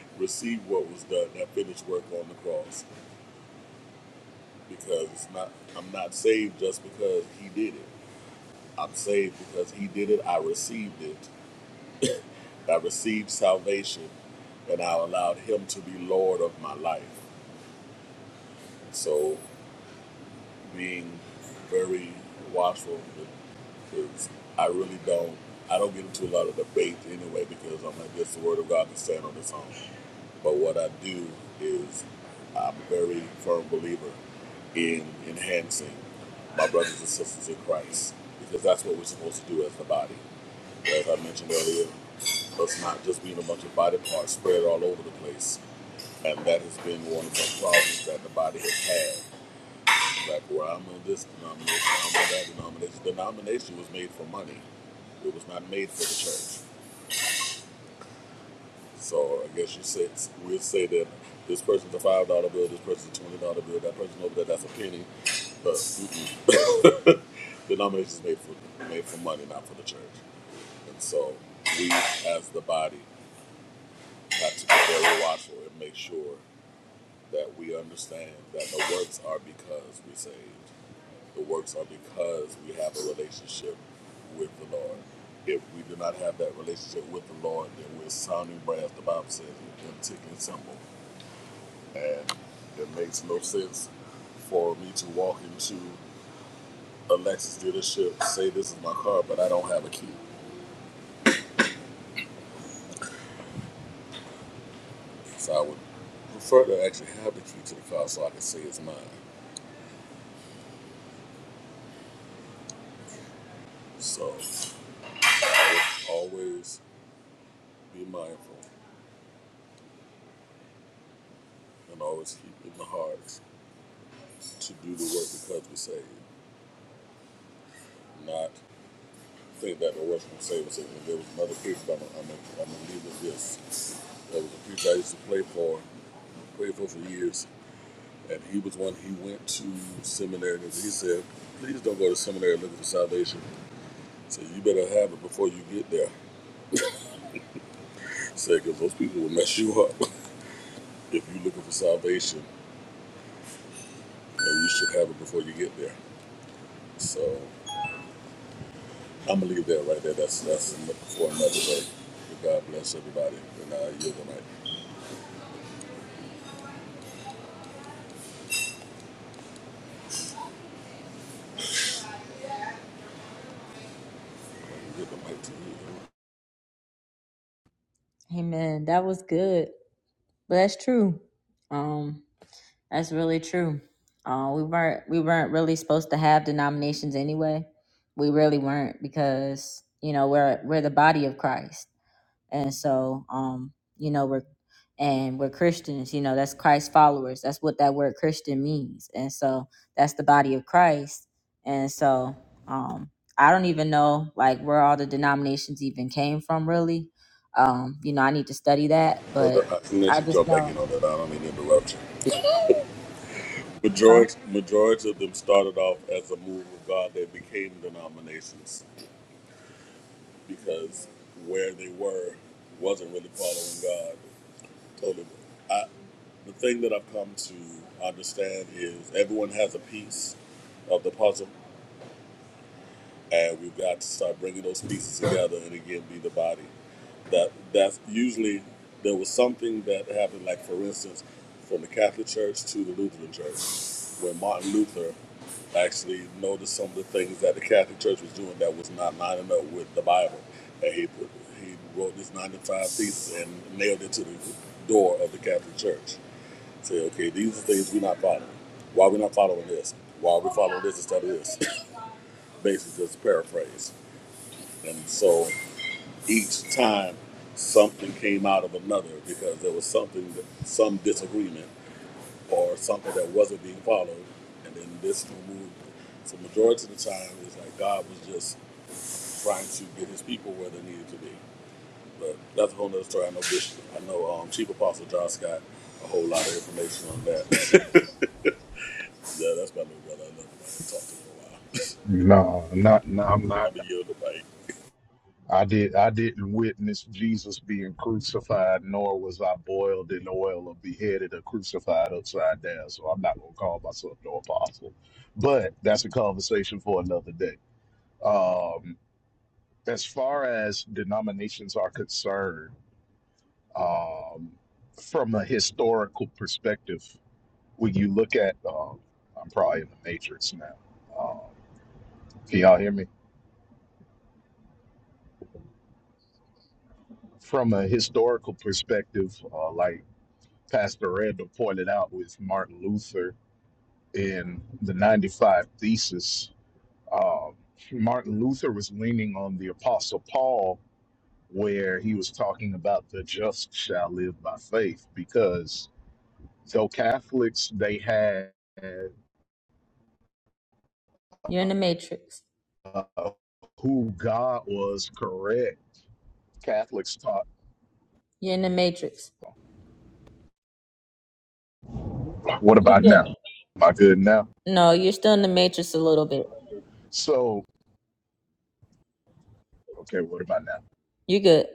[laughs] receive what was done, that finished work on the cross. Because it's not I'm not saved just because he did it. I'm saved because he did it. I received it, I received salvation and I allowed Him to be Lord of my life. So, being very watchful because I really don't. I don't get into a lot of debate anyway because I'm like, this is the word of God can stand on its own. But what I do is I'm a very firm believer in enhancing my brothers and sisters in Christ because that's what we're supposed to do as the body as I mentioned earlier, us not just being a bunch of body parts spread all over the place. And that has been one of the problems that the body has had. Like, well, I'm on this denomination, I'm on that denomination. The denomination was made for money, it was not made for the church. So I guess you say, we'll say that this person's a $5 bill, this person's a $20 bill, that person over there, that's a penny. But mm-mm. [coughs] [laughs] The denomination's made for, made for money, not for the church. And so we, as the body, not to be very watchful and make sure that we understand that the works are because we saved. The works are because we have a relationship with the Lord. If we do not have that relationship with the Lord, then we're sounding brass, the Bible says, and ticking symbol. And it makes no sense for me to walk into a Lexus dealership, say this is my car, but I don't have a key. So I would prefer to actually have the key to the car so I can say it's mine. So Just Always be mindful and always keep it in the heart to do the work because we're saved. Not think that the work's going to save us. And There was another preacher, I'm going to leave with this. There was a preacher I used to play for, prayed for for years, and he was one, he went to seminary and he said, please don't go to seminary looking for salvation. So you better have it before you get there. Said, because those people will mess you up [laughs] if you're looking for salvation. You, know, you should have it before you get there. So I'm gonna leave that right there. That's that's enough for another day. But God bless everybody, and I yield the mic. I yield the mic to you. Amen. That was good. But that's true. Um, that's really true. Uh, we weren't we weren't really supposed to have denominations anyway. We really weren't because you know we're we're the body of Christ and so um you know we're and we're christians you know that's christ followers that's what that word christian means and so that's the body of christ and so um i don't even know like where all the denominations even came from really um you know i need to study that Well, but I- unless i you just jump back know in on that, I don't mean to interrupt you. huh Majority, majority of them started off as a move of God. They became denominations because where they were wasn't really following God. Totally. I, the thing that I've come to understand is everyone has a piece of the puzzle. and we've got to start bringing those pieces together and again be the body that that's usually there was something that happened like for instance from the catholic church to the lutheran church where martin luther actually noticed some of the things that the catholic church was doing that was not lining up with the bible and he put, he wrote this 95 thesis and nailed it to the door of the catholic church say okay these are things we're not following why are we not following this why are we following this instead of this [coughs] basically just paraphrase and so each time something came out of another because there was something, that, some disagreement or something that wasn't being followed. And then this moved. So majority of the time, it's like God was just trying to get his people where they needed to be. But that's a whole nother story. I know Bishop, I know um, Chief Apostle John Scott, a whole lot of information on that. [laughs] yeah, that's my little brother. I love him. I haven't talked to him in a while. No, not no. I'm [laughs] not. I'm a yield the mic. I did I didn't witness Jesus being crucified, nor was I boiled in oil or beheaded or crucified upside down. So I'm not gonna call myself no apostle. But that's a conversation for another day. Um, as far as denominations are concerned, um, from a historical perspective, when you look at um, I'm probably in the matrix now. Um, can y'all hear me? From a historical perspective, uh, like Pastor Randall pointed out with Martin Luther in the 95 Thesis. Uh, Martin Luther was leaning on the Apostle Paul, where he was talking about the just shall live by faith, because though Catholics, they had you're in the matrix uh, who God was correct. Catholics taught, you're in the matrix what you about now? good Am I good now? no you're still in the matrix a little bit So, okay, what about now? you good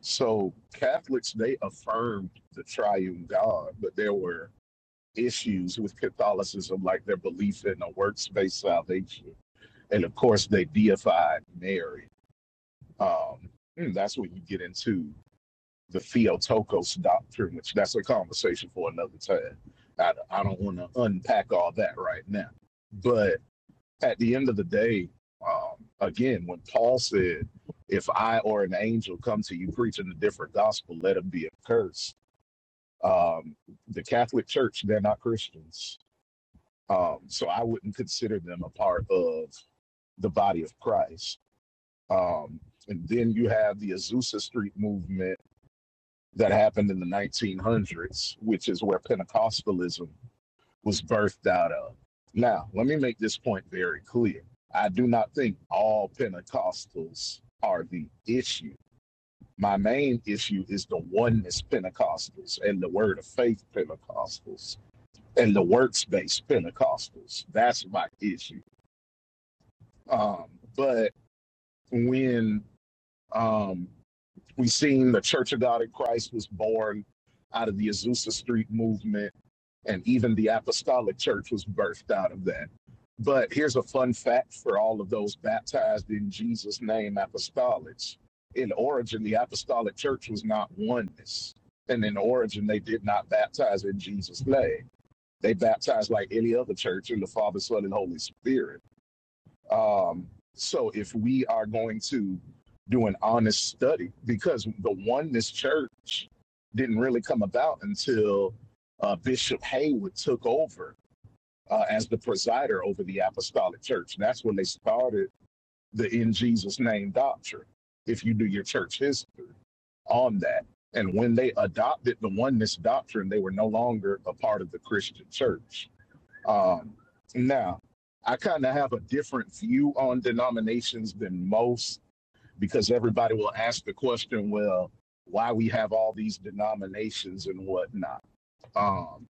So Catholics they affirmed the triune God, but there were issues with Catholicism, like their belief in a works-based salvation, and of course they deified Mary. Um, and that's when you get into the Theotokos doctrine, which that's a conversation for another time. I, I don't want to unpack all that right now, but at the end of the day, um, again, when Paul said, "If I or an angel come to you preaching a different gospel, let him be accursed." Um, the Catholic Church, they're not Christians, um, so I wouldn't consider them a part of the body of Christ. Um, and then you have the Azusa Street movement that happened in the 1900s, which is where Pentecostalism was birthed out of. Now, let me make this point very clear. I do not think all Pentecostals are the issue. My main issue is the oneness Pentecostals and the word of faith Pentecostals and the works based Pentecostals. That's my issue. Um, but when um, we seen the Church of God in Christ was born out of the Azusa Street movement, and even the apostolic church was birthed out of that. But here's a fun fact for all of those baptized in Jesus' name apostolics. In origin, the apostolic church was not oneness. And in origin, they did not baptize in Jesus' name. They baptized like any other church in the Father, Son, and Holy Spirit um, so if we are going to do an honest study, because the oneness church didn't really come about until uh, Bishop Haywood took over uh, as the presider over the apostolic church. And That's when they started the in Jesus name doctrine. If you do your church history on that. And when they adopted the oneness doctrine, they were no longer a part of the Christian church um, now, I kind of have a different view on denominations than most because everybody will ask the question, well, why we have all these denominations and whatnot, um,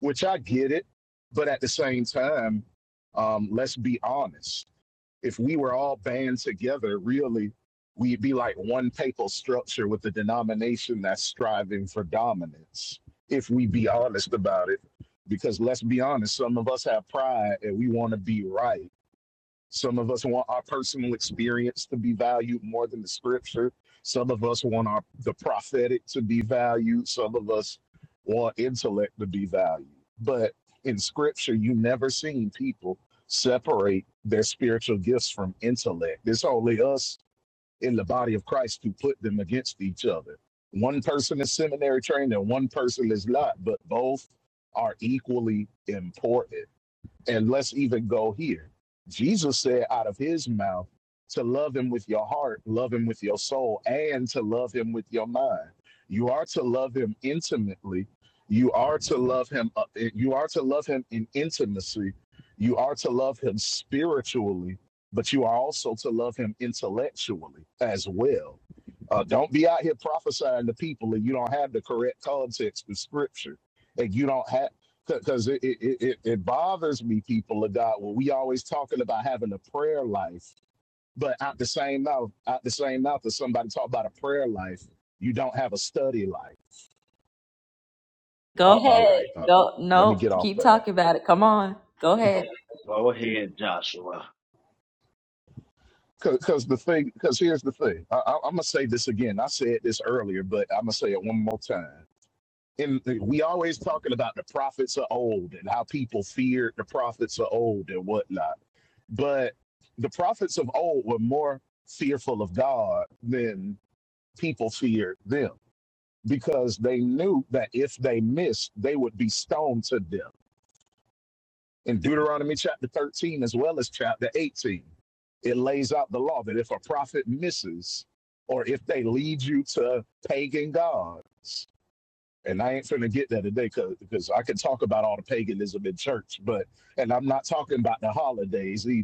which I get it. But at the same time, um, let's be honest if we were all band together, really, we'd be like one papal structure with a denomination that's striving for dominance, if we be honest about it. Because let's be honest, some of us have pride and we want to be right. Some of us want our personal experience to be valued more than the scripture. Some of us want our the prophetic to be valued. Some of us want intellect to be valued. But in scripture, you never seen people separate their spiritual gifts from intellect. It's only us in the body of Christ who put them against each other. One person is seminary trained and one person is not, but both are equally important and let's even go here. Jesus said out of his mouth to love him with your heart, love him with your soul, and to love him with your mind. You are to love him intimately. You are to love him uh, eh, you are to love him in intimacy. You are to love him spiritually, but you are also to love him intellectually as well. Uh, don't be out here prophesying to people and you don't have the correct context of scripture. And you don't have because it, it, it, it bothers me, people of God, when we always talking about having a prayer life, but out the same mouth, out the same mouth, if somebody talk about a prayer life, you don't have a study life. go Uh, all ahead right, uh, uh, go let me nope get off keep of that. talking about it come on go ahead Go ahead, Joshua. Because the thing, because here's the thing, I, I, I'm gonna say this again. I said this earlier, but I'm gonna say it one more time. And we always talking about the prophets of old and how people feared the prophets of old and whatnot But the prophets of old were more fearful of God than people feared them because they knew that if they missed, they would be stoned to death. In Deuteronomy chapter 13, as well as chapter 18, it lays out the law that if a prophet misses or if they lead you to pagan gods, and I ain't finna get there today because I can talk about all the paganism in church, but, and I'm not talking about the holidays either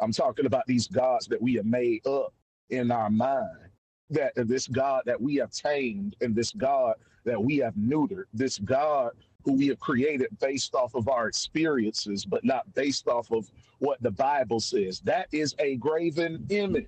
I'm talking about these gods that we have made up in our mind. That this God that we have tamed and this God that we have neutered, this God who we have created based off of our experiences, but not based off of what the Bible says. That is a graven image.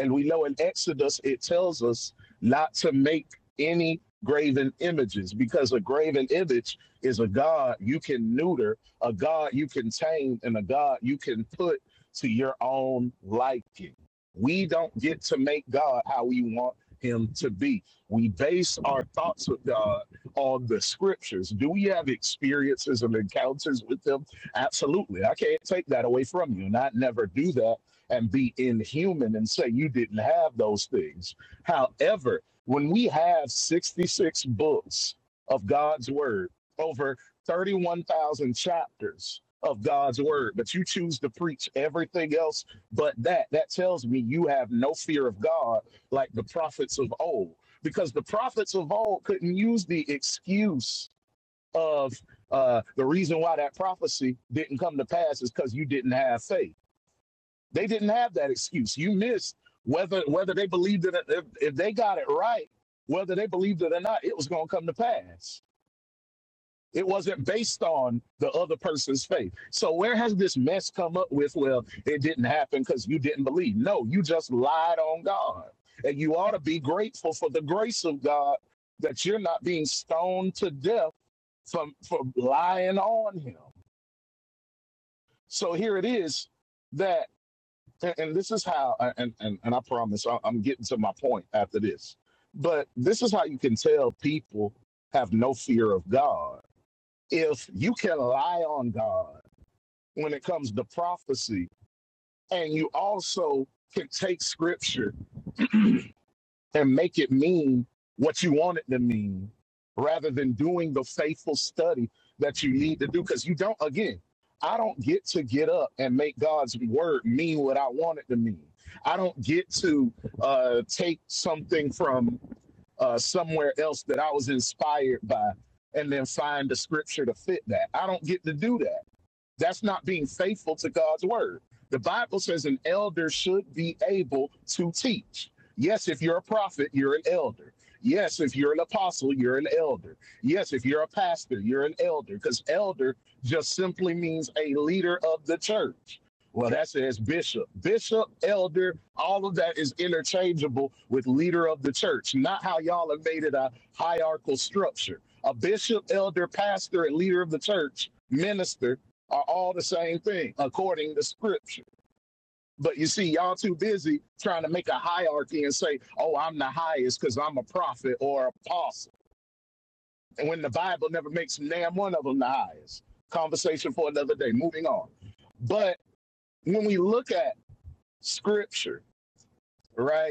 And we know in Exodus, it tells us not to make any graven images because a graven image is a God you can neuter, a God you can tame, and a God you can put to your own liking. We don't get to make God how we want him to be. We base our thoughts with God on the scriptures. Do we have experiences and encounters with them? Absolutely. I can't take that away from you. And I'd never do that and be inhuman and say you didn't have those things. However, when we have 66 books of God's word, over 31,000 chapters, of God's word, but you choose to preach everything else but that. That tells me you have no fear of God like the prophets of old, because the prophets of old couldn't use the excuse of uh, the reason why that prophecy didn't come to pass is because you didn't have faith. They didn't have that excuse. You missed whether whether they believed it. If, if they got it right, whether they believed it or not, it was going to come to pass it wasn't based on the other person's faith. So where has this mess come up with? Well, it didn't happen because you didn't believe. No, you just lied on God. And you ought to be grateful for the grace of God that you're not being stoned to death for for lying on him. So here it is that and this is how and and, and I promise I'm getting to my point after this. But this is how you can tell people have no fear of God if you can lie on God when it comes to prophecy. And you also can take scripture and make it mean what you want it to mean rather than doing the faithful study that you need to do. Because you don't, again, I don't get to get up and make God's word mean what I want it to mean. I don't get to uh, take something from uh, somewhere else that I was inspired by and then find the scripture to fit that. I don't get to do that. That's not being faithful to God's word. The Bible says an elder should be able to teach. Yes, if you're a prophet, you're an elder. Yes, if you're an apostle, you're an elder. Yes, if you're a pastor, you're an elder, because elder just simply means a leader of the church. Well, that says bishop. Bishop, elder, all of that is interchangeable with leader of the church, not how y'all have made it a hierarchical structure. A bishop, elder, pastor, and leader of the church, minister are all the same thing according to scripture. But you see, y'all too busy trying to make a hierarchy and say, oh, I'm the highest because I'm a prophet or apostle. And when the Bible never makes damn one of them the highest. Conversation for another day. Moving on. But when we look at scripture, right?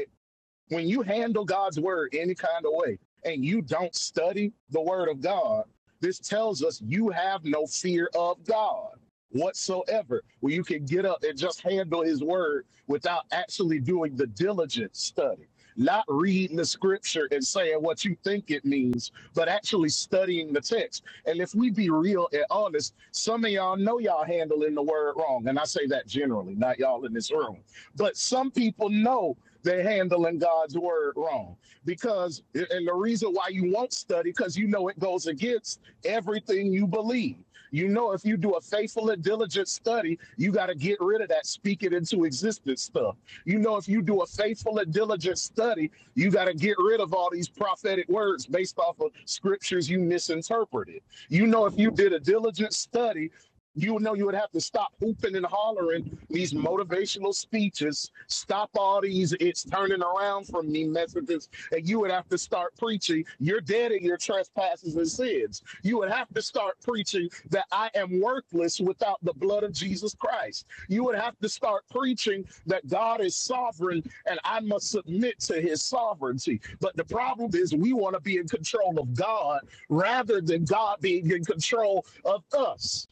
when you handle God's word any kind of way and you don't study the word of God, this tells us you have no fear of God whatsoever, where you can get up and just handle his word without actually doing the diligent study, not reading the scripture and saying what you think it means, but actually studying the text. And if we be real and honest, some of y'all know y'all handling the word wrong. And I say that generally, not y'all in this room, but some people know they're handling God's word wrong. Because, and the reason why you won't study, because you know it goes against everything you believe. You know, if you do a faithful and diligent study, you got to get rid of that speak it into existence stuff. You know, if you do a faithful and diligent study, you got to get rid of all these prophetic words based off of scriptures you misinterpreted. You know, if you did a diligent study, you know you would have to stop hooping and hollering these motivational speeches. Stop all these it's turning around from me messages, and you would have to start preaching. You're dead in your trespasses and sins. You would have to start preaching that I am worthless without the blood of Jesus Christ. You would have to start preaching that God is sovereign and I must submit to his sovereignty. But the problem is we want to be in control of God rather than God being in control of us.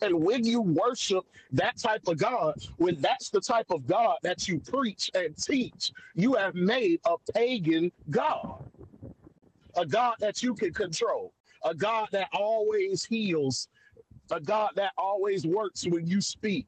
And when you worship that type of God, when that's the type of God that you preach and teach, you have made a pagan God, a God that you can control, a God that always heals, a God that always works when you speak,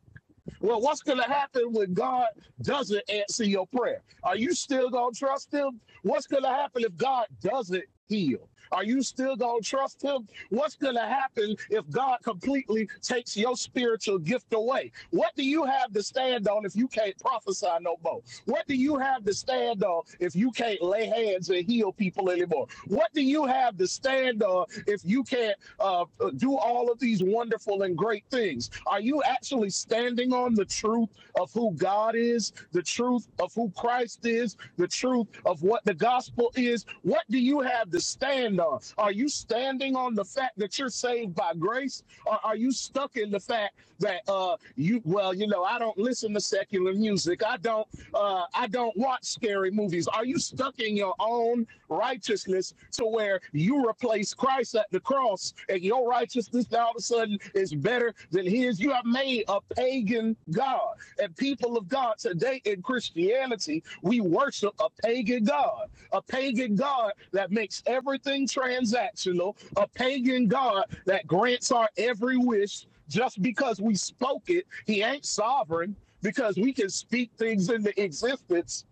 well, what's going to happen when God doesn't answer your prayer? Are you still going to trust Him? What's going to happen if God doesn't heal? Are you still going to trust Him? What's going to happen if God completely takes your spiritual gift away? What do you have to stand on if you can't prophesy no more? What do you have to stand on if you can't lay hands and heal people anymore? What do you have to stand on if you can't? uh, do all of these wonderful and great things? Are you actually standing on the truth of who God is, the truth of who Christ is, the truth of what the gospel is? What do you have to stand on? Are you standing on the fact that you're saved by grace, or are you stuck in the fact that uh, you? Well, you know, I don't listen to secular music. I don't. Uh, I don't watch scary movies. Are you stuck in your own? righteousness to where you replace Christ at the cross and your righteousness now all of a sudden is better than his. You have made a pagan God. And people of God, today in Christianity, we worship a pagan God, a pagan God that makes everything transactional, a pagan God that grants our every wish just because we spoke it. He ain't sovereign because we can speak things into existence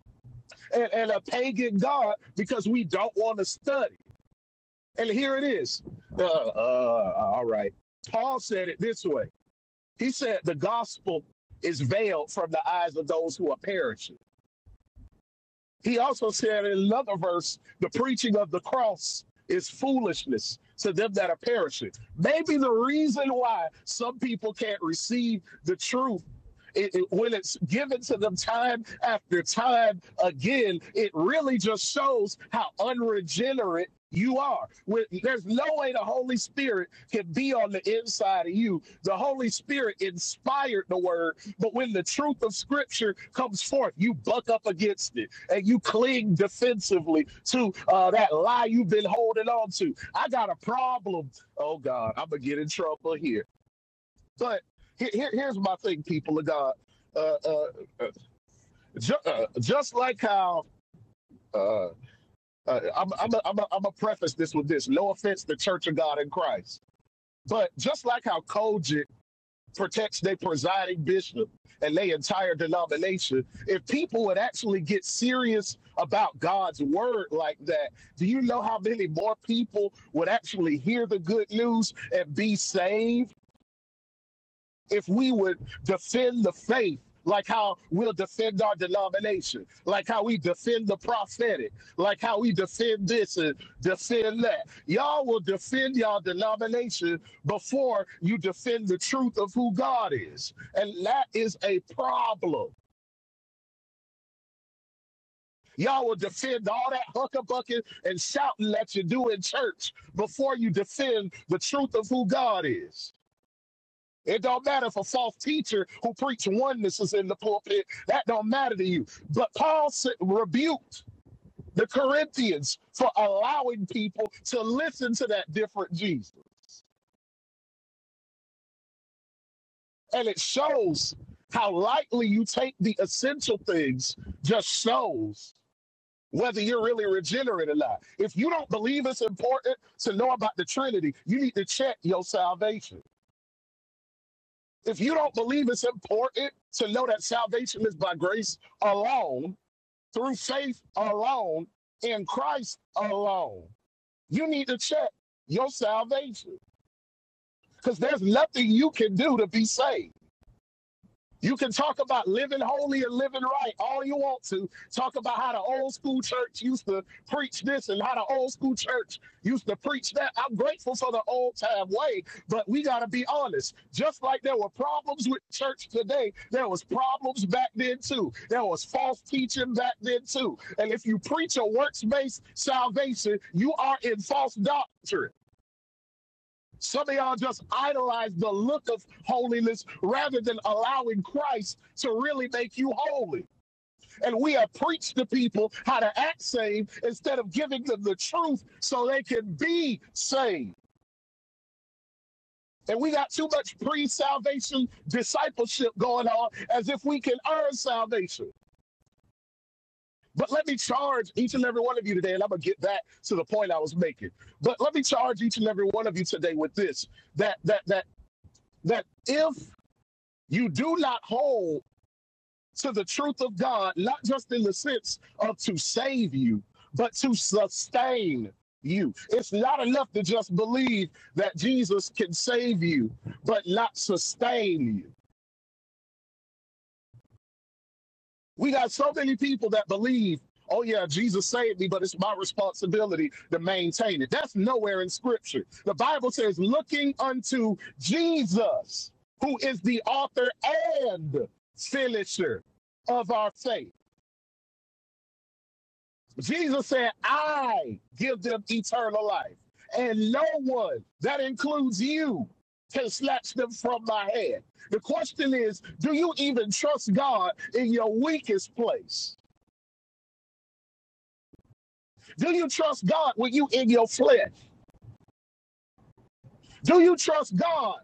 and, and a pagan God because we don't want to study. And here it is. Uh, uh, all right. Paul said it this way. He said the gospel is veiled from the eyes of those who are perishing. He also said in another verse, the preaching of the cross is foolishness to them that are perishing. Maybe the reason why some people can't receive the truth. It, it- when it's given to them time after time again, it really just shows how unregenerate you are. When, there's no way the Holy Spirit can be on the inside of you. The Holy Spirit inspired the word but when the truth of scripture comes forth, you buck up against it and you cling defensively to uh, that lie you've been holding on to. I got a problem. Oh, God, I'm going to get in trouble here. But here, here's my thing, people of God. Uh, uh, uh, ju- uh, just like how uh, uh, I'm, I'm, a, I'm, a, I'm a preface this with this no offense to Church of God in Christ. But just like how Kojic protects their presiding bishop and their entire denomination. If people would actually get serious about God's word like that, do you know how many more people would actually hear the good news and be saved? if we would defend the faith, like how we'll defend our denomination, like how we defend the prophetic, like how we defend this and defend that. Y'all will defend y'all denomination before you defend the truth of who God is. And that is a problem. Y'all will defend all that huckabucking and shouting that you do in church before you defend the truth of who God is. It don't matter if a false teacher who preach oneness is in the pulpit. That don't matter to you. But Paul rebuked the Corinthians for allowing people to listen to that different Jesus. And it shows how lightly you take the essential things just shows whether you're really regenerate or not. If you don't believe it's important to know about the Trinity, you need to check your salvation. If you don't believe it's important to know that salvation is by grace alone, through faith alone in Christ alone. You need to check your salvation because there's nothing you can do to be saved. You can talk about living holy and living right all you want to. Talk about how the old school church used to preach this and how the old school church used to preach that. I'm grateful for the old time way, but we got to be honest. Just like there were problems with church today, there was problems back then too. There was false teaching back then too. And if you preach a works-based salvation, you are in false doctrine. Some of y'all just idolize the look of holiness rather than allowing Christ to really make you holy. And we have preached to people how to act saved instead of giving them the truth so they can be saved. And we got too much pre salvation discipleship going on as if we can earn salvation. But let me charge each and every one of you today, and I'm going to get back to the point I was making. But let me charge each and every one of you today with this that, that, that, that if You do not hold to the truth of God, not just in the sense of to save you, but to sustain you. It's not enough to just believe that Jesus can save you, but not sustain you. We got so many people that believe, oh, yeah, Jesus saved me, but it's my responsibility to maintain it. That's nowhere in scripture. The Bible says, looking unto Jesus, who is the author and finisher of our faith Jesus said, I give them eternal life, and no one, that includes you, can snatch them from my hand. The question is, do you even trust God in your weakest place? Do you trust God when you in your flesh? Do you trust God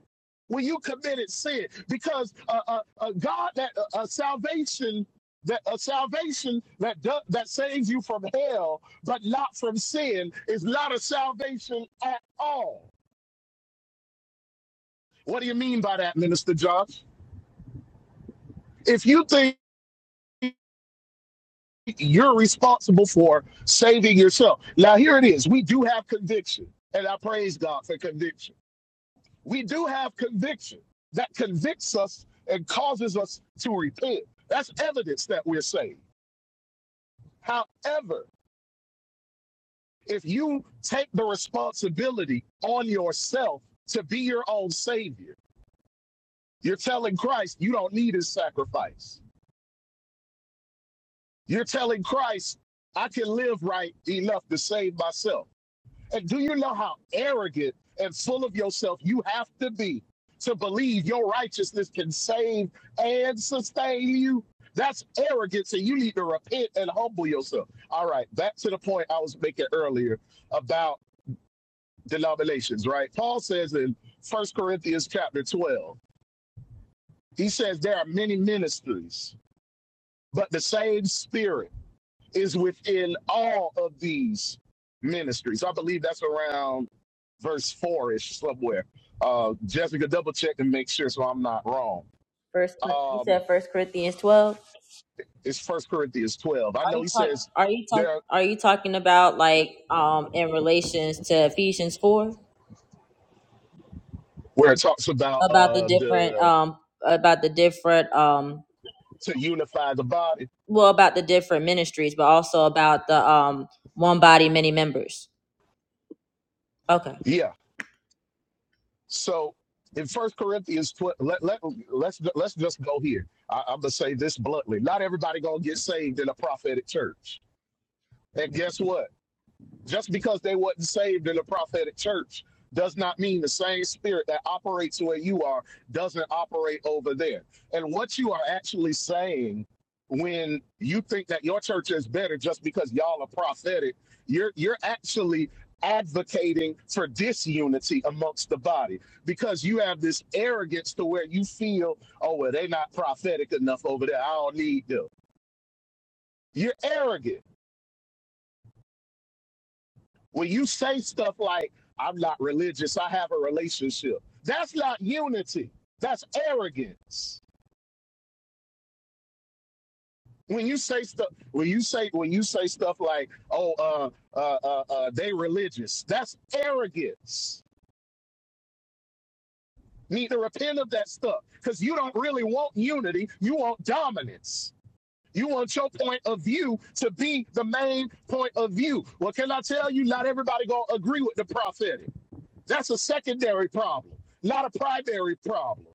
when you committed sin? Because uh, uh, uh, God, that uh, uh, salvation, that uh, salvation that that saves you from hell, but not from sin, is not a salvation at all. What do you mean by that, Minister Josh? If you think you're responsible for saving yourself, now here it is. We do have conviction, and I praise God for conviction. We do have conviction that convicts us and causes us to repent. That's evidence that we're saved. However, if you take the responsibility on yourself to be your own savior, you're telling Christ you don't need his sacrifice. You're telling Christ, I can live right enough to save myself. And do you know how arrogant and full of yourself you have to be to believe your righteousness can save and sustain you? That's arrogance, and you need to repent and humble yourself. All right, back to the point I was making earlier about denominations, right? Paul says in First Corinthians chapter 12, he says there are many ministries, but the same spirit. is within all of these ministries. I believe that's around verse four ish somewhere. Uh, Jessica, double check and make sure so I'm not wrong. First, Cor- you Um, said First Corinthians twelve. it's First Corinthians 12. I Are know you he talk? says Are you talk? there Are you talking about like um in relations to Ephesians four where it talks about about the uh, different the um about the different um to unify the body. well about the different ministries, but also about the um one body, many members. Okay. Yeah. So in First Corinthians 12, let, let, let's let's just go here. I, I'm gonna say this bluntly. Not everybody gonna get saved in a prophetic church. And guess what? Just because they wasn't saved in a prophetic church does not mean the same spirit that operates where you are doesn't operate over there. And what you are actually saying when you think that your church is better just because y'all are prophetic, you're you're actually advocating for disunity amongst the body because you have this arrogance to where you feel, oh well, they're not prophetic enough over there. I don't need them. You're arrogant When you say stuff like, I'm not religious, I have a relationship, that's not unity. That's arrogance. When you say stuff, when you say when you say stuff like, "Oh, uh, uh, uh, uh, they religious," that's arrogance. Need to repent of that stuff because you don't really want unity. You want dominance. You want your point of view to be the main point of view. Well, can I tell you? Not everybody gonna agree with the prophetic. That's a secondary problem, not a primary problem.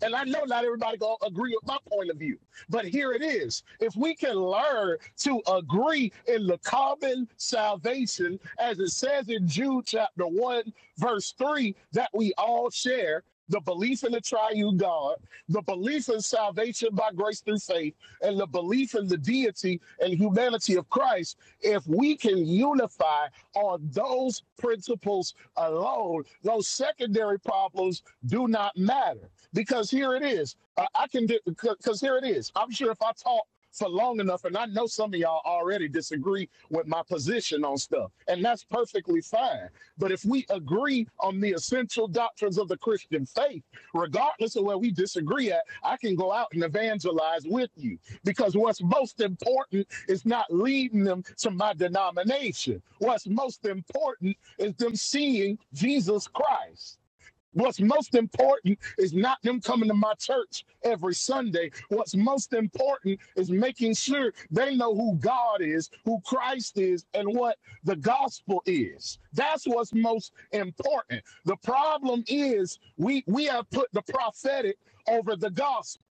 And I know not everybody gonna agree with my point of view, but here it is. If we can learn to agree in the common salvation, as it says in Jude chapter one, verse three, that we all share the belief in the triune God, the belief in salvation by grace through faith, and the belief in the deity and humanity of Christ, if we can unify on those principles alone, those secondary problems do not matter because here it is. Uh, I can do because here it is. I'm sure if I talk for long enough, and I know some of y'all already disagree with my position on stuff, and that's perfectly fine. But if we agree on the essential doctrines of the Christian faith, regardless of where we disagree at, I can go out and evangelize with you because what's most important is not leading them to my denomination. What's most important is them seeing Jesus Christ. What's most important is not them coming to my church every Sunday. What's most important is making sure they know who God is, who Christ is, and what the gospel is. That's what's most important. The problem is we we have put the prophetic over the gospel.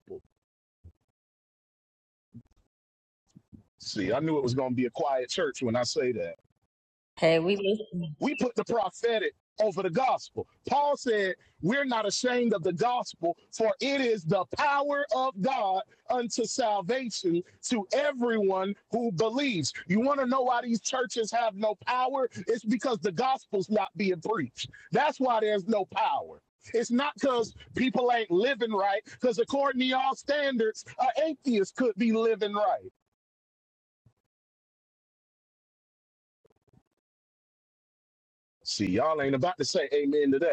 See, I knew it was going to be a quiet church when I say that. Hey, we listen. We put the prophetic over the gospel. Paul said, We're not ashamed of the gospel, for it is the power of God unto salvation to everyone who believes. You want to know why these churches have no power? It's because the gospel's not being preached. That's why there's no power. It's not because people ain't living right, because according to y'all standards, an atheist could be living right. See, y'all ain't about to say amen to that.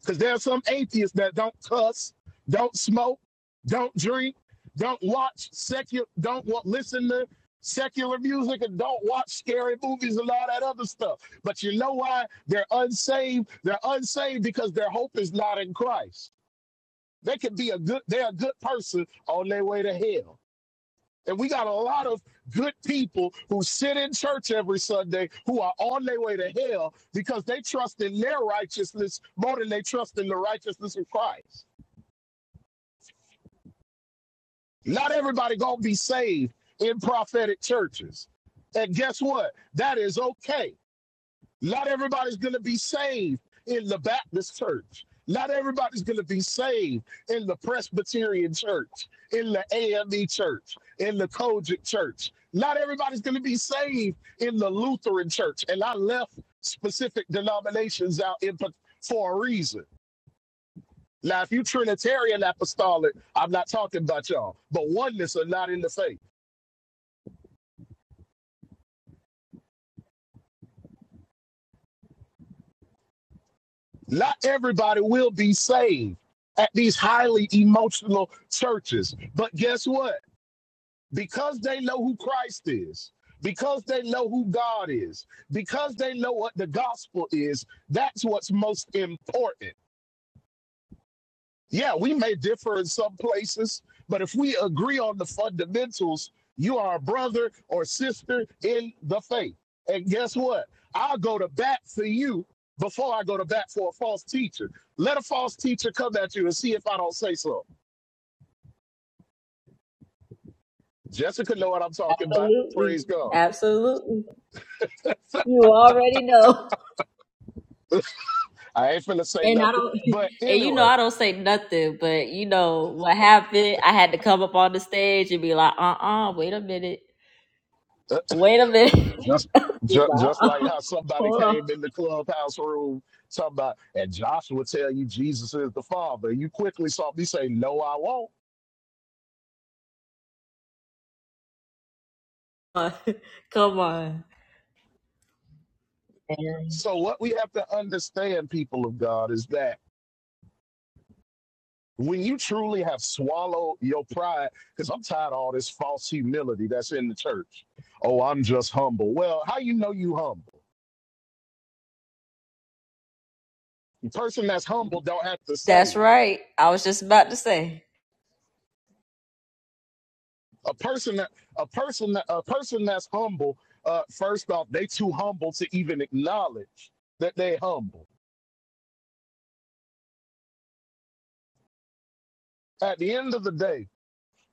Because there are some atheists that don't cuss, don't smoke, don't drink, don't watch secular, don't listen to secular music, and don't watch scary movies and all that other stuff. But you know why? They're unsaved. They're unsaved because their hope is not in Christ. They could be a good, they're a good person on their way to hell and we got a lot of good people who sit in church every Sunday who are on their way to hell because they trust in their righteousness more than they trust in the righteousness of Christ. Not everybody gonna be saved in prophetic churches. And guess what? That is okay Not everybody's going to be saved in the Baptist church. Not everybody's going to be saved in the Presbyterian church, in the AME church, in the Kojic church. Not everybody's going to be saved in the Lutheran church. And I left specific denominations out in, pa- for a reason. Now, if you Trinitarian apostolic, I'm not talking about y'all, but oneness are not in the faith. Not everybody will be saved at these highly emotional churches. But guess what? because they know who Christ is, because they know who God is, because they know what the gospel is, that's what's most important. Yeah, we may differ in some places, but if we agree on the fundamentals, you are a brother or sister in the faith. And guess what? I'll go to bat for you before I go to bat for a false teacher. Let a false teacher come at you and see if I don't say so. Jessica know what I'm talking about. Absolutely, Praise God. absolutely. You already know. [laughs] I ain't finna say And I nothing. don't, [laughs] But and you know, anyway, I don't say nothing, but you know what happened? I had to come up on the stage and be like, uh uh wait a minute, wait a minute. [laughs] Just, just, just Uh-uh, like how somebody Hold came in the clubhouse room, somebody, and Joshua tell you Jesus is the Father. You quickly saw me say, No, I won't. on. [laughs] Come on. And So, what we have to understand, people of God, is that when you truly have swallowed your pride, because I'm tired of all this false humility that's in the church. Oh, I'm just humble. Well, how you know you humble? The person that's humble don't have to say That's it. right. I was just about to say. A person that a person that a person that's humble, uh, first off, they too humble to even acknowledge that they humble. At the end of the day,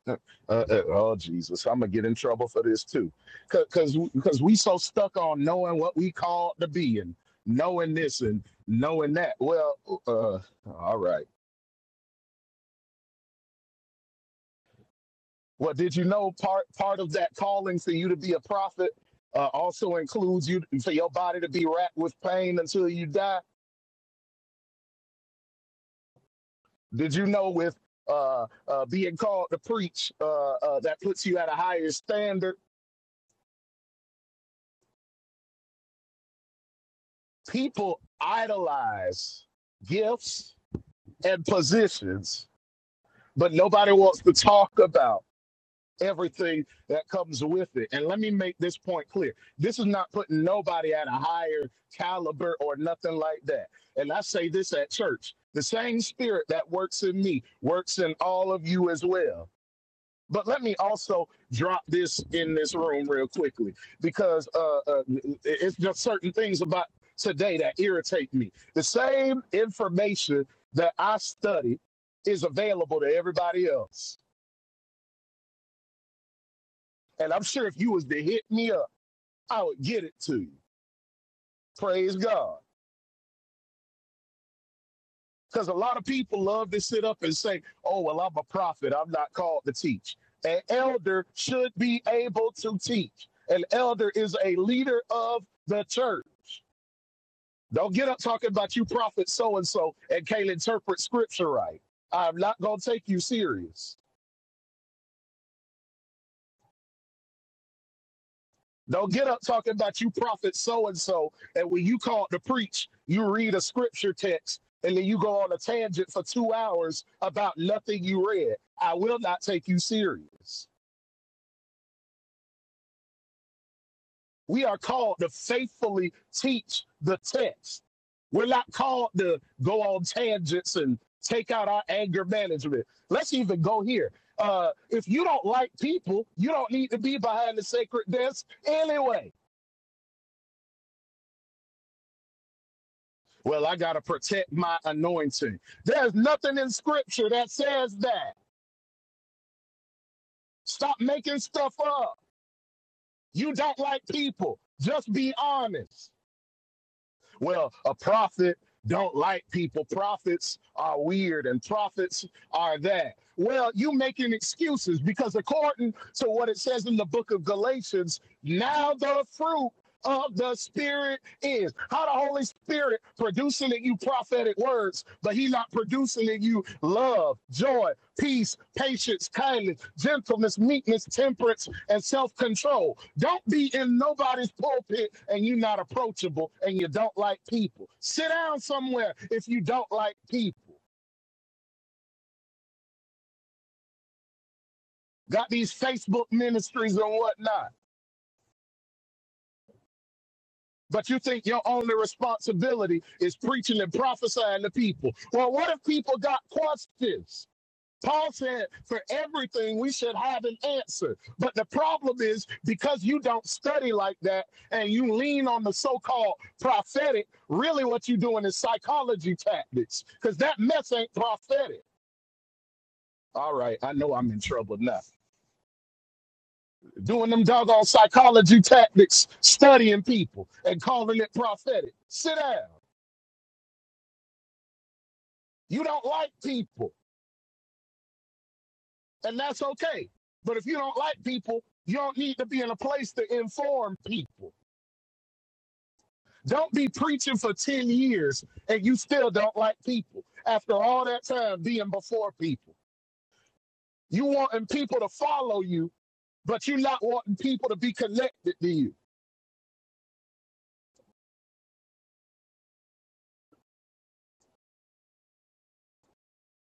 uh, uh, uh, oh Jesus, I'm gonna get in trouble for this too, because because we so stuck on knowing what we called to be and knowing this and knowing that. Well, uh, all right. Well, did you know part part of that calling for you to be a prophet uh, also includes you for your body to be racked with pain until you die? Did you know with uh, uh, being called to preach uh, uh, that puts you at a higher standard? People idolize gifts and positions, but nobody wants to talk about everything that comes with it. And let me make this point clear this is not putting nobody at a higher caliber or nothing like that. And I say this at church the same spirit that works in me works in all of you as well. But let me also drop this in this room real quickly because uh, uh, it's just certain things about today that irritate me. The same information that I studied is available to everybody else, and I'm sure if you was to hit me up, I would get it to you. Praise God, because a lot of people love to sit up and say, "Oh well, I'm a prophet. I'm not called to teach." An elder should be able to teach. An elder is a leader of the church. Don't get up talking about you prophet so and so and can't interpret scripture right. I'm not gonna take you serious. Don't get up talking about you prophet so and so, and when you called to preach, you read a scripture text and then you go on a tangent for two hours about nothing you read. I will not take you serious. We are called to faithfully teach the text. We're not called to go on tangents and take out our anger management. Let's even go here. Uh, if you don't like people, you don't need to be behind the sacred desk anyway. Well, I got to protect my anointing. There's nothing in scripture that says that. Stop making stuff up. You don't like people. Just be honest. Well, a prophet don't like people. Prophets are weird and prophets are that. Well, you making excuses because according to what it says in the book of Galatians, now the fruit of the spirit is how the Holy Spirit producing in you prophetic words, but He not producing in you love, joy, peace, patience, kindness, gentleness, meekness, temperance, and self-control. Don't be in nobody's pulpit and you're not approachable and you don't like people. Sit down somewhere if you don't like people. Got these Facebook ministries and whatnot. But you think your only responsibility is preaching and prophesying to people. Well, what if people got questions? Paul said, for everything we should have an answer. But the problem is because you don't study like that and you lean on the so called prophetic, really what you're doing is psychology tactics because that mess ain't prophetic. All right, I know I'm in trouble now. Doing them doggone psychology tactics, studying people and calling it prophetic. Sit down. You don't like people, and that's okay. But if you don't like people, you don't need to be in a place to inform people. Don't be preaching for 10 years and you still don't like people after all that time being before people. You wanting people to follow you, but you are not wanting people to be connected to you.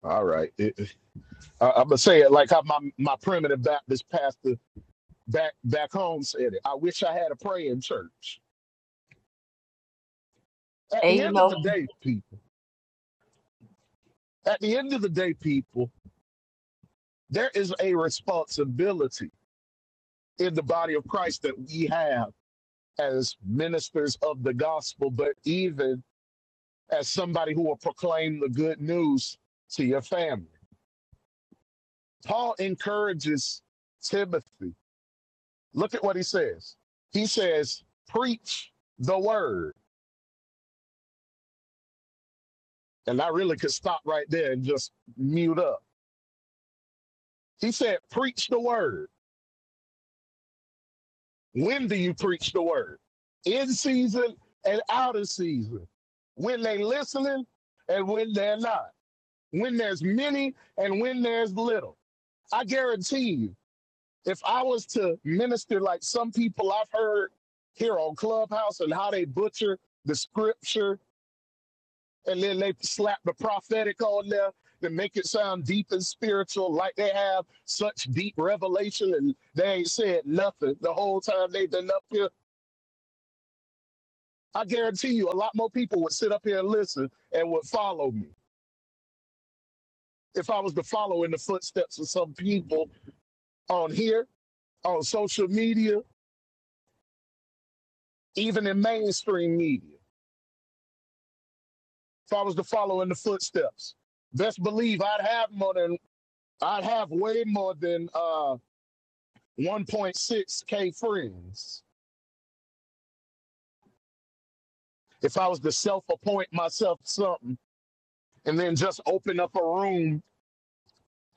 All right. it- I, I'm going to say it like how my, my primitive Baptist pastor back, back home said it. I wish I had a praying church. At And the you end of know, the day, people, at the end of the day, people, there is a responsibility in the body of Christ that we have as ministers of the gospel, but even as somebody who will proclaim the good news to your family. Paul encourages Timothy. Look at what he says. He says, Preach the word. And I really could stop right there and just mute up. He said, Preach the word. When do you preach the word? In season and out of season. When they are listening and when they're not. When there's many and when there's little I guarantee you, if I was to minister like some people I've heard here on Clubhouse and how they butcher the scripture and then they slap the prophetic on there and make it sound deep and spiritual, like they have such deep revelation and they ain't said nothing the whole time they've been up here. I guarantee you, a lot more people would sit up here and listen and would follow me if I was to follow in the footsteps of some people on here, on social media, even in mainstream media. if I was to follow in the footsteps. Best believe I'd have more than I'd have way more than uh 1.6k friends if I was to self-appoint myself something and then just open up a room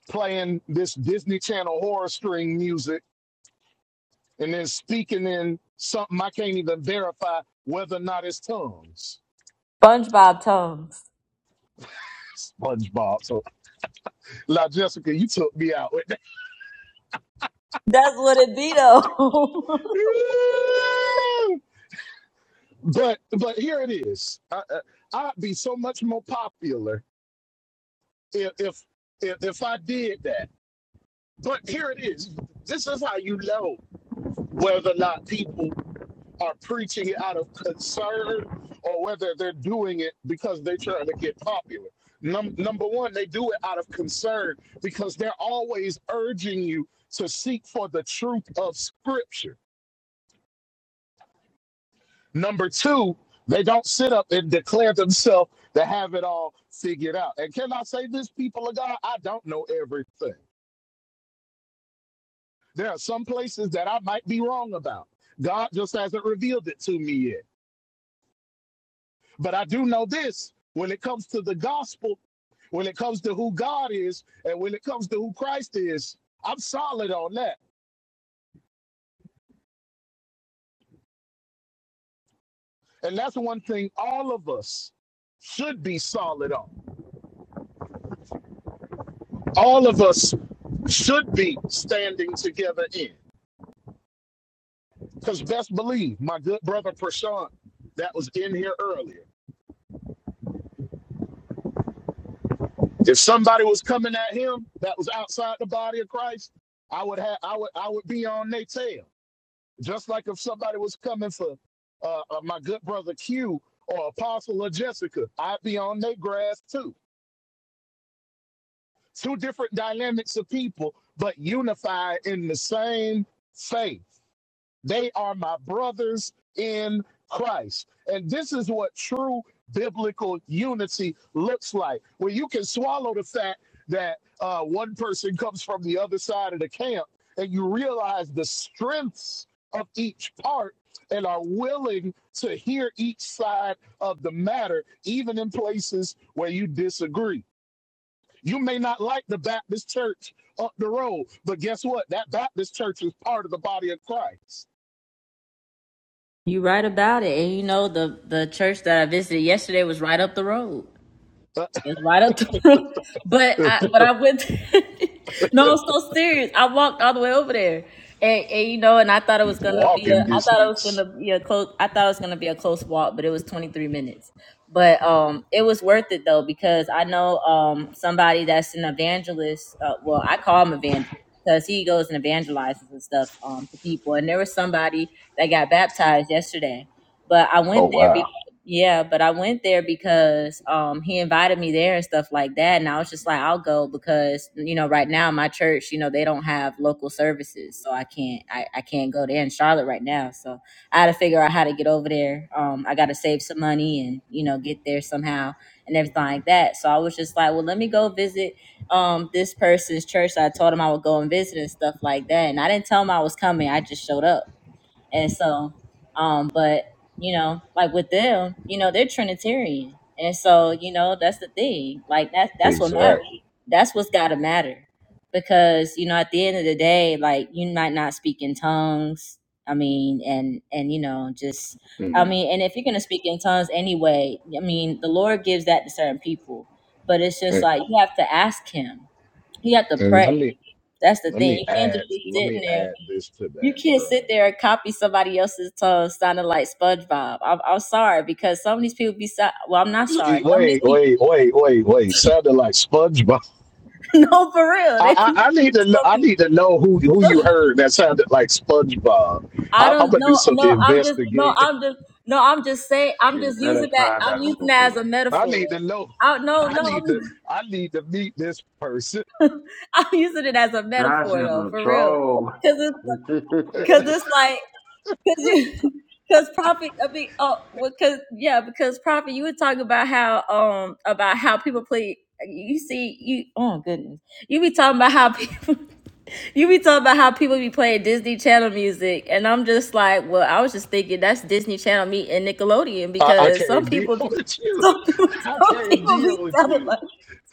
playing this Disney Channel horror string music and then speaking in something I can't even verify whether or not it's tongues. SpongeBob tongues. SpongeBob. So, La Jessica, you took me out with that. That's what it be though. But but here it is. I, I, I'd be so much more popular if, if if if I did that. But here it is. This is how you know whether or not people are preaching it out of concern or whether they're doing it because they're trying to get popular. Num- number one, they do it out of concern because they're always urging you to seek for the truth of Scripture Number two, they don't sit up and declare themselves to have it all figured out. And can I say this, people of God? I don't know everything. There are some places that I might be wrong about. God just hasn't revealed it to me yet. But I do know this when it comes to the gospel, when it comes to who God is, and when it comes to who Christ is, I'm solid on that. And that's one thing all of us should be solid on. All of us should be standing together in. Because best believe, my good brother Prashant, that was in here earlier. If somebody was coming at him that was outside the body of Christ, I would have I would I would be on their tail. Just like if somebody was coming for uh, uh, my good brother Q or Apostle or Jessica, I'd be on their grass too. Two different dynamics of people, but unified in the same faith They are my brothers in Christ. And this is what true biblical unity looks like, where you can swallow the fact that uh, one person comes from the other side of the camp and you realize the strengths of each part and are willing to hear each side of the matter, even in places where you disagree. You may not like the Baptist church up the road, but guess what? That Baptist church is part of the body of Christ. [laughs] you right about it. And you know, the, the church that I visited yesterday was right up the road. It's right up to [laughs] but I but I went [laughs] No, I'm so serious. I walked all the way over there. And, and you know, and I thought it was gonna be a walking I thought it was distance. gonna be a close I thought it was gonna be a close walk, but it was twenty three minutes. But um it was worth it though because I know um somebody that's an evangelist, uh, well I call him evangelist because he goes and evangelizes and stuff um to people and there was somebody that got baptized yesterday. But I Oh went there wow, yeah, but I went there because um he invited me there and stuff like that. And I was just like, I'll go because, you know, right now my church, you know, they don't have local services. So I can't I, I can't go there in Charlotte right now. So I had to figure out how to get over there. Um I gotta save some money and, you know, get there somehow and everything like that. So I was just like, Well, let me go visit um this person's church. So I told him I would go and visit and stuff like that. And I didn't tell him I was coming, I just showed up. And so, um, but you know, like with them, you know, they're Trinitarian, and so you know that's the thing. Like that's that's what matters. exactly. That's what's got to matter, because you know, at the end of the day, like you might not speak in tongues. I mean, and and you know, just I Mm. mean, and if you're gonna speak in tongues anyway, I mean, the Lord gives that to certain people, but it's just And, like you have to ask Him. You have to and let pray. me That's the let thing. me You can't add just be let sitting me there add this to you that, can't sit right? there and copy somebody else's tone sounding like SpongeBob. I'm, I'm sorry because some of these people be so, well. I'm not sorry. Wait, Some of these wait, people, wait, wait, wait. Sounded like SpongeBob. [laughs] no, for real, they be I, I, I need to know, some I people. need to know who who you some- heard that sounded like SpongeBob. I I, I'm don't gonna do know. something No, I'm just no. investigate. I'm just no. I'm just saying. I'm Yeah, just let us using that. find I'm out using real quick. that as a I metaphor. need to know. I no I no. need I'm, to I need to meet this person. [laughs] I'm using it as a Josh is metaphor though, a for real. troll. Cause it's [laughs] [laughs] cause it's like because [laughs] prophet i mean oh because yeah because prophet you would talk about how um about how people play you see you oh goodness you be talking about how people [laughs] you be talking about how people be playing disney channel music and i'm just like well i was just thinking that's disney channel meet and nickelodeon I, I because some can't deal people be with [laughs] you. some, I some can't people be deal with you. sounding like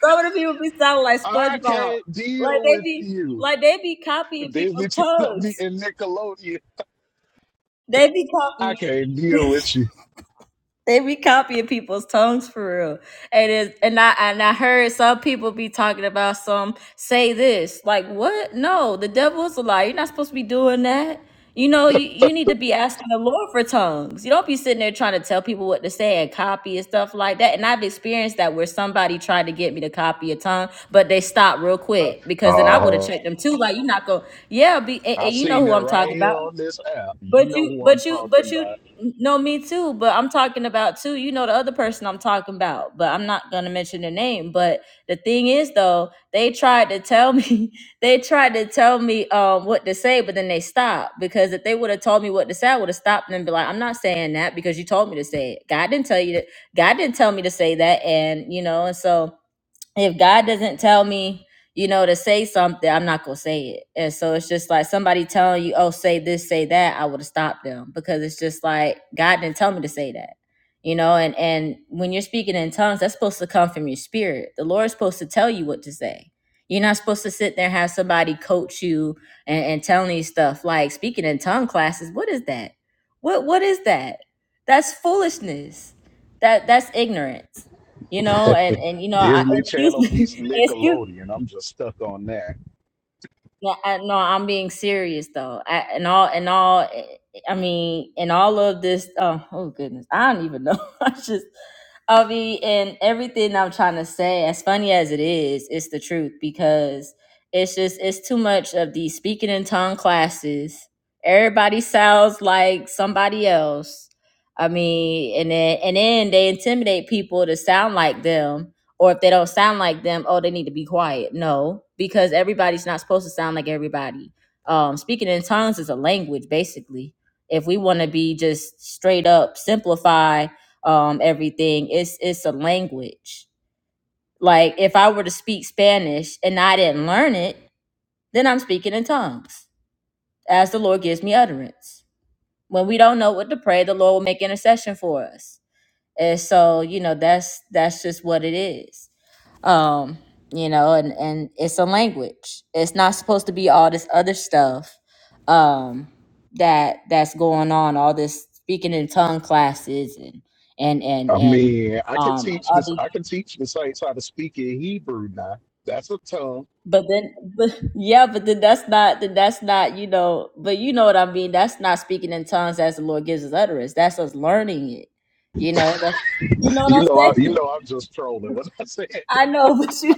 some of the people be sounding like I spongebob can't like deal they with be you. like they be copying Disney people's Channel tongues beating Nickelodeon. they be I copying can't deal with you. They be copying people's tongues for real. And it and I and I heard some people be talking about some say this. Like what? No, the devil is a lie. You're not supposed to be doing that. You know, you, you need to be asking the Lord for tongues. You don't be sitting there trying to tell people what to say and copy and stuff like that. And I've experienced that where somebody tried to get me to copy a tongue, but they stopped real quick because then Uh, I would have huh. checked them too. Like, you're not going, to yeah, be, and, I and you know seen who it I'm right talking here about. on this app. You But know you, who I'm but you, but talking you. about. No, me too. But I'm talking about too. You know the other person I'm talking about, but I'm not gonna mention their name. But the thing is, though, they tried to tell me. [laughs] They tried to tell me um what to say, but then they stopped because if they would have told me what to say, I would have stopped and be like, "I'm not saying that because you told me to say it. God didn't tell you that. God didn't tell me to say that." And you know, and so if God doesn't tell me, you know, to say something, I'm not gonna say it. And so it's just like somebody telling you, oh, say this, say that, I would have stopped them because it's just like God didn't tell me to say that. You know, and and when you're speaking in tongues, that's supposed to come from your spirit. The Lord's supposed to tell you what to say. You're not supposed to sit there and have somebody coach you and, and telling you stuff like speaking in tongue classes. What is that? What what is that? That's foolishness. That that's ignorance you know and [laughs] and you know I, Disney excuse Channel beats me [laughs] excuse Nickelodeon. I'm just stuck on that. no, I, no i'm being serious though I, and all and all eh, i mean and all of this oh, oh goodness i don't even know [laughs] i just i mean and everything i'm trying to say as funny as it is it's the truth because it's just it's too much of these speaking in tongue classes everybody sounds like somebody else i mean and then and then they intimidate people to sound like them or if they don't sound like them, oh, they need to be quiet. No, because everybody's not supposed to sound like everybody. Um, speaking in tongues is a language, basically. If we want to be just straight up simplify um, everything, it's it's a language. Like if I were to speak Spanish and I didn't learn it, then I'm speaking in tongues as the Lord gives me utterance. When we don't know what to pray, the Lord will make intercession for us. And so, you know, that's that's just what it is. Um, you know, and and it's a language. It's not supposed to be all this other stuff um that that's going on, all this speaking in tongue classes and and and I and mean, I can um teach all this. these I can teach the saints how to speak in Hebrew now. That's a tongue. but then but yeah, but then that's not then that's not, you know, but you know what I mean. That's not speaking in tongues as the Lord gives us utterance. That's us learning it. You know, that you know You what I'm know, I, you saying? [laughs] know, I'm just trolling. What I [laughs] said. I that. know, but you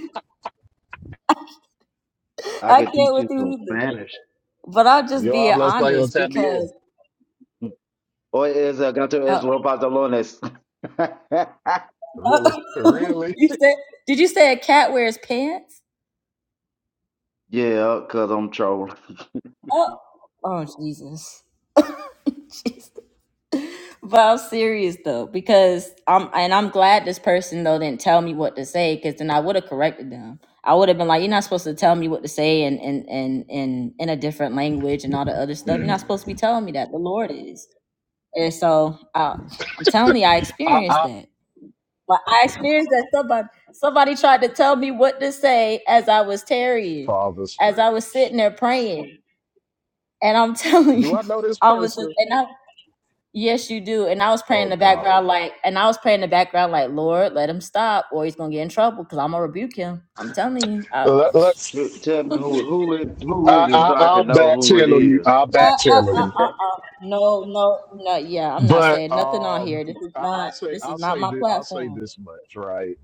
I I could can't teach with you some you either. Spanish. But I'll just Yo be hablo español honest también. because Or is uh, Gato es uh, los pantalones? [laughs] Really, [laughs] really. you said, did you say a cat wears pants? yeah, cause I'm trolling. Oh, oh Jesus. [laughs] Jesus. But I'm serious though, because I'm and I'm glad this person though didn't tell me what to say, because then I would have corrected them. I would have been like, "You're not supposed to tell me what to say and and and in in a different language and all the other [laughs] stuff. You're not supposed to be telling me that. The Lord is." And so I, I'm telling you, I I, experienced I, that. But I experienced that somebody somebody tried to tell me what to say as I was tarrying, Father as I was Stretch. sitting there praying. And I'm [laughs] telling Do you, I know this I was like, person? and I yes you do. And I was praying in Oh the God. background like and I was praying in the background like, Lord, let him stop or he's gonna get in trouble because I'm gonna rebuke him. I'm telling you. I, Let, T- let's. Tell me who who it, who uh, I, is it I so I I'll can know back who it channel you. is. I'll back uh, uh, channel uh, you. uh. No, no, no. Yeah, I'm not But saying nothing on um, here. This is I, I'll not. say This is I'll not say my this, I'll say platform. this much right.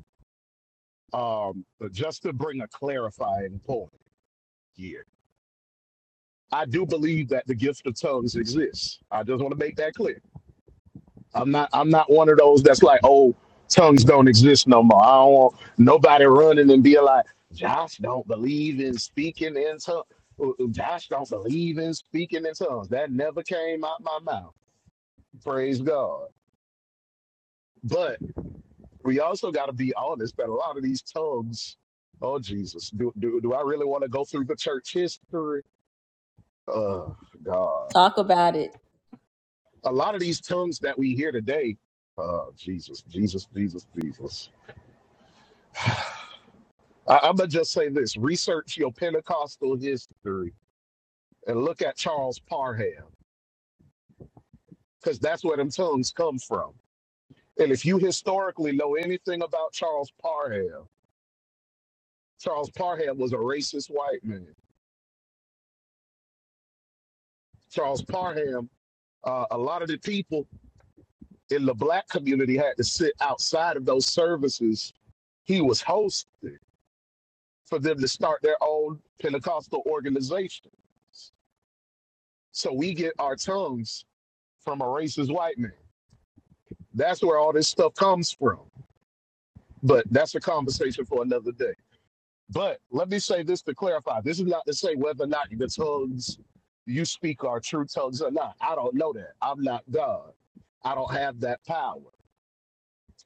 Um, but just to bring a clarifying point here, I do believe that the gift of tongues exists. I just want to make that clear. I'm not I'm not one of those that's like, oh, tongues don't exist no more. I don't want nobody running and being like, Josh don't believe in speaking in tongues. Josh don't believe in speaking in tongues. That never came out my mouth. Praise God. But we also got to be honest that a lot of these tongues, oh Jesus, do, do, do I really want to go through the church history? Oh God. Talk about it. A lot of these tongues that we hear today, oh Jesus, Jesus, Jesus, Jesus. [sighs] I, I'm gonna just say this: research your Pentecostal history and look at Charles Parham, because that's where them tongues come from. And if you historically know anything about Charles Parham, Charles Parham was a racist white man. Charles Parham, uh, a lot of the people in the black community had to sit outside of those services he was hosting for them to start their own Pentecostal organization. So we get our tongues from a racist white man. That's where all this stuff comes from. But that's a conversation for another day. But let me say this to clarify. This is not to say whether or not the tongues you speak are true tongues or not. I don't know that. I'm not God. I don't have that power.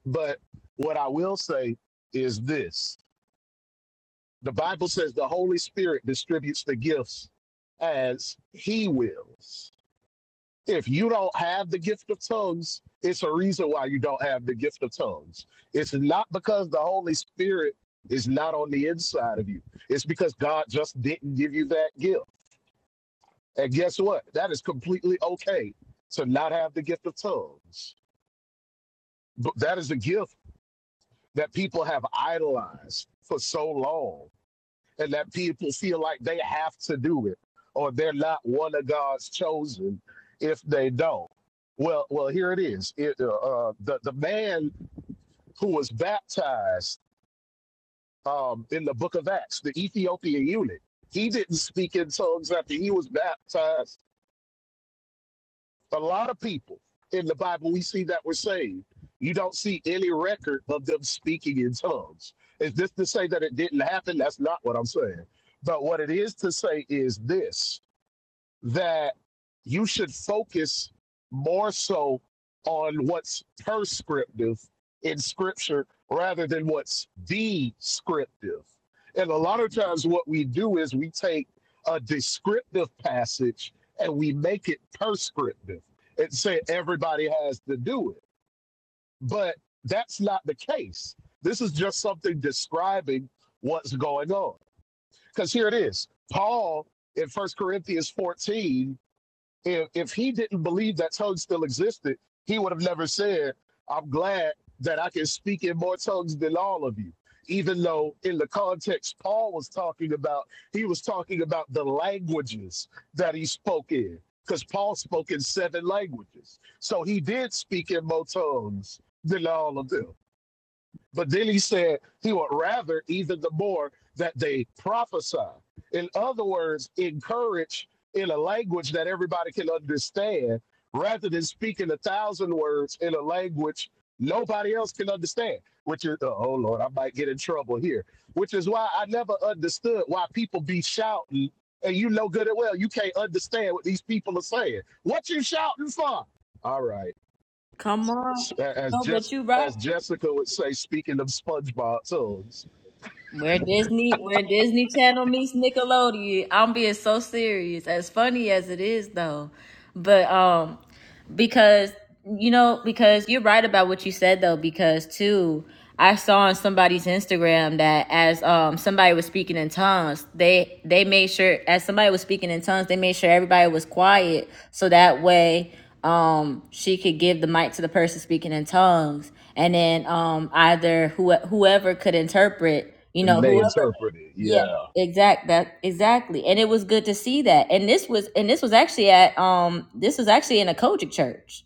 But what I will say is this the Bible says the Holy Spirit distributes the gifts as he wills. If you don't have the gift of tongues, it's a reason why you don't have the gift of tongues. It's not because the Holy Spirit is not on the inside of you, it's because God just didn't give you that gift. And guess what? That is completely okay to not have the gift of tongues. But that is a gift that people have idolized for so long and that people feel like they have to do it or they're not one of God's chosen if they don't. Well, well, here it is. It, uh, uh, the the man who was baptized um, in the Book of Acts, the Ethiopian eunuch, he didn't speak in tongues after he was baptized. A lot of people in the Bible we see that were saved. You don't see any record of them speaking in tongues. Is this to say that it didn't happen? That's not what I'm saying. But what it is to say is this that you should focus more so on what's prescriptive in scripture rather than what's descriptive. And a lot of times, what we do is we take a descriptive passage and we make it prescriptive and say everybody has to do it. But that's not the case. This is just something describing what's going on. Because here it is Paul in First Corinthians 14 if if he didn't believe that tongues still existed, he would have never said, "I'm glad that I can speak in more tongues than all of you." Even though in the context Paul was talking about, he was talking about the languages that he spoke in, because Paul spoke in seven languages, so he did speak in more tongues than all of them. But then he said he would rather either the more that they prophesy. In other words, encourage in a language that everybody can understand rather than speaking a thousand words in a language nobody else can understand. Which is, uh, oh Lord, I might get in trouble here. Which is why I never understood why people be shouting and you know good and well you can't understand what these people are saying. What you shouting for? All right. Come on. As No, Jess, but you right. as Jessica would say, speaking of SpongeBob tongues, Where Disney, where Disney Channel meets Nickelodeon. I'm being so serious. As funny as it is, though, but um, because you know because you're right about what you said though because too i saw on somebody's instagram that as um somebody was speaking in tongues they they made sure as somebody was speaking in tongues they made sure everybody was quiet so that way um she could give the mic to the person speaking in tongues and then um either who, whoever could interpret you and know they whoever interpret it. yeah, Yeah, exact that exactly. And it was good to see that. And this was and this was actually at um this was actually in a Kojic church.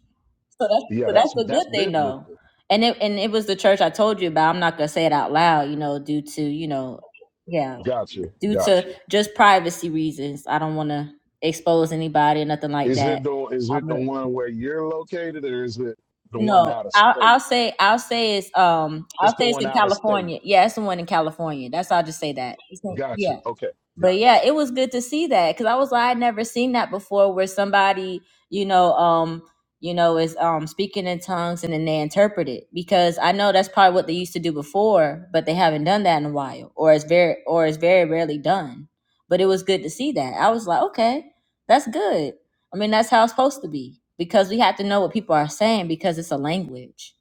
So that's yeah, so that's that's a that's good thing though. biblical. And it and it was the church I told you about. I'm not gonna say it out loud, you know, due to, you know, yeah, Gotcha, due to gotcha. just privacy reasons. I don't wanna expose anybody or nothing like Is it that. the is it I'm the a- one where you're located, or is it the one no, out of I'll, I'll state? say I'll say it's um I'll It's the say it's one in out of state. California. Yeah, it's the one in California. That's I'll just say that. It's in, yeah. Gotcha. Okay, but yeah, gotcha. it was good to see that because I was like, I'd never seen that before, where somebody, you know, um, you know, is um speaking in tongues and then they interpret it because I know that's probably what they used to do before, but they haven't done that in a while, or it's very, or it's very rarely done. But it was good to see that. I was like, okay, that's good. I mean, that's how it's supposed to be because we have to know what people are saying because it's a language,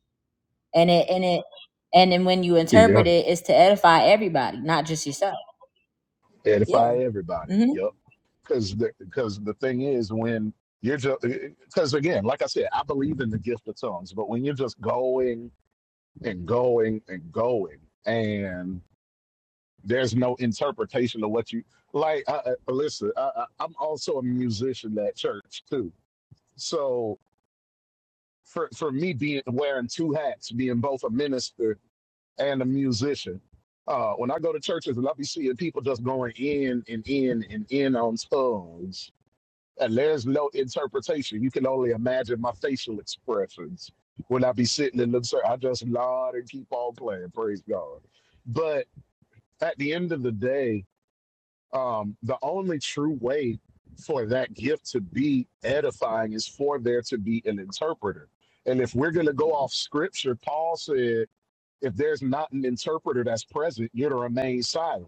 and it and it and then when you Yeah, interpret it, it's to edify everybody, not just yourself. Yeah. edify everybody. hmm Yep. Because the because the thing is when you're just because again, like I said, I believe in the gift of tongues, but when you're just going and going and going and there's no interpretation of what you like I, I- listen I, I, i'm also a musician at church too so for, for me being wearing two hats being both a minister and a musician uh, when i go to churches and i be seeing people just going in and in and in on tongues and there's no interpretation you can only imagine my facial expressions when i be sitting in the church i just nod and keep on playing praise god but at the end of the day, um, the only true way for that gift to be edifying is for there to be an interpreter. And if we're going to go off scripture, Paul said, if there's not an interpreter that's present, you're to remain silent.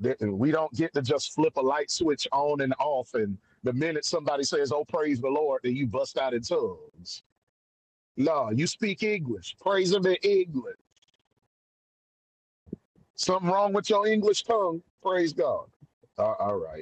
That- and We don't get to just flip a light switch on and off. And the minute somebody says, oh, praise the Lord, then you bust out in tongues. No, you speak English. Praise him in English. Something wrong with your English tongue. Praise God. Uh, all right.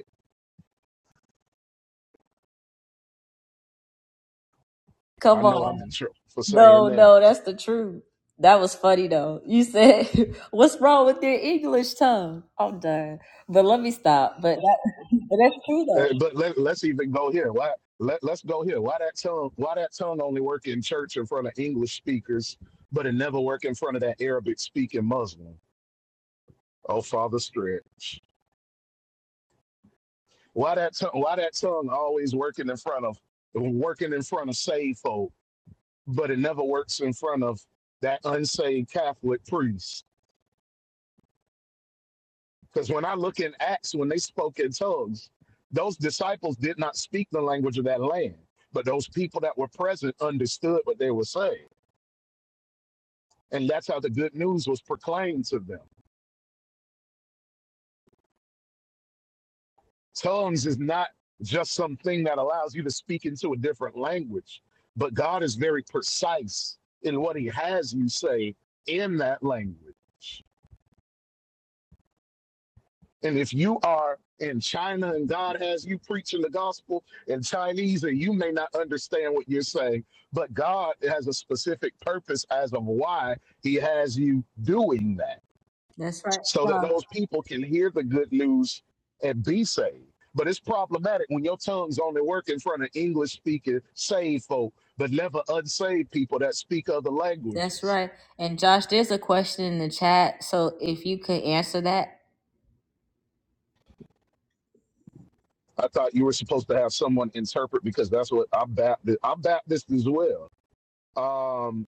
I Come know on. I'm in trouble for saying No, that. no, that's the truth. That was funny though. You said, [laughs] "What's wrong with your English tongue?" I'm done, but let me stop. But that, [laughs] but that's true though. Uh, but let, let's even go here. Why? Let, let's go here. Why that tongue? Why that tongue only work in church in front of English speakers, but it never work in front of that Arabic speaking Muslim? Oh, Father Stretch. Why that tongue? Why that tongue always working in front of working in front of saved folk, but it never works in front of that unsaved Catholic priest? Because when I look in Acts, when they spoke in tongues, those disciples did not speak the language of that land, but those people that were present understood what they were saying. And that's how the good news was proclaimed to them. Tongues is not just something that allows you to speak into a different language, but God is very precise in what he has you say in that language. And if you are in China and God has you preaching the gospel in Chinese, and you may not understand what you're saying, but God has a specific purpose as of why He has you doing that, That's right. so that Huh. those people can hear the good news and be saved. But it's problematic when your tongues only work in front of English speaking saved folk, but never unsaved people that speak other That's languages. right. And Josh, there's a question in the chat, so if you could answer that, I thought you were supposed to have someone interpret because that's what I'm Baptist. I'm Baptist as well. Um,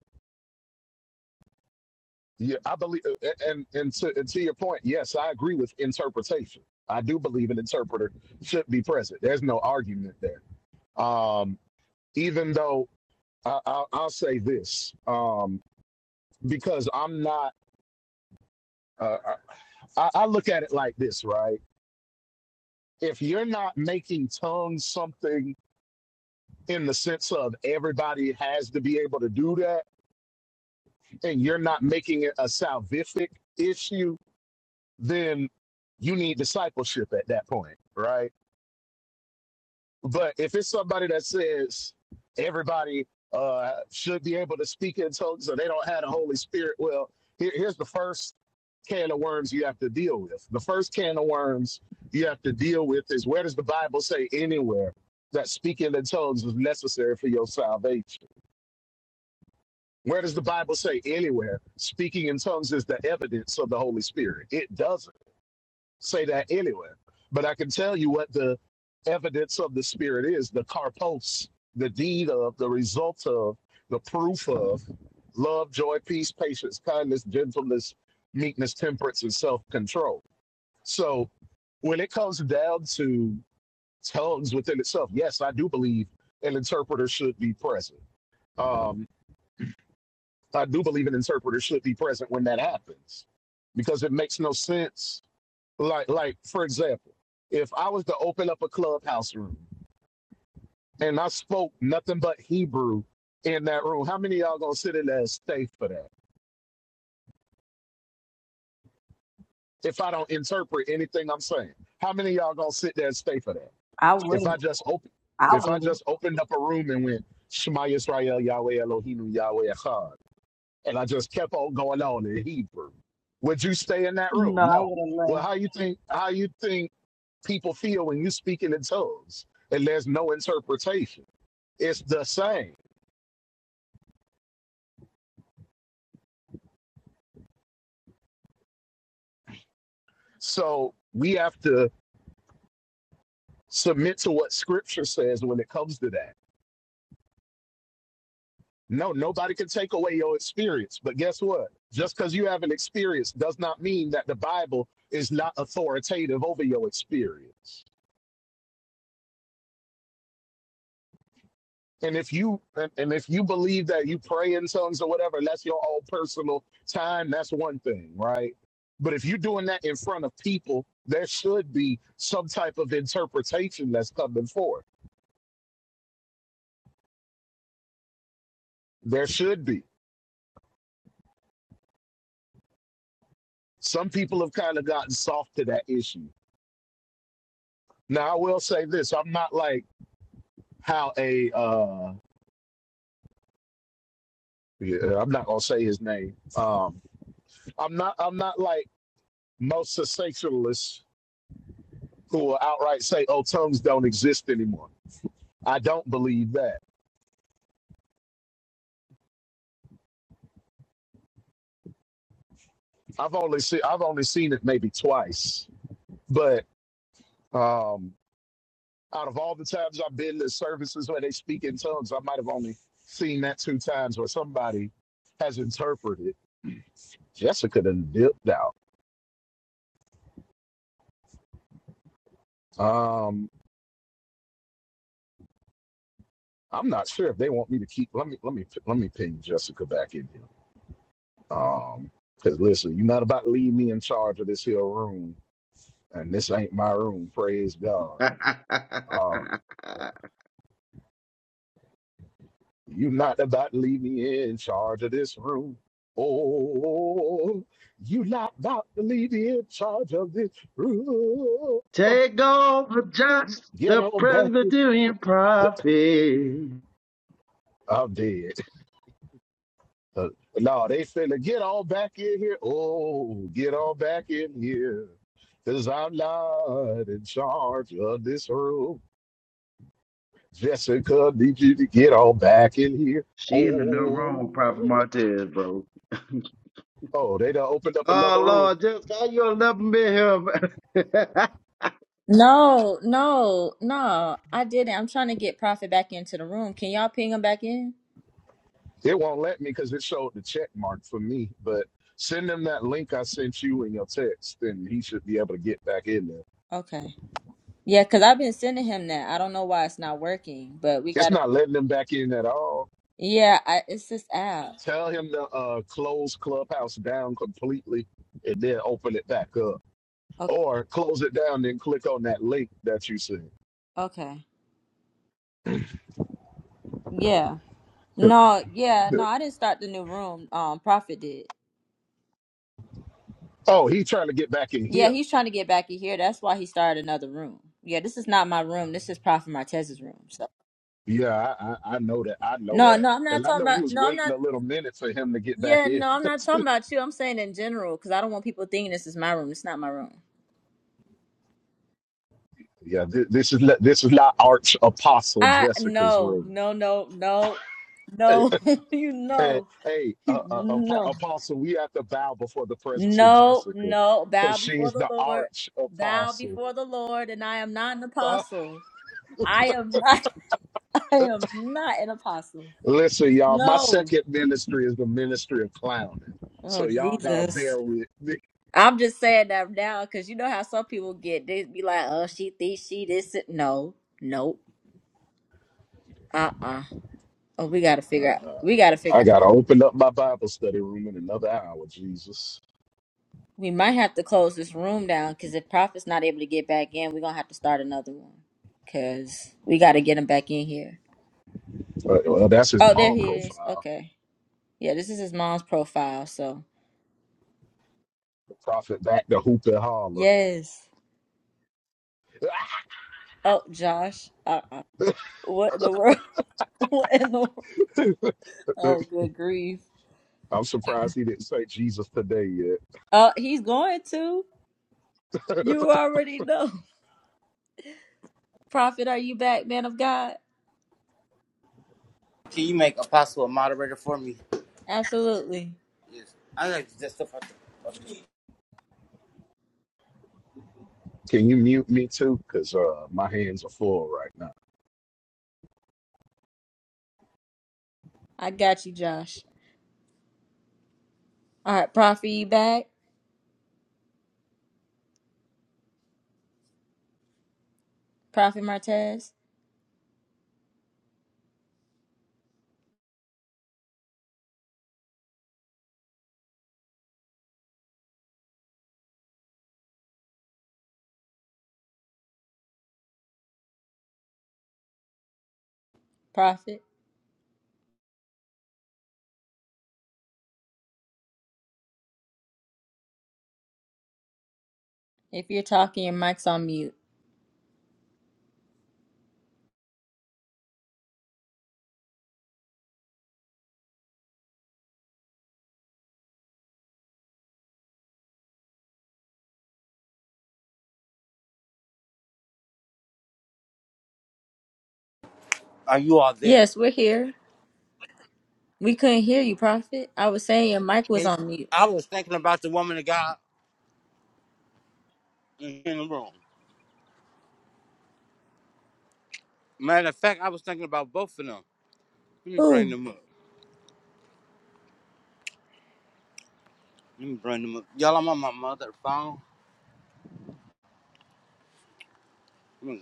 yeah, I believe, and and to, and to your point, yes, I agree with interpretation. I do believe an interpreter should be present. There's no argument there. Um, even though I, I, I'll say this, um, because I'm not. Uh, I, I look at it like this, right? If you're not making tongues something in the sense of everybody has to be able to do that, and you're not making it a salvific issue, then you need discipleship at that point, right? But if it's somebody that says everybody uh, should be able to speak in tongues or they don't have the Holy Spirit, well, here, here's the first can of worms you have to deal with. The first can of worms you have to deal with is where does the Bible say anywhere that speaking in tongues is necessary for your salvation? Where does the Bible say anywhere speaking in tongues is the evidence of the Holy Spirit? It doesn't. say that anywhere. But I can tell you what the evidence of the Spirit is the carpos, the deed of, the result of, the proof of love, joy, peace, patience, kindness, gentleness, meekness, temperance, and self control. So when it comes down to tongues within itself, yes, I do believe an interpreter should be present. Um, I do believe an interpreter should be present when that happens because it makes no sense like like for example if i was to open up a clubhouse room and i spoke nothing but hebrew in that room how many of y'all gonna sit in there and stay for that if i don't interpret anything i'm saying how many of y'all gonna sit there and stay for that I if i wouldn't. just open I if i wouldn't. just opened up a room and went shema Yisrael, yahweh elohim yahweh echad and i just kept on going on in hebrew would you stay in that room No, I no wouldn't well left. how you think how you think people feel when you speak in tongues and there's no interpretation. It's the same. So we have to submit to what scripture says when it comes to that. No, nobody can take away your experience. But guess what? Just because you have an experience does not mean that the Bible is not authoritative over your experience. And if you and and if you believe that you pray in tongues or whatever, that's your own personal time. That's one thing, right? But if you're doing that in front of people, there should be some type of interpretation that's coming forth. There should be. Some people have kind of gotten soft to that issue. Now, I will say this: I'm not like how a uh, yeah, I'm not gonna say his name. Um, I'm not. I'm not like most sensationalists who will outright say, "Oh, tongues don't exist anymore." I don't believe that. I've only seen I've only seen it maybe twice, but um, out of all the times I've been to services where they speak in tongues, I might have only seen that two times where somebody has interpreted. Jessica done dipped out. Um, I'm not sure if they want me to keep. Let me let me let me ping Jessica back in here. Um, because listen, you're not about to leave me in charge of this here room, and this ain't my room. Praise God. Uh, You're not about to leave me in charge of this room. Oh, you're not about to leave me in charge of this room. [laughs] Take over Josh, Get the on back in. Presbyterian prophet. I'm dead. Uh, no, they finna get on back in here. Oh, get on back in here. Cause I'm not in charge of this room. Jessica, need you to get on back in here. She in the new room with Prophet Oh, Martez, bro. [laughs] oh, they done opened up Oh another room. Lord, just how you 11 been here. [laughs] No, no, no. I didn't. I'm trying to get Prophet back into the room. Can y'all ping him back in? It won't let me because it showed the check mark for me. But send him that link I sent you in your text, and he should be able to get back in there. Okay. Yeah, because I've been sending him that. I don't know why it's not working, but we It's got to not letting him back in at all. Yeah, I, it's this app. Tell him to uh, close Clubhouse down completely and then open it back up, Okay. or close it down then click on that link that you sent. okay. Yeah. [laughs] No, yeah, no, I didn't start the new room. Um, Prophet did. Oh, he trying to get back in Yeah, here. he's trying to get back in here. That's why he started another room. Yeah, this is not my room. This is Prophet Martez's room. So Yeah, I, I, I know that. I know no, that. no, I'm not And I talking know about. we was No, I'm waiting not. a little minute for him to get back Yeah, in. no, I'm [laughs] not talking about you. I'm saying in general because I don't want people thinking this is my room. It's not my room. Yeah, th- this is this is not Arch Apostle I Jessica's no, room. no, no, no, Hey, no. [laughs] you hey, know, hey, [laughs] uh, uh, Apo- no. Apostle, we have to bow before the presence of No, Jessica no. because Bow before she's the the Lord. Arch Bow Apostle. before the Lord, and I am not an Uh, apostle. I am not. [laughs] I am not an apostle. [laughs] listen, y'all, my No. second ministry is the ministry of clowning, Oh so y'all gotta Jesus. bear with me. I'm just saying that now because you know how some people get they be like, oh, she thinks she this. and-" No, nope. Uh uh Oh, we gotta figure out. Uh, We gotta figure I gotta out. open up my Bible study room in another hour, Jesus. We might have to close this room down because if Prophet's not able to get back in, we're gonna have to start another one because we gotta get him back in here. Uh, well, that's his Oh, there mom he is. profile, Okay. Yeah, this is his mom's profile. So the prophet back to hoop and holler. yes. Oh, Josh. Uh, uh what in the world? [laughs] what in the world? [laughs] Oh, good grief. I'm surprised he didn't say Jesus today yet. Uh, he's going to. You already know. [laughs] Prophet, are you back, man of God? Can you make Apostle a moderator for me? Absolutely. Yes. I like to just stuff out the- Can you mute me too? Because uh, my hands are full right now. I got you, Josh. All right, Prophet, you back? Prophet Martez. Prophet, if you're talking, your mic's on mute. Are you all there? Yes, we're here. We couldn't hear you, Prophet. I was saying your mic was And on mute. I was thinking about the woman of God in the room. Matter of fact, I was thinking about both of them. Let me bring Ooh, them up. Let me bring them up. Y'all, I'm on my mother phone. Let me,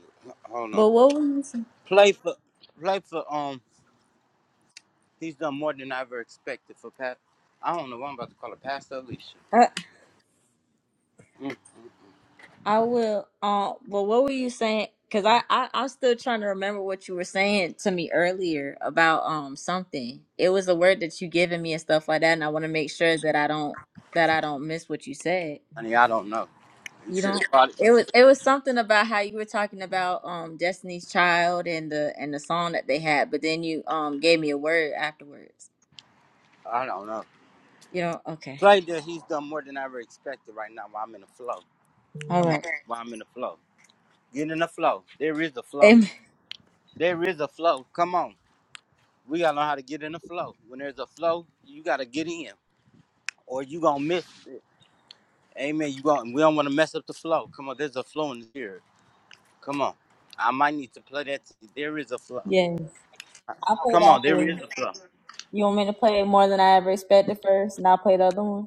hold on. but what was you saying? Play for, play for. Um, he's done more than I ever expected for Pat. I don't know. why I'm about to call her Pastor Alicia. Mm, I will. Um. Well, what were you saying? Because I, I I'm still trying to remember what you were saying to me earlier about um something. It was a word that you given me and stuff like that, and I want to make sure that I don't that I don't miss what you said. honey, I don't know. You You should don't. have called it. You It was should. it was something about how you were talking about um Destiny's Child and the and the song that they had, but then you um gave me a word afterwards. I don't know. You know. Okay. Play that he's done more than I ever expected right now while I'm in the flow. All Come on, right. while I'm in the flow. Get in the flow. There is a flow. Amen. There is a flow. Come on. We gotta learn how to get in the flow. When there's a flow, you gotta get in. Or you gonna miss it. Amen. You going we don't wanna mess up the flow. Come on, there's a flow in here. Come on. I might need to play that. There is a flow. Yeah. I played Come that on, there one. is a flow. You want me to play it more than I ever expected first, and I'll play the other one.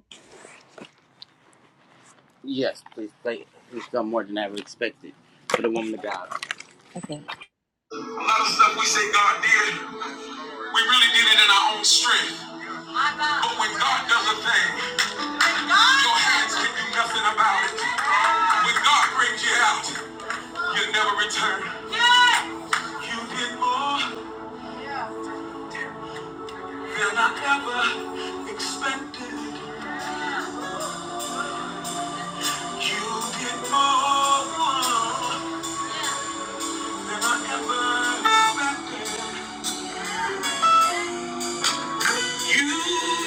Yes, please play it. He's done more than I ever expected for the woman of God. Okay. A lot of stuff we say God did, we really did it in our own strength. But when God does a thing, your hands can do nothing about it. When God brings you out, you never return. You did more than I ever expected. You did more than I ever expected. You did more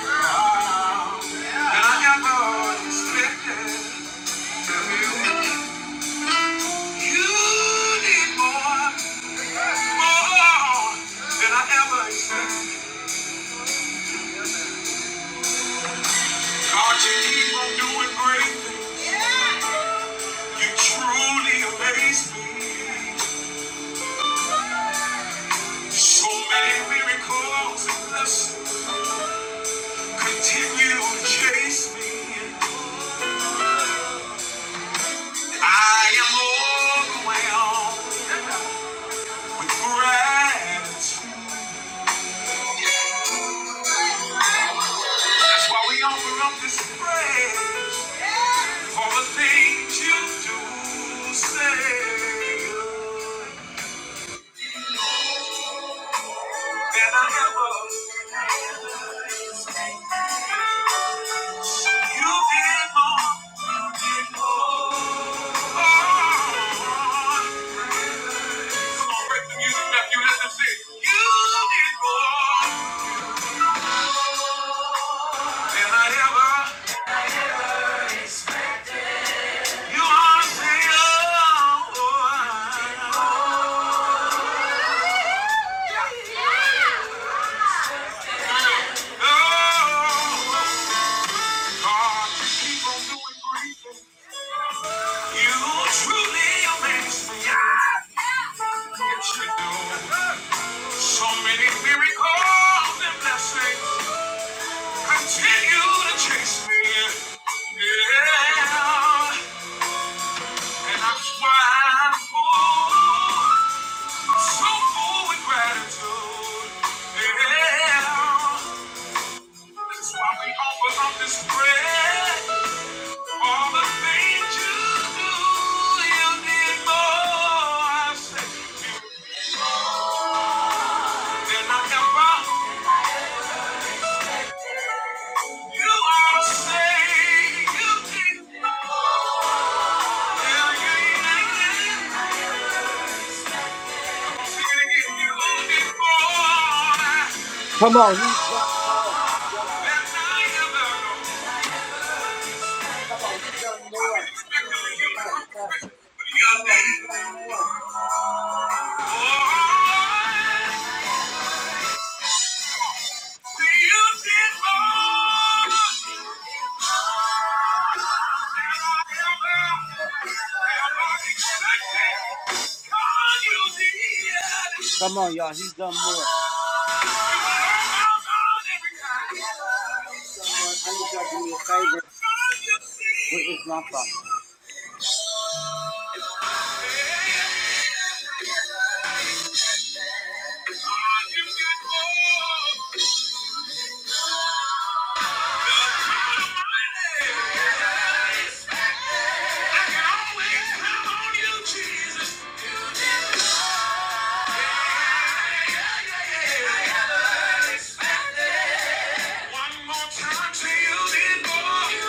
wow, than I ever expected. You need more, more than I ever expected. God, you keep on doing great. You truly amaze me. So many miracles continue to chase me. I am overwhelmed with gratitude. That's why we offer up this praise. For the things you do say that I ever you did more, you did more. Come on, break the music back, you listen to it. You did more than I ever. You are to say, oh, I- oh, God, you keep on doing great things. You truly amaze me. Yes, you do. So many miracles and blessings continue to chase me. Yeah, and I'm full, so full with gratitude. Yeah, that's why we offer up this prayer. All the things you do, you did more. I say. You Come on, he's done more. Come on, he's done more. Oh, he's done more. did. Yeah. Come on, y'all. He's done more. He's done more. I need y'all to do me a favor. Where is my phone?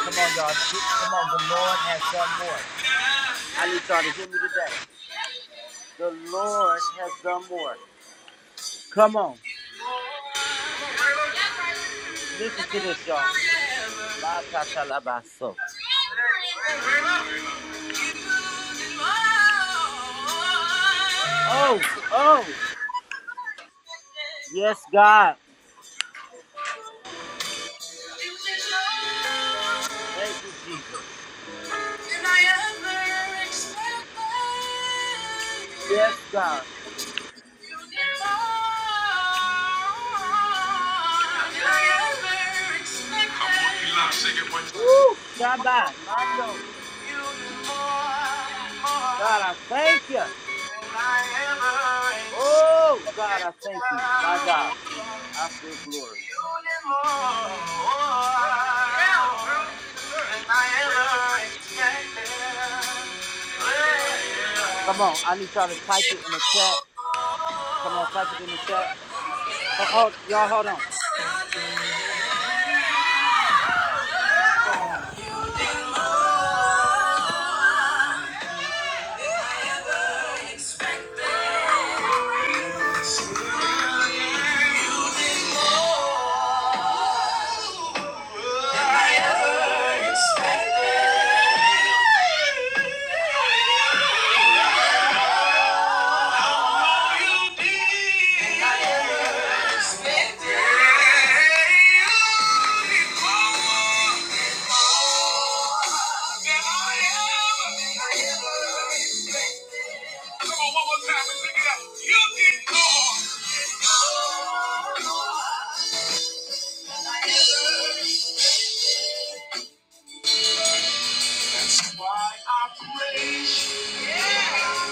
Come on, y'all. Do, come on. The Lord has done more. I need y'all to hear me today. The Lord has done more. Come on. Listen to this, y'all. My katalabaso. Forever. Forever. Forever. Oh, Oh. oh. more Yes, God. more Thank you, Jesus. than I ever Yes, God. Woo, Shabbat, Mando. God, I thank you. Oh, God, I thank you. My Expected. God, I feel glory. Yeah. Come on, I need y'all to type it in the chat. Come on, type it in the chat. Oh, oh y'all, hold on.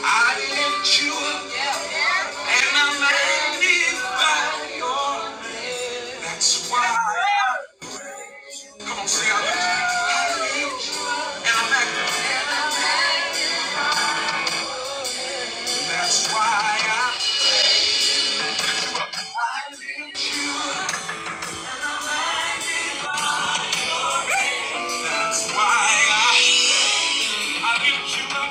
I lift you up and I magnify your. That's why. Come on, say I lift you and I am magnify. That's why I, I lift you up. That's why I, I lift you up.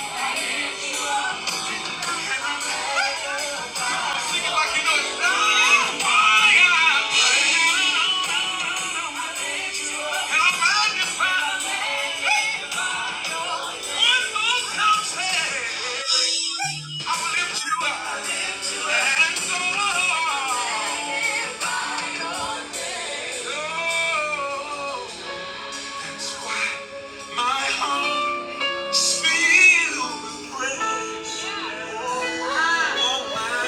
Sing it like you know That's why I praise and I magnify. One more time, say, I will lift you up. And so, oh, that's why my heart spills with praise. Oh, my.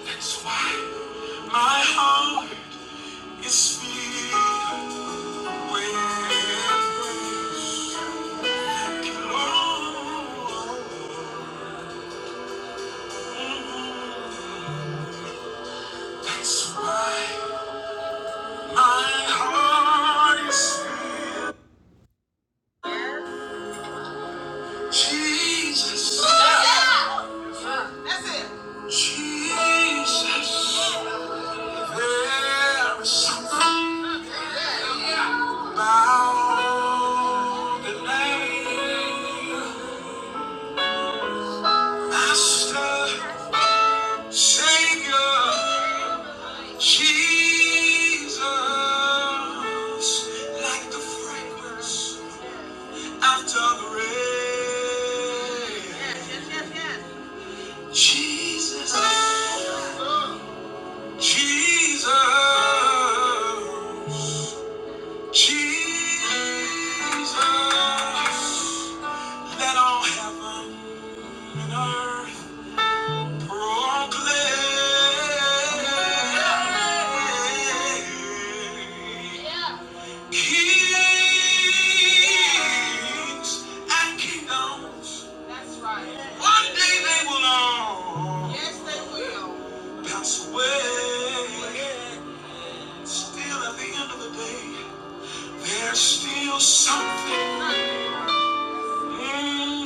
That's why my heart is filled with praise. Lord, that's why my heart is filled. Jesus. That's it. Jesus. There is something. Bow the name, Master, Savior, Jesus, like the fragrance after the rain. Yes, yes, yes, yes. Jesus, Jesus, Jesus, let all heaven and earth Still something mm,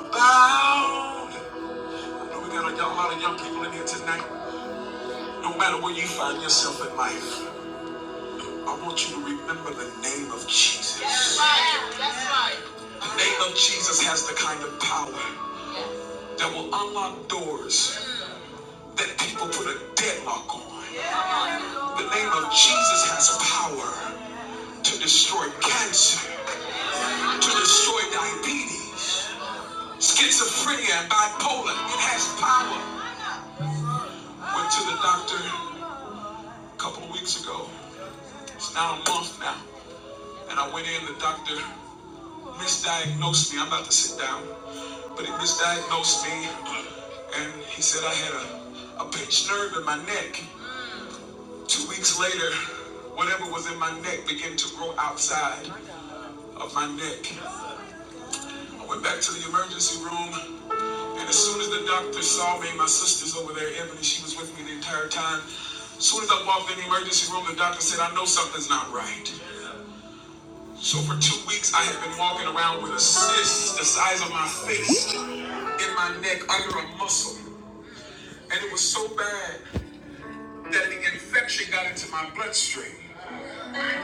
about. I know we got a lot of young people in here tonight. No matter where you find yourself in life, I want you to remember the name of Jesus. That's right. That's right. The name of Jesus has the kind of power that will unlock doors that people put a deadlock on. The name of Jesus has power to destroy cancer, to destroy diabetes, schizophrenia, and bipolar. It has power. Went to the doctor a couple of weeks ago. It's now a month now. And I went in, the doctor misdiagnosed me. I'm about to sit down, but he misdiagnosed me, and he said I had a, a pinched nerve in my neck. Two weeks later, whatever was in my neck began to grow outside of my neck. I went back to the emergency room, and as soon as the doctor saw me, my sister's over there, Ebony, she was with me the entire time. As soon as I walked in the emergency room, the doctor said, I know something's not right. So for two weeks, I had been walking around with a cyst the size of my fist in my neck under a muscle. And it was so bad that the infection got into my bloodstream.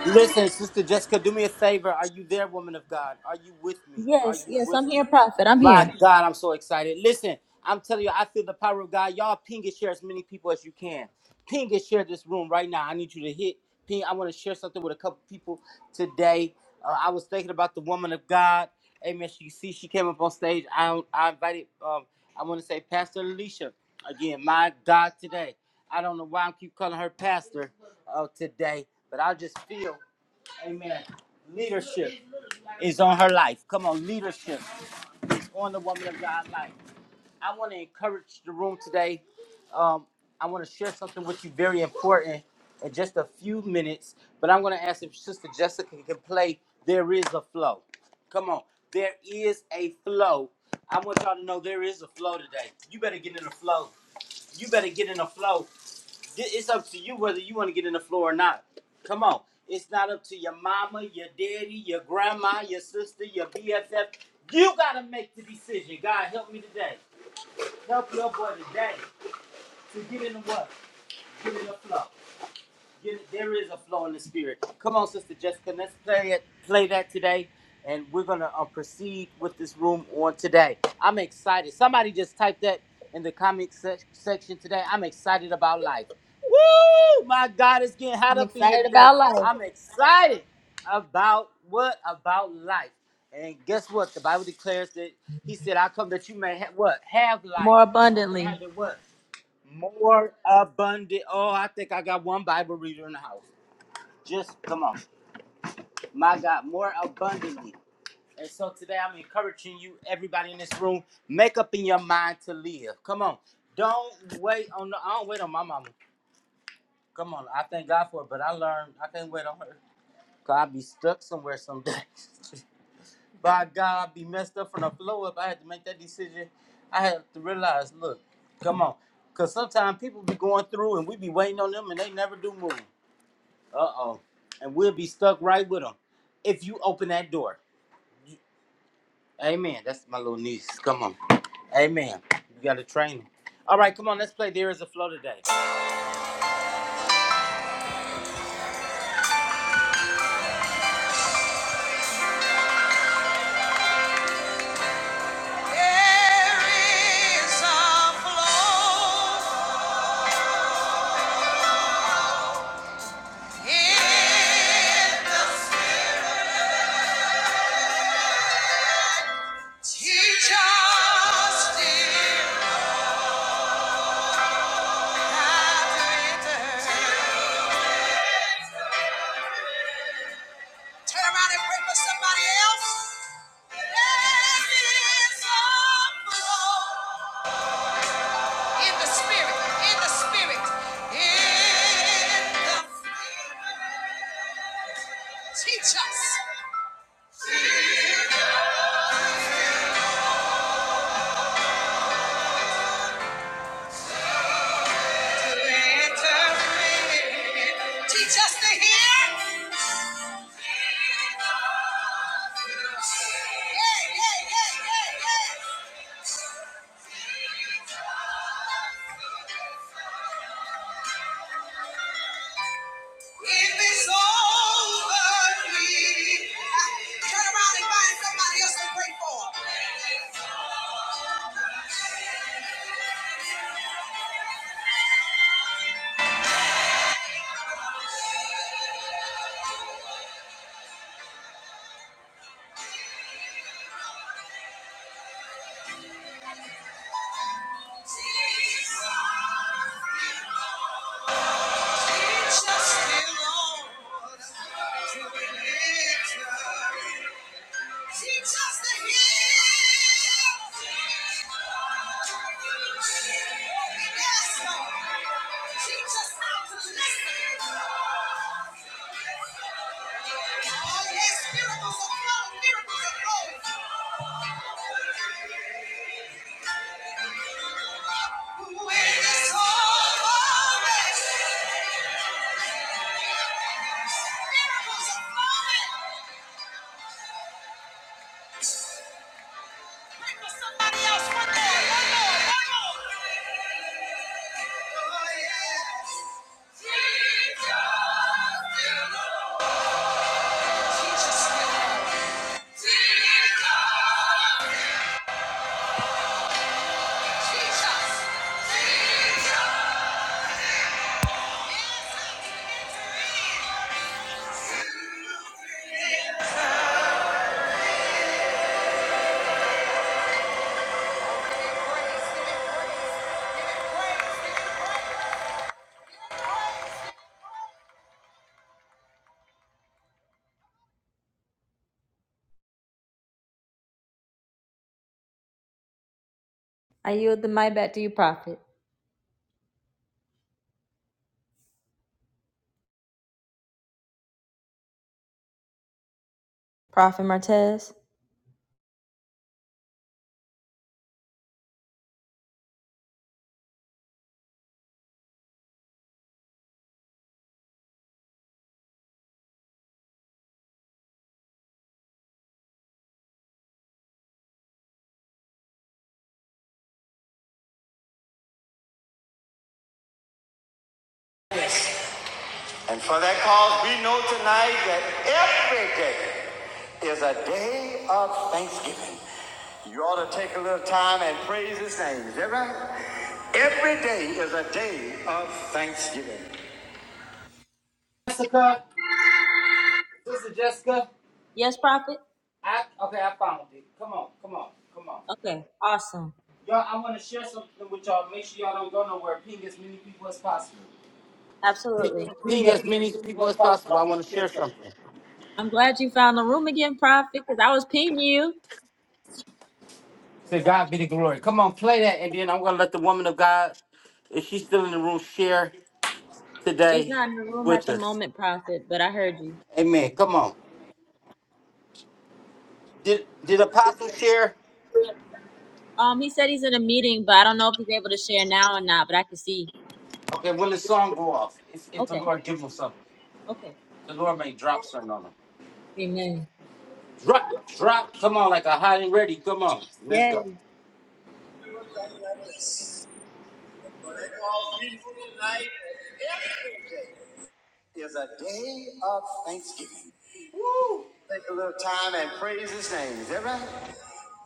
Listen, Sister Jessica, do me a favor. Are you there, woman of God? Are you with me? Are Yes, you yes, with I'm me? here, Prophet. I'm My here. God, I'm so excited. Listen, I'm telling you, I feel the power of God. Y'all ping and share as many people as you can. Ping and share this room right now. I need you to hit ping. I want to share something with a couple people today. Uh, I was thinking about the woman of God. Amen. She see she came up on stage. I I invited. Um, I want to say Pastor Alicia again. My God, today. I don't know why I keep calling her Pastor of today, but I just feel, amen, leadership is on her life. Come on, leadership is on the woman of God's life. I want to encourage the room today. Um, I want to share something with you very important in just a few minutes, but I'm going to ask if Sister Jessica can play There Is a Flow. Come on, there is a flow. I want y'all to know there is a flow today. You better get in the flow. You better get in the flow. It's up to you whether you want to get in the floor or not. Come on. It's not up to your mama, your daddy, your grandma, your sister, your BFF. You got to make the decision. God, help me today. Help your boy today to get in the what? Get in the flow. There is a flow in the spirit. Come on, Sister Jessica, let's play it. Play that today, and we're gonna uh, proceed with this room on today. I'm excited. Somebody just typed that in the comment sec- section today. I'm excited about life. Woo! My God, it's getting hot I'm up in here excited today. about life I'm excited about what about life. And guess what? The Bible declares that He said, "I come that you may have what have life more and abundantly. have it what." More abundant. Oh, I think I got one Bible reader in the house. Just come on. My God, more abundantly. And so today I'm encouraging you, everybody in this room, make up in your mind to live. Come on. Don't wait on the I don't wait on my mama. Come on. I thank God for it, but I learned I can't wait on her. Cause I'll be stuck somewhere someday. [laughs] By God, I'll be messed up from the flow up. I had to make that decision. I had to realize, look, come on. Cause sometimes people be going through and we be waiting on them and they never do move. Uh oh. And we'll be stuck right with them if you open that door. You- Amen. That's my little niece. Come on. Amen. You got to train them. All right, come on. Let's play There Is a Flow today. There is a flow in the- Teach us dear, how to have it. Turn around and pray for somebody else. There is a flow. In the spirit, in the spirit, in the teach us to enter in. Teach us to hear. Yeah, yeah, yeah, yeah, yeah. If it's over, me. Turn around and find somebody else to pray for. Jesus, teach us, dear Lord, to be lifted. Teach us to hear. Yes, Lord. Teach us how to listen. Yes, miracles are flowing, miracles are flowing. When it's all over, miracles are flowing. Pray for somebody else. One more, one more, one more. Oh, yes. Jesus, you know. I yield the mic back to you, Prophet. Prophet Martez. And for that cause, we know tonight that every day is a day of thanksgiving. You ought to take a little time and praise his name. Is that right? Every day is a day of thanksgiving. Jessica, Sister Jessica. Yes, Prophet? I, okay, I found it. Come on, come on, come on. Okay, awesome. Y'all, I want to share something with y'all. Make sure y'all don't go nowhere. Ping as many people as possible. Absolutely. Ping Being as as many many people people as as possible. I possible, I want want to to share share something. something. I'm glad you found the room again, Prophet, because I was pinging you. To God be the glory. Come on, play that, and then I'm gonna let the woman of God, if she's still in the room, share She's today not in the room with at the us. moment, Prophet, but I heard you. Amen. Come on. Did did Apostle share? Um, he said he's in a meeting, but I don't know if he's able to share now or not, but I can see. Okay, will the song go off? If, if the Okay, Lord give them something, okay. the Lord may drop something on them. Amen. Drop, drop. Come on, like a hot and ready. Come on, let's Yes. go. every day is a day of thanksgiving. Woo! Take a little time and praise his name. Is that right?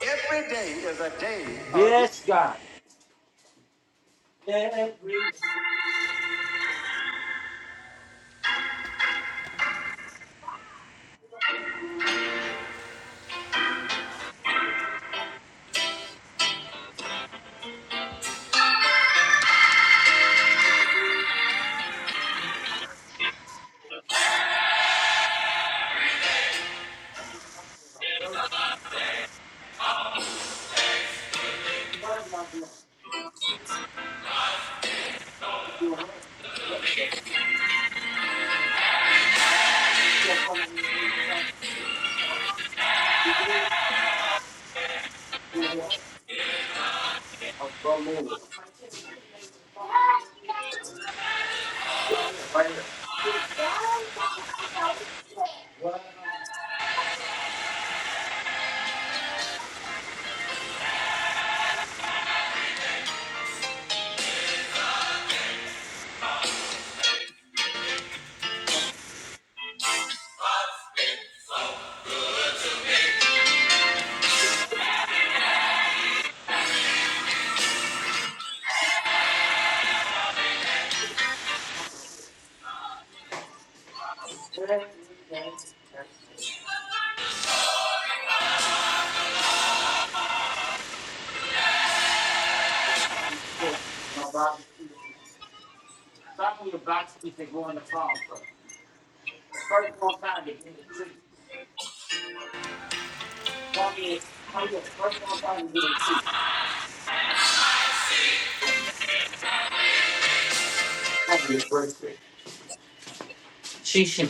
Every day is a day of Yes, God. Every word of your- your word, that's what you're gonna do. You're gonna do it. I'm gonna move. it. Right here, right here. Some of your blocks keep it going the farm The first one time to get a tree. Some of your, first one time to get a tree. Some of your first She should.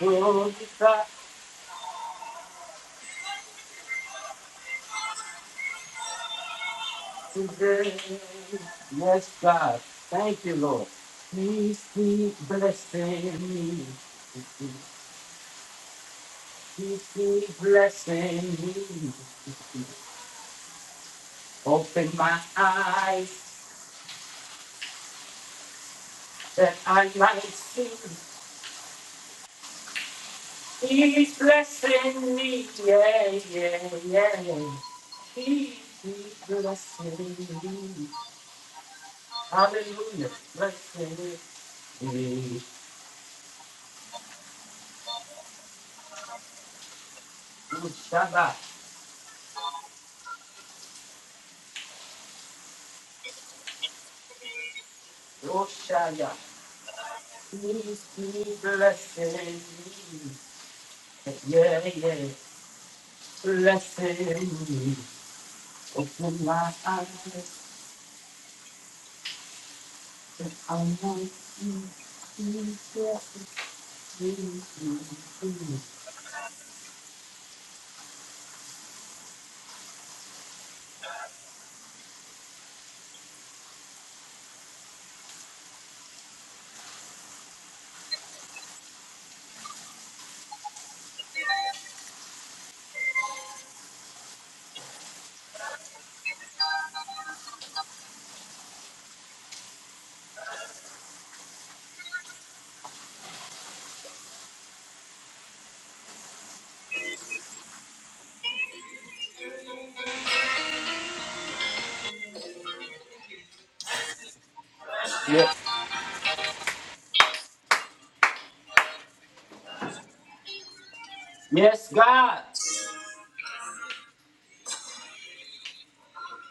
Oh, today. Yes, God. Thank you, Lord. Please keep blessing me. Please keep blessing me. Open my eyes that I might see He's blessing me, yeah, yeah, yeah. yeah. He, he's blessing me. Hallelujah, blessing me. Ushaba, Oshaya, he's, he's blessing me, yeah, yeah, blessing me. Open my eyes, that I might see you. Yes, yes, God.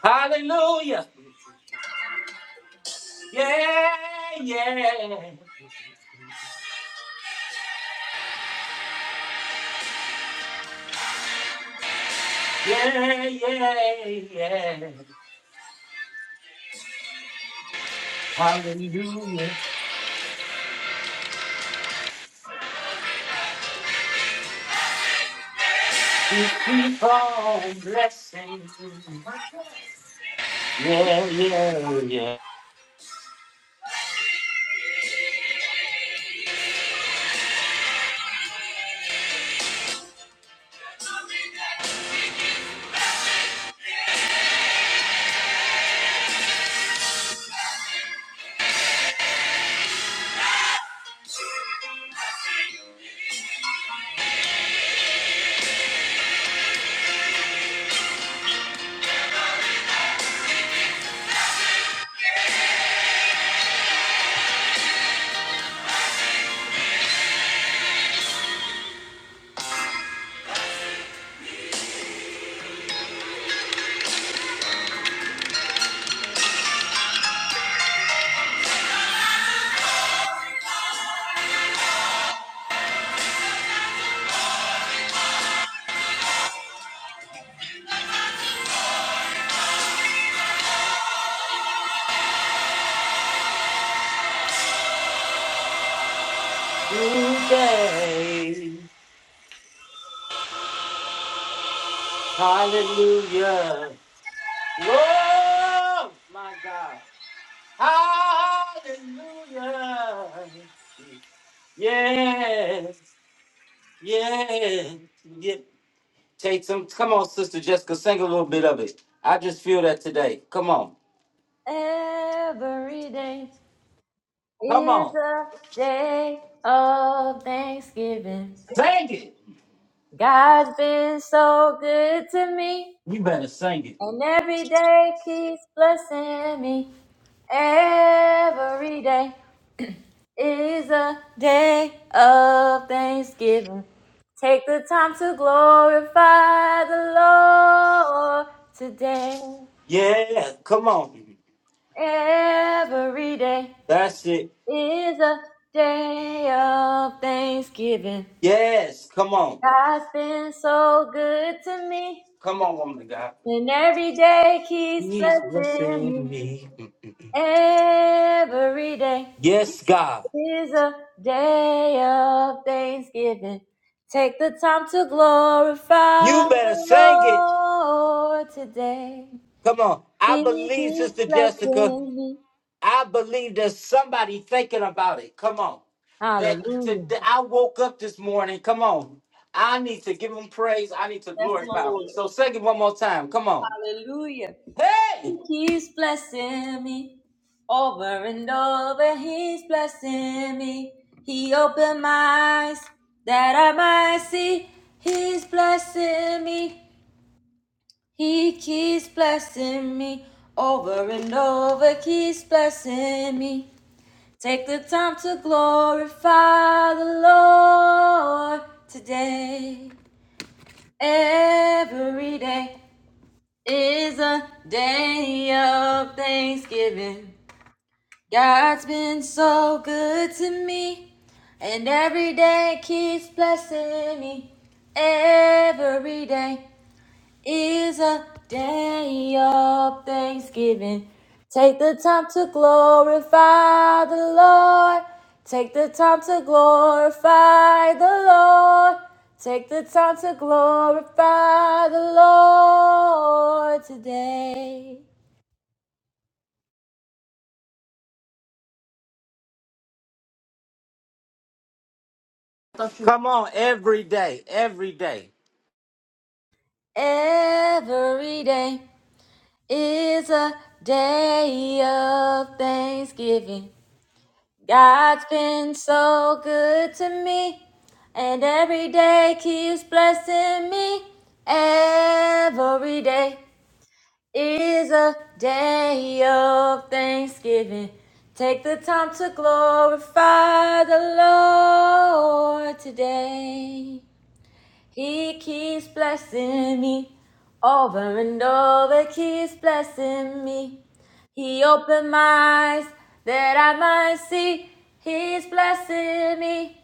Hallelujah. Yeah, yeah. Yeah, yeah, yeah. Hallelujah. We keep on blessing. Yeah, yeah, yeah. Today. Hallelujah. Oh, my God. Hallelujah. Yeah, yeah, yeah. Take some. Come on, Sister Jessica, sing a little bit of it. I just feel that today. Come on. Every day Come is on. a day of thanksgiving. Sing it. God's been so good to me, You better sing it. and every day keeps blessing me. Every day is a day of thanksgiving. Take the time to glorify the Lord today. Yeah. Come on. Every day That's it. is a day of thanksgiving. Yes. Come on. God's been so good to me, Come on, woman of God. and every day keeps Please blessing blessing me. me. Every day Yes, God. is a day of thanksgiving. Take the time to glorify You better the sing it. Lord today. Come on. I He believe, Sister keeps Jessica. blessing me. I believe there's somebody thinking about it. Come on. That Hallelujah. today I woke up this morning. Come on. I need to give him praise. I need to Yes, glorify him. Lord. So sing it one more time. Come on. Hallelujah. He Hey! keeps blessing me. Over and over, He's blessing me. He opened my eyes that I might see. He's blessing me. He keeps blessing me. Over and over, keeps blessing me. Take the time to glorify the Lord today. Every day is a day of thanksgiving. God's been so good to me, and every day keeps blessing me. Every day is a day of thanksgiving. Take the time to glorify the Lord. Take the time to glorify the Lord. Take the time to glorify the Lord today. Come on, every day. Every day. Every day is a day of thanksgiving. God's been so good to me, and every day keeps blessing me. Every day is a day of thanksgiving. Take the time to glorify the Lord today. He keeps blessing me over and over, keeps blessing me. He opened my eyes that I might see. He's blessing me.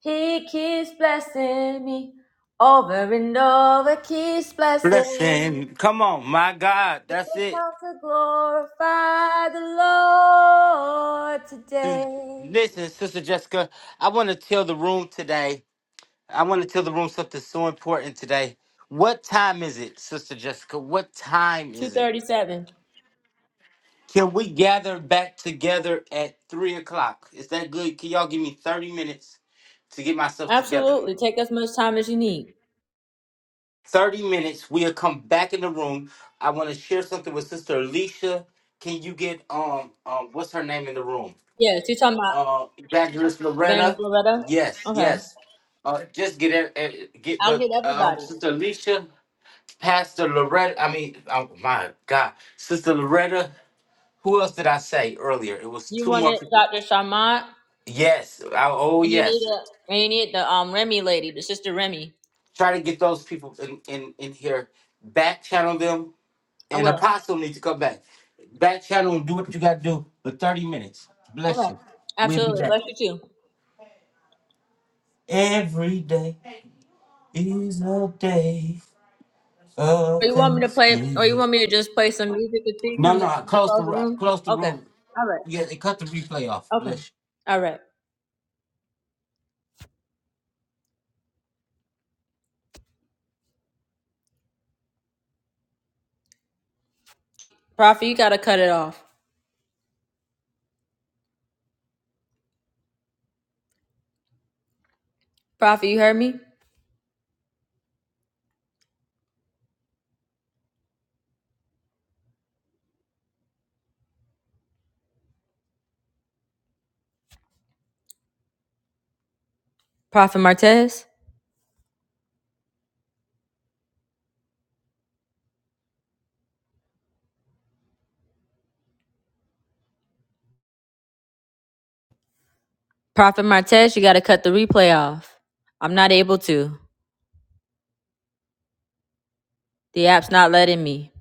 He keeps blessing me over and over, keeps blessing me. Listen, come on, my God. That's Take it. time to glorify the Lord Dude, today. Listen, Sister Jessica, I want to tell the room today. I want to tell the room something so important today. What time is it, Sister Jessica? What time is it? 237. Can we gather back together at three o'clock? Is that good? Can y'all give me 30 minutes to get myself together? Absolutely. Take as much time as you need. 30 minutes. We'll come back in the room. I want to share something with Sister Alicia. Can you get um um what's her name in the room? Yes, you're talking about Uh Evangelist Loretta. Evangelist Loretta? Yes, Okay. yes. Uh just get it eh, get I'll get but um everybody. Sister Alicia, Pastor Loretta, I mean, oh my God. Sister Loretta, who else did I say earlier? It was You two want more it, people. Dr. Sharmant, Yes. I- oh, and you need yes. a and you need the um Remy lady, the sister Remy. Try to get those people in, in, in here. Back channel them. I And will. Apostle needs to come back. Back channel and do what you got to do for 30 minutes. Bless Okay. you. We'll be Absolutely. back. Bless you too. Every day is a day of Or you want me to play or you Thanksgiving. want me to just play some music and see No, come no, back close the close the ro- room? close the Okay. room. All right. Yeah, they cut the replay off. Okay. Bless you. All right. Prophet, you gotta cut it off. Prophet, you heard me? Prophet Martez? Prophet Martez, you gotta cut the replay off. I'm not able to. The app's not letting me.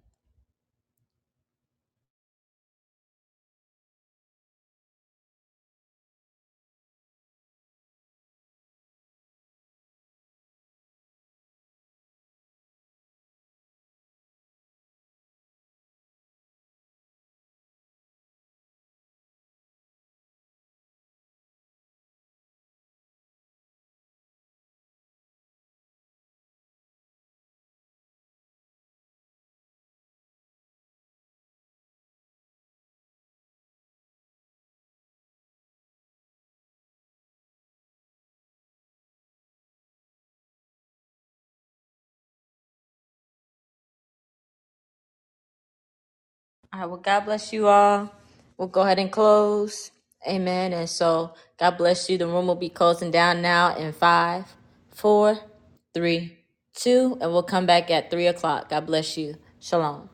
All right. Well, God bless you all. We'll go ahead and close. Amen. And so, God bless you. The room will be closing down now in five, four, three, two, and we'll come back at three o'clock. God bless you. Shalom.